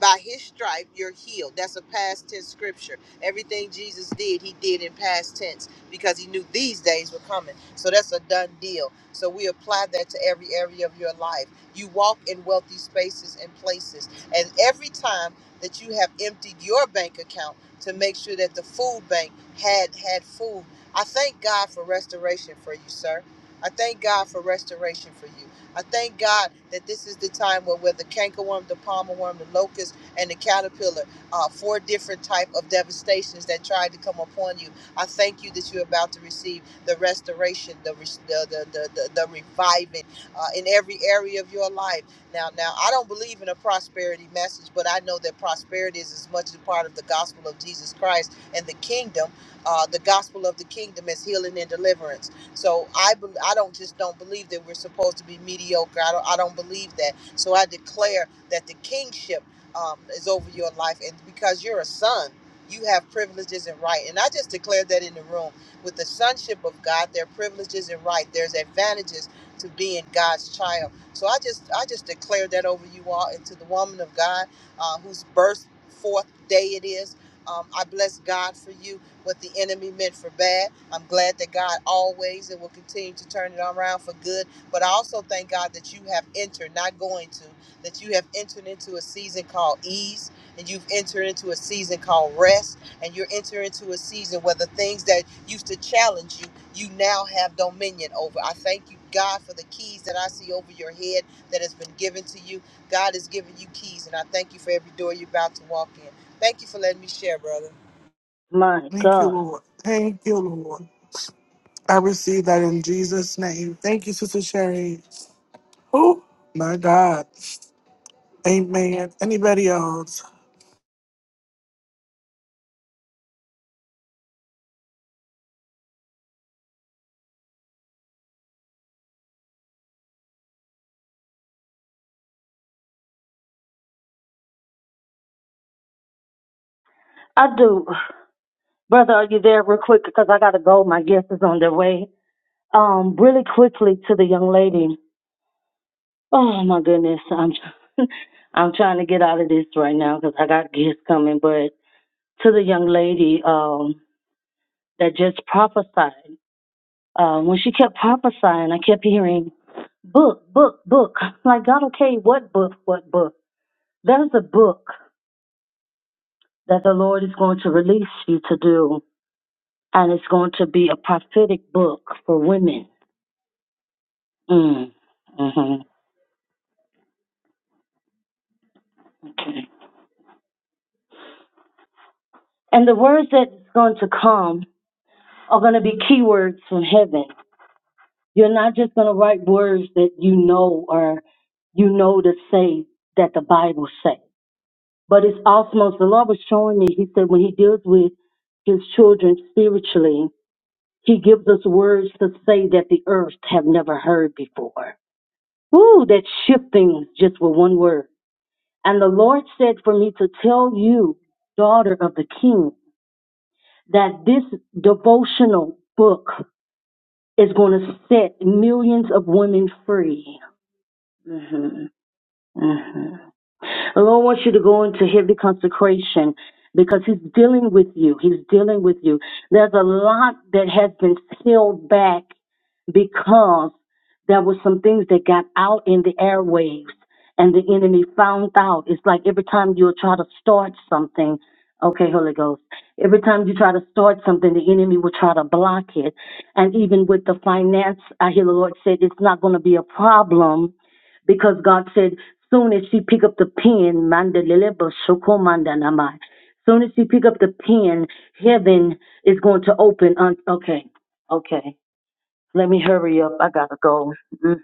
[SPEAKER 12] By his stripe, you're healed. That's a past tense scripture. Everything Jesus did, he did in past tense because he knew these days were coming. So that's a done deal. So we apply that to every area of your life. You walk in wealthy spaces and places. And every time that you have emptied your bank account to make sure that the food bank had had food, I thank God for restoration for you, sir. I thank God for restoration for you. I thank God that this is the time where, where the cankerworm, the palmer worm, the locust, and the caterpillar are four different type of devastations that tried to come upon you. I thank you that you're about to receive the restoration, the res- the the the, the, the reviving uh, in every area of your life. Now, now I don't believe in a prosperity message, but I know that prosperity is as much a part of the gospel of Jesus Christ and the kingdom. Uh, the gospel of the kingdom is healing and deliverance so I bel I don't just don't believe that we're supposed to be mediocre. I don't I don't believe that. So I declare that the kingship um, is over your life, and because you're a son, you have privileges and right. And I just declare that in the room with the sonship of God, there are privileges and right. There's advantages to being God's child. So I just I just declare that over you all, and to the woman of God uh, whose birth forth day it is. Um, I bless God for you what the enemy meant for bad. I'm glad that God always and will continue to turn it around for good. But I also thank God that you have entered, not going to, that you have entered into a season called ease, and you've entered into a season called rest, and you're entering into a season where the things that used to challenge you, you now have dominion over. I thank you, God, for the keys that I see over your head that has been given to you. God has given you keys, and I thank you for every door you're about to walk in. Thank you for letting me share, brother.
[SPEAKER 9] My
[SPEAKER 1] Thank you,
[SPEAKER 9] God.
[SPEAKER 1] Lord. Thank you, Lord. I receive that in Jesus' name. Thank you, Sister Sherry. Oh, my God. Amen. Anybody else?
[SPEAKER 9] I do. Brother, are you there real quick? Because I got to go. My guest is on their way. Um, really quickly to the young lady. Oh, my goodness. I'm, I'm trying to get out of this right now because I got guests coming, but. to the young lady um, that just prophesied. Uh, when she kept prophesying, I kept hearing book, book, book. Like God, okay, what book, what book? There's a book that the Lord is going to release you to do, and it's going to be a prophetic book for women. Mm. Mm-hmm. Okay. And the words that's going to come are going to be keywords from heaven. You're not just going to write words that you know or you know to say that the Bible says. But it's awesome. As the Lord was showing me, He said when He deals with His children spiritually, He gives us words to say that the earth have never heard before. Ooh, that shifting just with one word. And the Lord said for me to tell you, daughter of the King, that this devotional book is going to set millions of women free. hmm hmm The Lord wants you to go into heavy consecration because He's dealing with you. He's dealing with you. There's a lot that has been held back because there were some things that got out in the airwaves and the enemy found out. It's like every time you try to start something, okay, Holy Ghost, every time you try to start something, the enemy will try to block it. And even with the finance, I hear the Lord said it's not going to be a problem because God said, soon as she pick up the pen, mandalele shokomandanamai. Soon as she pick up the pen, heaven is going to open. Un- okay, okay. Let me hurry up. I gotta go. Mm,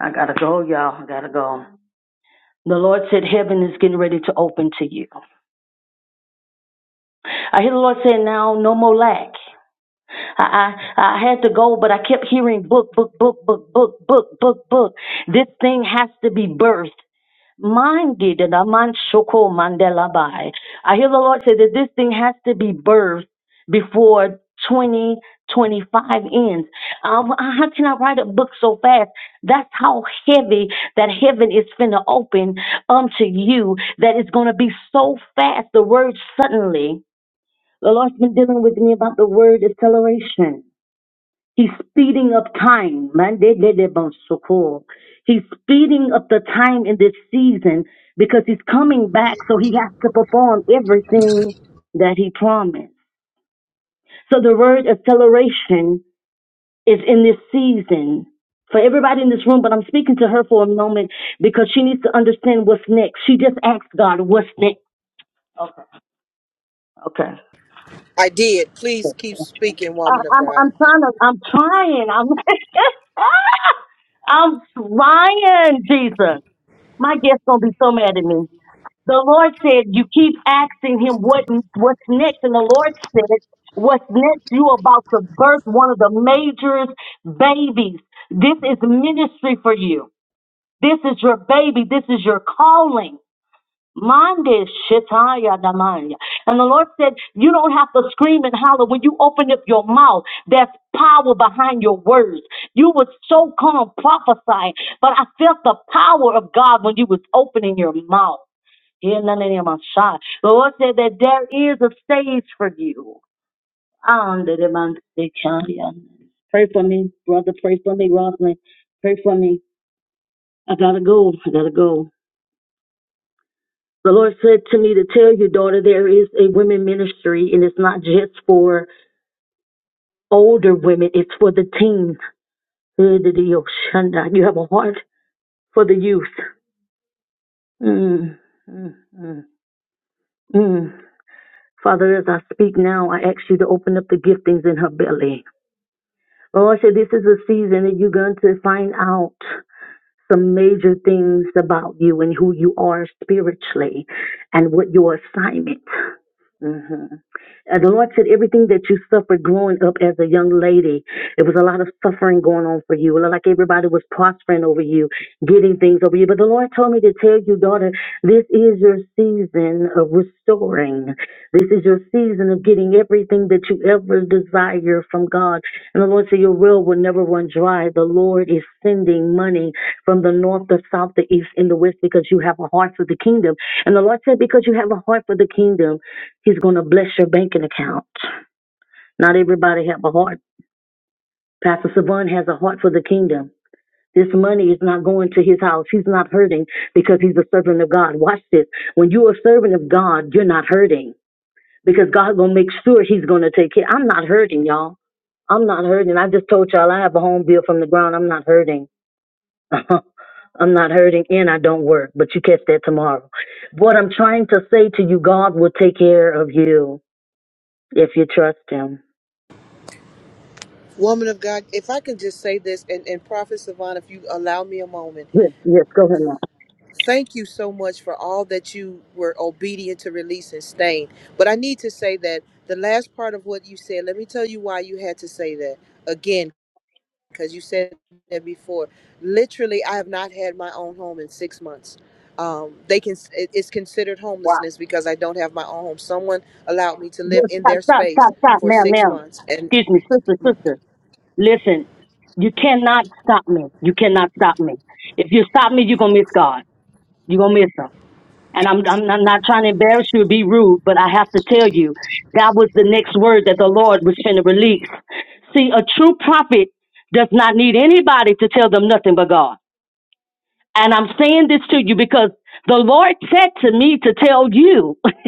[SPEAKER 9] I gotta go, y'all. I gotta go. The Lord said, heaven is getting ready to open to you. I hear the Lord saying, now no more lack. I, I I had to go, but I kept hearing book, book, book, book, book, book, book, book. This thing has to be birthed. Mandi de la man shoko Mandela mandelabai. I hear the Lord say that this thing has to be birthed before 2025 ends. Um, how can I write a book so fast? That's how heavy that heaven is finna open unto you. That is gonna be so fast. The word suddenly. The Lord's been dealing with me about the word acceleration. He's speeding up time. Mandedebosoko. He's speeding up the time in this season because he's coming back, so he has to perform everything that he promised. So the word acceleration is in this season for everybody in this room, but I'm speaking to her for a moment because she needs to understand what's next. She just asked God, what's next?
[SPEAKER 12] I did. Please keep speaking,
[SPEAKER 9] I,
[SPEAKER 12] woman of
[SPEAKER 9] I'm,
[SPEAKER 12] God.
[SPEAKER 9] I'm trying to, I'm trying, I'm, I'm trying, Jesus. My guest's gonna be so mad at me. The Lord said, "You keep asking Him what what's next," and the Lord said, "What's next? You about to birth one of the major babies. This is ministry for you. This is your baby. This is your calling." Mande shetaya damaya. And the Lord said, You don't have to scream and holler. When you open up your mouth, there's power behind your words. You were so calm prophesying, but I felt the power of God when you was opening your mouth. In the name of Shah. The Lord said that there is a stage for you. And the demand they can Pray for me, brother. Pray for me, Roslyn. Pray for me. I gotta go. I gotta go. The Lord said to me to tell you, daughter, there is a women ministry, and it's not just for older women. It's for the teens. Eh, the deal, You have a heart for the youth. Mm, mm, mm, mm. Father, as I speak now, I ask you to open up the giftings in her belly. Lord, said, this is a season that you're going to find out some major things about you and who you are spiritually and what you are. Mm-hmm. Everything that you suffered growing a young lady, it was a lot going on for you. It looked Like everybody was prospering over you. Get in order. This is your season restoring. This is your season of getting everything that you ever hear from God. one dry. The Lord is sending money from the north, the south, the east, and the west because you have a heart for the kingdom. And the Lord said, because you have a heart for the kingdom, He's going to bless your banking account. Not everybody have a heart. Pastor Savan has a heart for the kingdom. This money is not going to his house. He's not hurting because he's a servant of God. Watch this. When you are a servant of God, you're not hurting because God gonna make sure He's gonna take care. I'm not hurting, y'all. I'm not hurting. I just told y'all I have a home bill from the ground. I'm not hurting. Uh-huh. I'm not hurting and I don't work, but you catch that tomorrow. What I'm trying to say to you, God will take care of you if you trust Him.
[SPEAKER 12] Woman of God, if I can just say this, and, and Prophet Savant, if you allow me a moment,
[SPEAKER 9] Yes, yes, go ahead, ma'am.
[SPEAKER 12] thank you so much for all that you were obedient to release and stain. But I need to say that the last part of what you said, let me tell you why you had to say that again, because you said that before. Literally, I have not had my own home in six months. Um, they can it- it's considered
[SPEAKER 9] Wow.
[SPEAKER 12] homelessness because I don't have my own home. Someone allowed me to
[SPEAKER 9] Yes,
[SPEAKER 12] live in
[SPEAKER 9] stop,
[SPEAKER 12] their
[SPEAKER 9] stop,
[SPEAKER 12] space
[SPEAKER 9] stop, stop,
[SPEAKER 12] for
[SPEAKER 9] ma'am,
[SPEAKER 12] six
[SPEAKER 9] ma'am.
[SPEAKER 12] months,
[SPEAKER 9] Excuse me, sister, sister. Listen, you cannot stop me. You cannot stop me. If you stop me, you're going to miss God. You're going to miss Him. And I'm, I'm, I'm not trying to embarrass you or be rude, but I have to tell you, that was the next word that the Lord was going to release. See, a true prophet does not need anybody to tell them nothing but God. And I'm saying this to you because the Lord said to me to tell you, Jesus,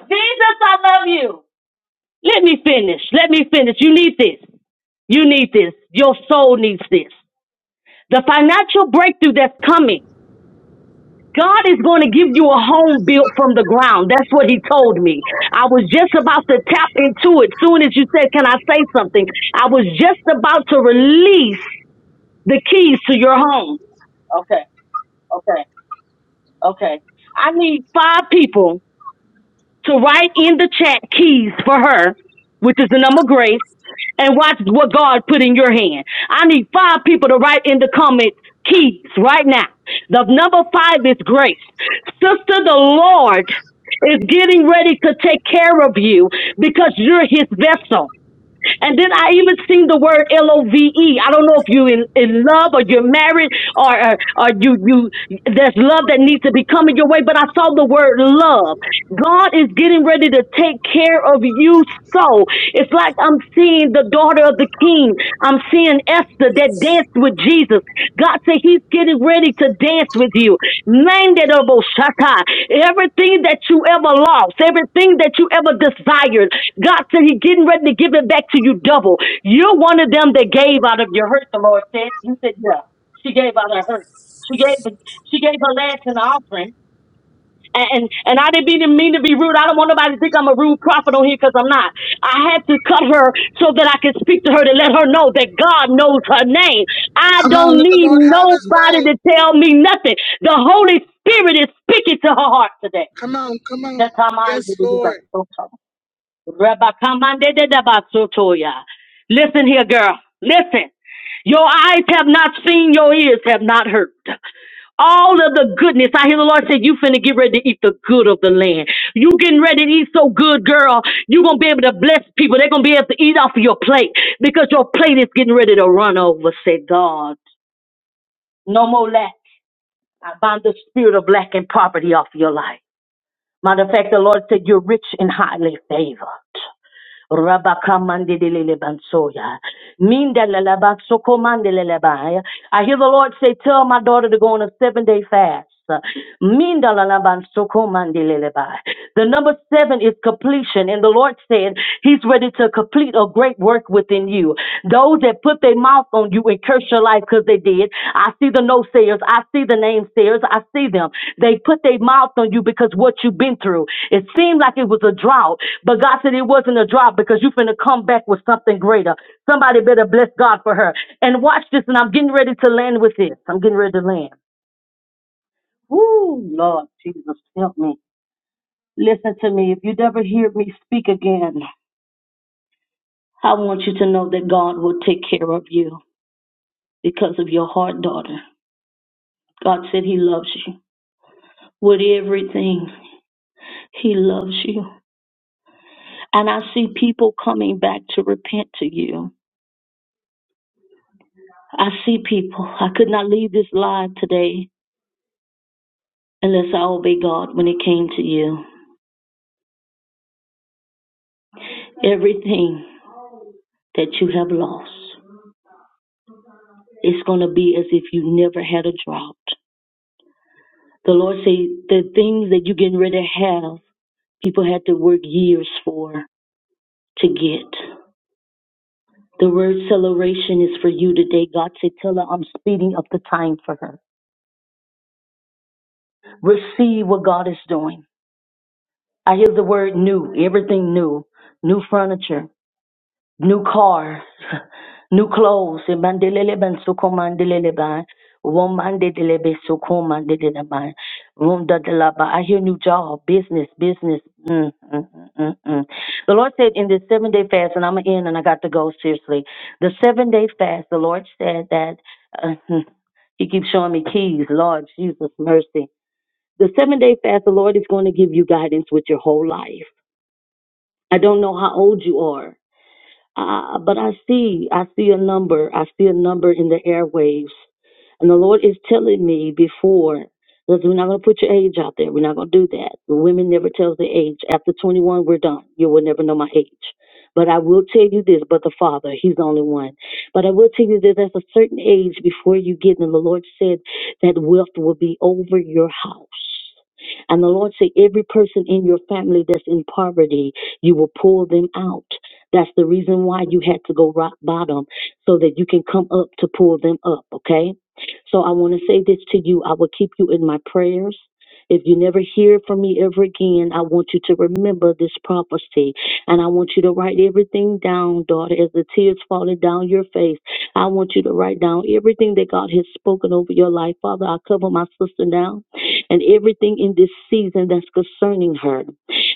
[SPEAKER 9] I love you. Let me finish. Let me finish. You need this. You need this. Your soul needs this. The financial breakthrough that's coming God is going to give you a home built from the ground. That's what he told me. I was just about to tap into it soon as you said, Can I say something? I was just about to release the keys to your home. Okay, okay, okay. I need five people to write in the chat keys for her, which is the number grace. and watch what God put in your hand. I need five people to write in the comment keys right now. The number five is grace. Sister, the Lord is getting ready to take care of you because you're his vessel. And then I even sing the word L O V E. I don't know if you're in, in love or you're married or, or, or you, you, there's love that needs to be coming your way, but I saw the word love. God is getting ready to take care of you so. It's like I'm seeing the daughter of the king. I'm seeing Esther that danced with Jesus. God said He's getting ready to dance with you. Nanderobo shaka. Everything that you ever lost, everything that you ever desired, God said He's getting ready to give it back to you double. You're one of them that gave out of your hurt, the Lord said. He said, Yeah, she gave out of her. She gave she gave her last an offering and and I didn't mean mean to be rude. I don't want nobody to think I'm a rude prophet on here because I'm not. I had to cut her so that I could speak to her to let her know that God knows her name. I
[SPEAKER 1] Come on,
[SPEAKER 9] don't
[SPEAKER 1] let the
[SPEAKER 9] need
[SPEAKER 1] Lord have his
[SPEAKER 9] nobody
[SPEAKER 1] way.
[SPEAKER 9] to tell me nothing. The Holy Spirit is speaking to her heart today.
[SPEAKER 1] Come on, come on. Yes, Lord.
[SPEAKER 9] Listen here, girl. Listen. Your eyes have not seen, your ears have not heard all of the goodness. I hear the Lord said, You finna get ready to eat the good of the land. You getting ready to eat so good, girl. you going to be able to bless people. They're going to be able to eat off of your plate because your plate is getting ready to run over, said God. No more lack. I bind the spirit of lack and poverty off of your life. Matter of fact, the Lord said, You're rich and highly favored. Rabakamandidele bansoya. Mindelele baksokomandele ba. I hear the Lord say, Tell my daughter to go on a seven day fast. Mindelele bansokomandele ba. The number seven is completion, and the Lord said He's ready to complete a great work within you. Those that put their mouth on you and curse your life because they did, I see the no sayers. I see the name sayers. I see them. They put their mouth on you because what you've been through. It seemed like it was a drought, but God said it wasn't a drought because you're finna come back with something greater. Somebody better bless God for her. And watch this, and I'm getting ready to land with this. I'm getting ready to land. Ooh, Lord Jesus, help me. Listen to me. If you never hear me speak again, I want you to know that God will take care of you because of your hard daughter. God said He loves you with everything. He loves you. And I see people coming back to repent to you. I see people. I could not leave this live today unless I obey God when it came to you. Everything that you have lost, it's going to be as if you never had a drought. The Lord said the things that you're getting ready to have, people had to work years for to get. The word celebration is for you today. God said, tell her I'm speeding up the time for her. Receive what God is doing. I hear the word new, everything new, new furniture, new car, new clothes. E mandelele ban soko mandelele ban, won mandelele be soko mandelele ban, won dadala ban. I hear new job, business, business. Mm, mm, mm, mm. mm. The Lord said in this seven day fast, and I'm gonna end, and I got to go seriously. The seven day fast, the Lord said that uh, He keeps showing me keys. Lord Jesus, mercy. The seven day fast, the Lord is going to give you guidance with your whole life. I don't know how old you are. Uh, but I see, I see a number. I see a number in the airwaves. And the Lord is telling me before, that we're not going to put your age out there. We're not going to do that. The women never tells the age. After 21, we're done. You will never know my age. But I will tell you this, but the Father, He's the only one. But I will tell you that there's a certain age before you get, and the Lord said that wealth will be over your house. And the Lord said, every person in your family that's in poverty, you will pull them out. That's the reason why you had to go rock bottom so that you can come up to pull them up, okay? So I want to say this to you. I will keep you in my prayers. If you never hear from me ever again, I want you to remember this prophecy. And I want you to write everything down, daughter, as the tears falling down your face. I want you to write down everything that God has spoken over your life. Father, I cover my sister now and everything in this season that's concerning her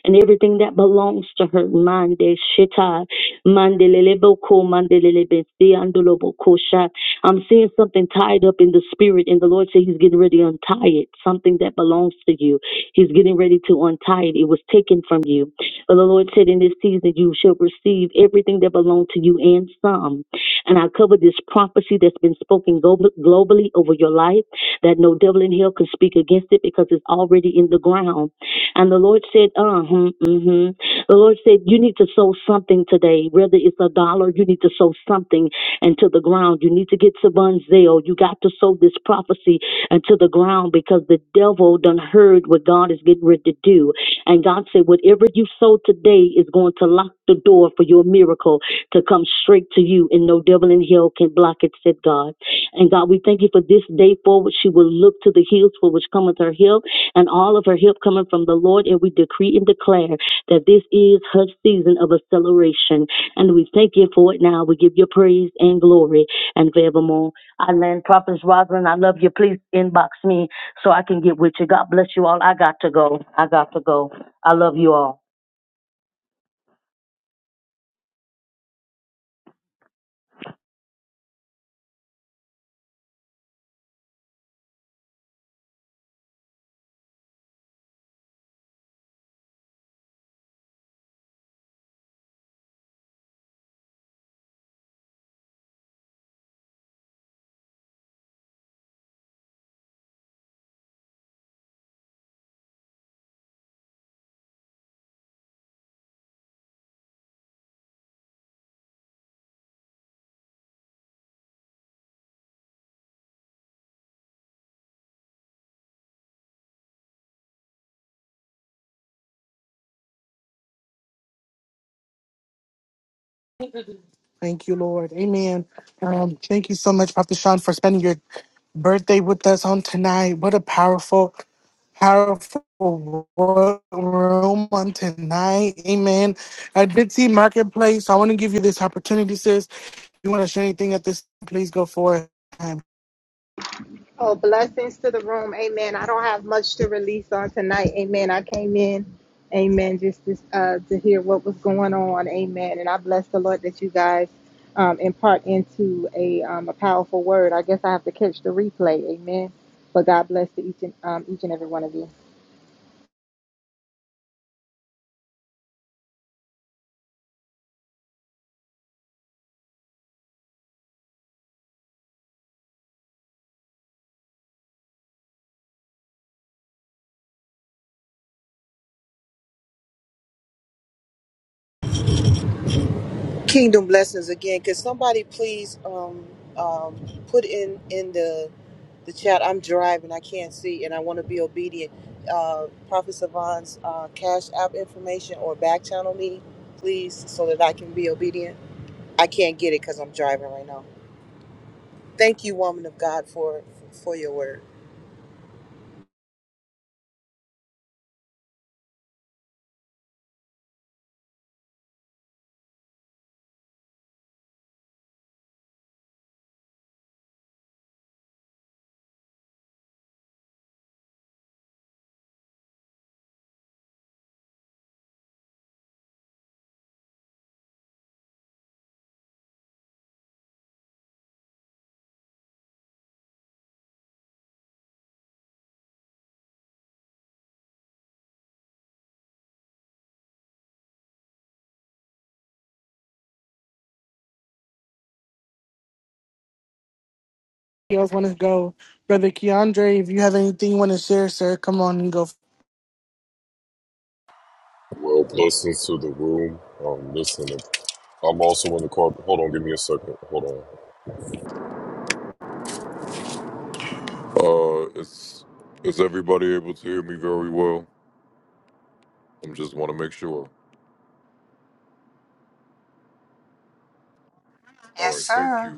[SPEAKER 9] and everything that belongs to her. Mind, Shitai, Mandelelebe ko, mandelelebe si, andolobo ko sha. I'm seeing something tied up in the spirit, and the Lord said He's getting ready to untie it, something that belongs to you. He's getting ready to untie it. It was taken from you. But the Lord said, In this season, you shall receive everything that belongs to you and some. And I cover this prophecy that's been spoken glo- globally over your life that no devil in hell can speak against it because it's already in the ground. And the Lord said, Uh huh, mm-hmm, the Lord said, You need to sow something today. Whether it's a dollar, you need to sow something into the ground. You need to get Savon's zeal. You got to sow this prophecy into the ground because the devil done heard what God is getting ready to do. And God said, Whatever you sow today is going to lock the door for your miracle to come straight to you, and no devil in hell can block it, said God. And God, we thank you for this day forward. She will look to the hills for which cometh her help, and all of her help coming from the Lord. And we decree and declare that this is her season of acceleration. And we thank you for it now. We give you praise and glory and forevermore. I land Prophet Rosalind. I love you. Please inbox me so I can get with you. God bless you all. I got to go. I got to go. I love you all.
[SPEAKER 1] Thank you, Lord. Amen. Um, thank you so much, Pastor Sean, for spending your birthday with us on tonight. What a powerful, powerful wo- room on tonight. Amen. I did see Marketplace. I want to give you this opportunity, sis. If you want to share anything at this, please go for it. Um,
[SPEAKER 13] Oh, blessings to the room. Amen. I don't have much to release on tonight. Amen. I came in. Amen. Just to, uh, to hear what was going on. Amen. And I bless the Lord that you guys um, impart into a, um, a powerful word. I guess I have to catch the replay. Amen. But God bless to each and um, each and every one of you.
[SPEAKER 12] Kingdom blessings again. Could somebody please um, um, put in in the the chat? I'm driving. I can't see, and I want to be obedient. Uh, Prophet Savant's uh, cash app information or back channel me, please, so that I can be obedient. I can't get it because I'm driving right now. Thank you, woman of God, for for your word.
[SPEAKER 1] you guys want to go? Brother Keandre, if you have anything you want to share, sir, come on and go
[SPEAKER 14] Well, blessings to the room. Um, listen, I'm also in the car. Hold on, give me a second. Hold on. Uh, is is everybody able to hear me very well? I'm just want to make sure. All
[SPEAKER 3] Yes,
[SPEAKER 14] right, thank
[SPEAKER 3] sir.
[SPEAKER 14] you.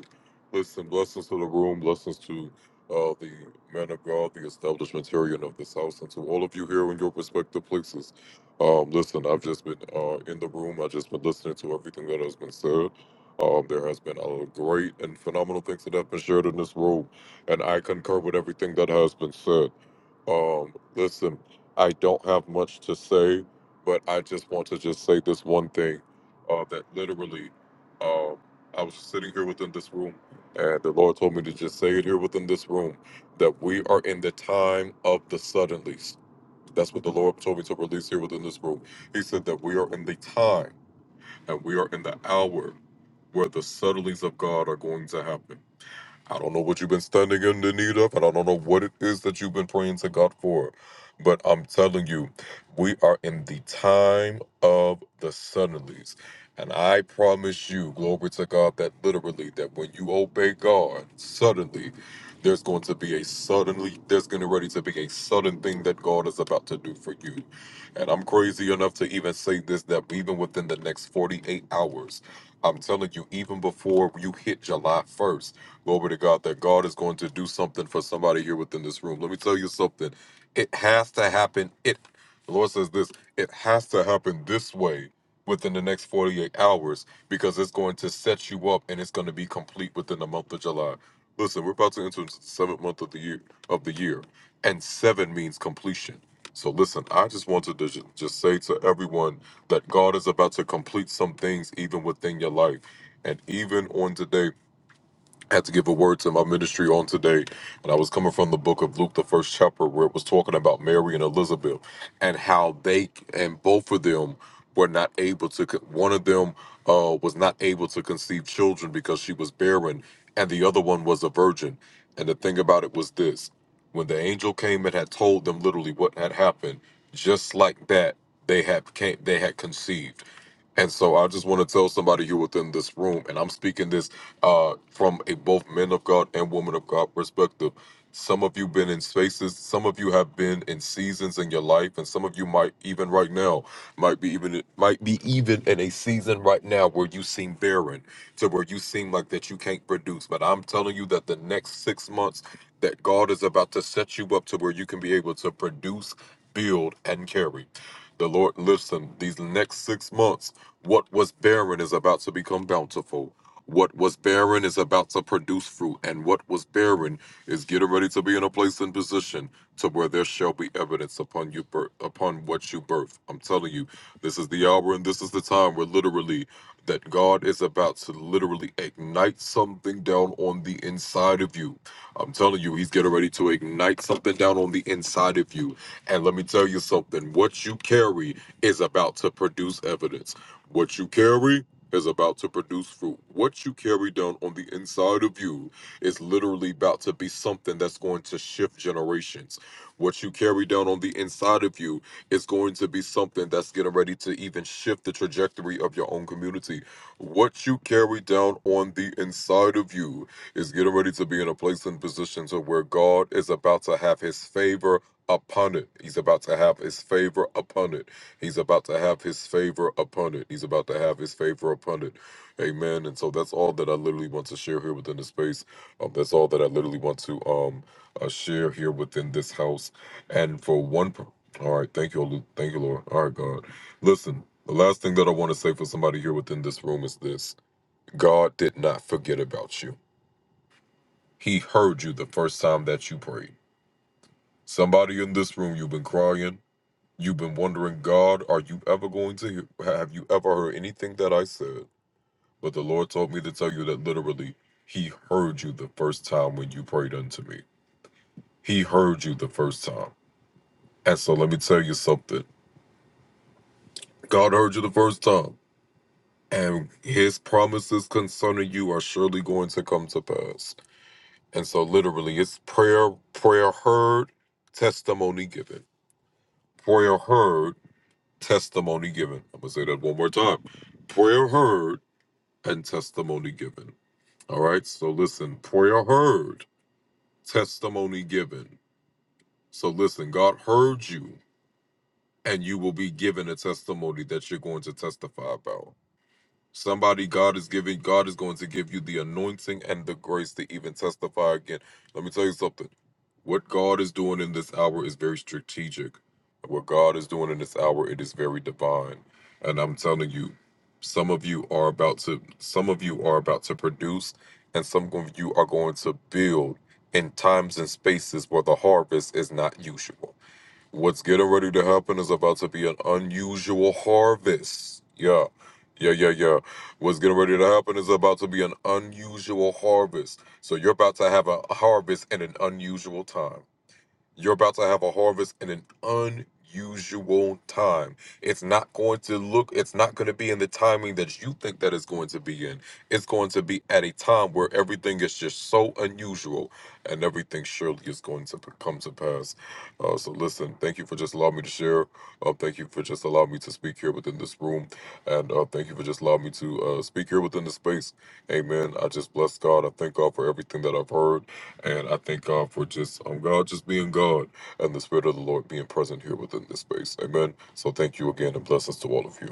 [SPEAKER 14] Listen, blessings to the room, blessings to uh, the man of God, the establishmentarian of this house, and to all of you here in your respective places. Um, listen, I've just been uh, in the room. I've just been listening to everything that has been said. Um, there has been a great and phenomenal things that have been shared in this room, and I concur with everything that has been said. Um, listen, I don't have much to say, but I just want to just say this one thing uh, that literally um, I was sitting here within this room, and the Lord told me to just say it here within this room that we are in the time of the suddenlies. That's what the Lord told me to release here within this room. He said that we are in the time and we are in the hour where the suddenlies of God are going to happen. I don't know what you've been standing in the need of, and I don't know what it is that you've been praying to God for. But I'm telling you, we are in the time of the suddenlies. And I promise you, glory to God, that literally, that when you obey God, suddenly there's going to be a suddenly, there's going to ready to be a sudden thing that God is about to do for you. And I'm crazy enough to even say this that even within the next 48 hours, I'm telling you, even before you hit July 1st, Glory to God that God is going to do something for somebody here within this room. Let me tell you something. It has to happen. It the Lord says this, it has to happen this way within the next 48 hours because it's going to set you up and it's going to be complete within the month of July. Listen, we're about to enter into the seventh month of the year of the year, and seven means completion. So listen, I just wanted to ju- just say to everyone that God is about to complete some things even within your life. And even on today, I had to give a word to my ministry on today. And I was coming from the book of Luke, the first chapter, where it was talking about Mary and Elizabeth and how they and both of them were not able to, con- one of them uh, was not able to conceive children because she was barren, and the other one was a virgin. And the thing about it was this when the angel came and had told them literally what had happened, just like that, they had came, they had conceived and so I just want to tell somebody here within this room, and I'm speaking this uh, from a both men of God and women of God perspective. Some of you been in spaces, some of you have been in seasons in your life, and some of you might even right now might be even might be even in a season right now where you seem barren, to where you seem like that you can't produce. But I'm telling you that the next six months that God is about to set you up to where you can be able to produce, build, and carry. The Lord, listen, these next six months, what was barren is about to become bountiful. What was barren is about to produce fruit, and what was barren is getting ready to be in a place and position to where there shall be evidence upon you bir- upon what you birth. I'm telling you, this is the hour and this is the time where literally that God is about to literally ignite something down on the inside of you. I'm telling you, He's getting ready to ignite something down on the inside of you and let me tell you something what you carry is about to produce evidence. What you carry is about to produce fruit. What you carry down on the inside of you is literally about to be something that's going to shift generations. What you carry down on the inside of you is going to be something that's getting ready to even shift the trajectory of your own community. What you carry down on the inside of you is getting ready to be in a place and position to where God is about to have his favor Opponent. He's about to have his favor Opponent. He's about to have his favor Opponent. He's about to have his favor Opponent. Amen. And so that's all that I literally want to share here within the space. Um, that's all that I literally want to um uh, share here within this house. And for one, per- all right, thank you, Lord. thank you, Lord. All right, God. Listen, the last thing that I want to say for somebody here within this room is this: God did not forget about you. He heard you the first time that you prayed. Somebody in this room, you've been crying. You've been wondering, God, are you ever going to hear? Have you ever heard anything that I said? But the Lord told me to tell you that literally, He heard you the first time when you prayed unto me. He heard you the first time. And so let me tell you something God heard you the first time, and His promises concerning you are surely going to come to pass. And so literally, it's prayer, prayer heard, testimony given. Prayer heard, testimony given. I'm going to say that one more time. Prayer heard and testimony given. All right. So listen, prayer heard, testimony given. So listen, God heard you, and you will be given a testimony that you're going to testify about. Somebody God is giving, God is going to give you the anointing and the grace to even testify again. Let me tell you something. What God is doing in this hour is very strategic. What God is doing in this hour, it is very divine. And I'm telling you, some of you are about to some of you are about to produce and some of you are going to build in times and spaces where the harvest is not usual. What's getting ready to happen is about to be an unusual harvest. Yeah. Yeah, yeah, yeah. What's getting ready to happen is about to be an unusual harvest. So you're about to have a harvest in an unusual time. You're about to have a harvest in an unusual time. It's not going to look, it's not going to be in the timing that you think that it's going to be in. It's going to be at a time where everything is just so unusual and everything surely is going to come to pass. Uh, so, listen, thank you for just allowing me to share. Uh, thank you for just allowing me to speak here within this room. And uh, thank you for just allowing me to uh, speak here within the space. Amen. I just bless God. I thank God for everything that I've heard. And I thank God for just um, God just being God and the Spirit of the Lord being present here within this space. Amen. So thank you again and blessings to all of you.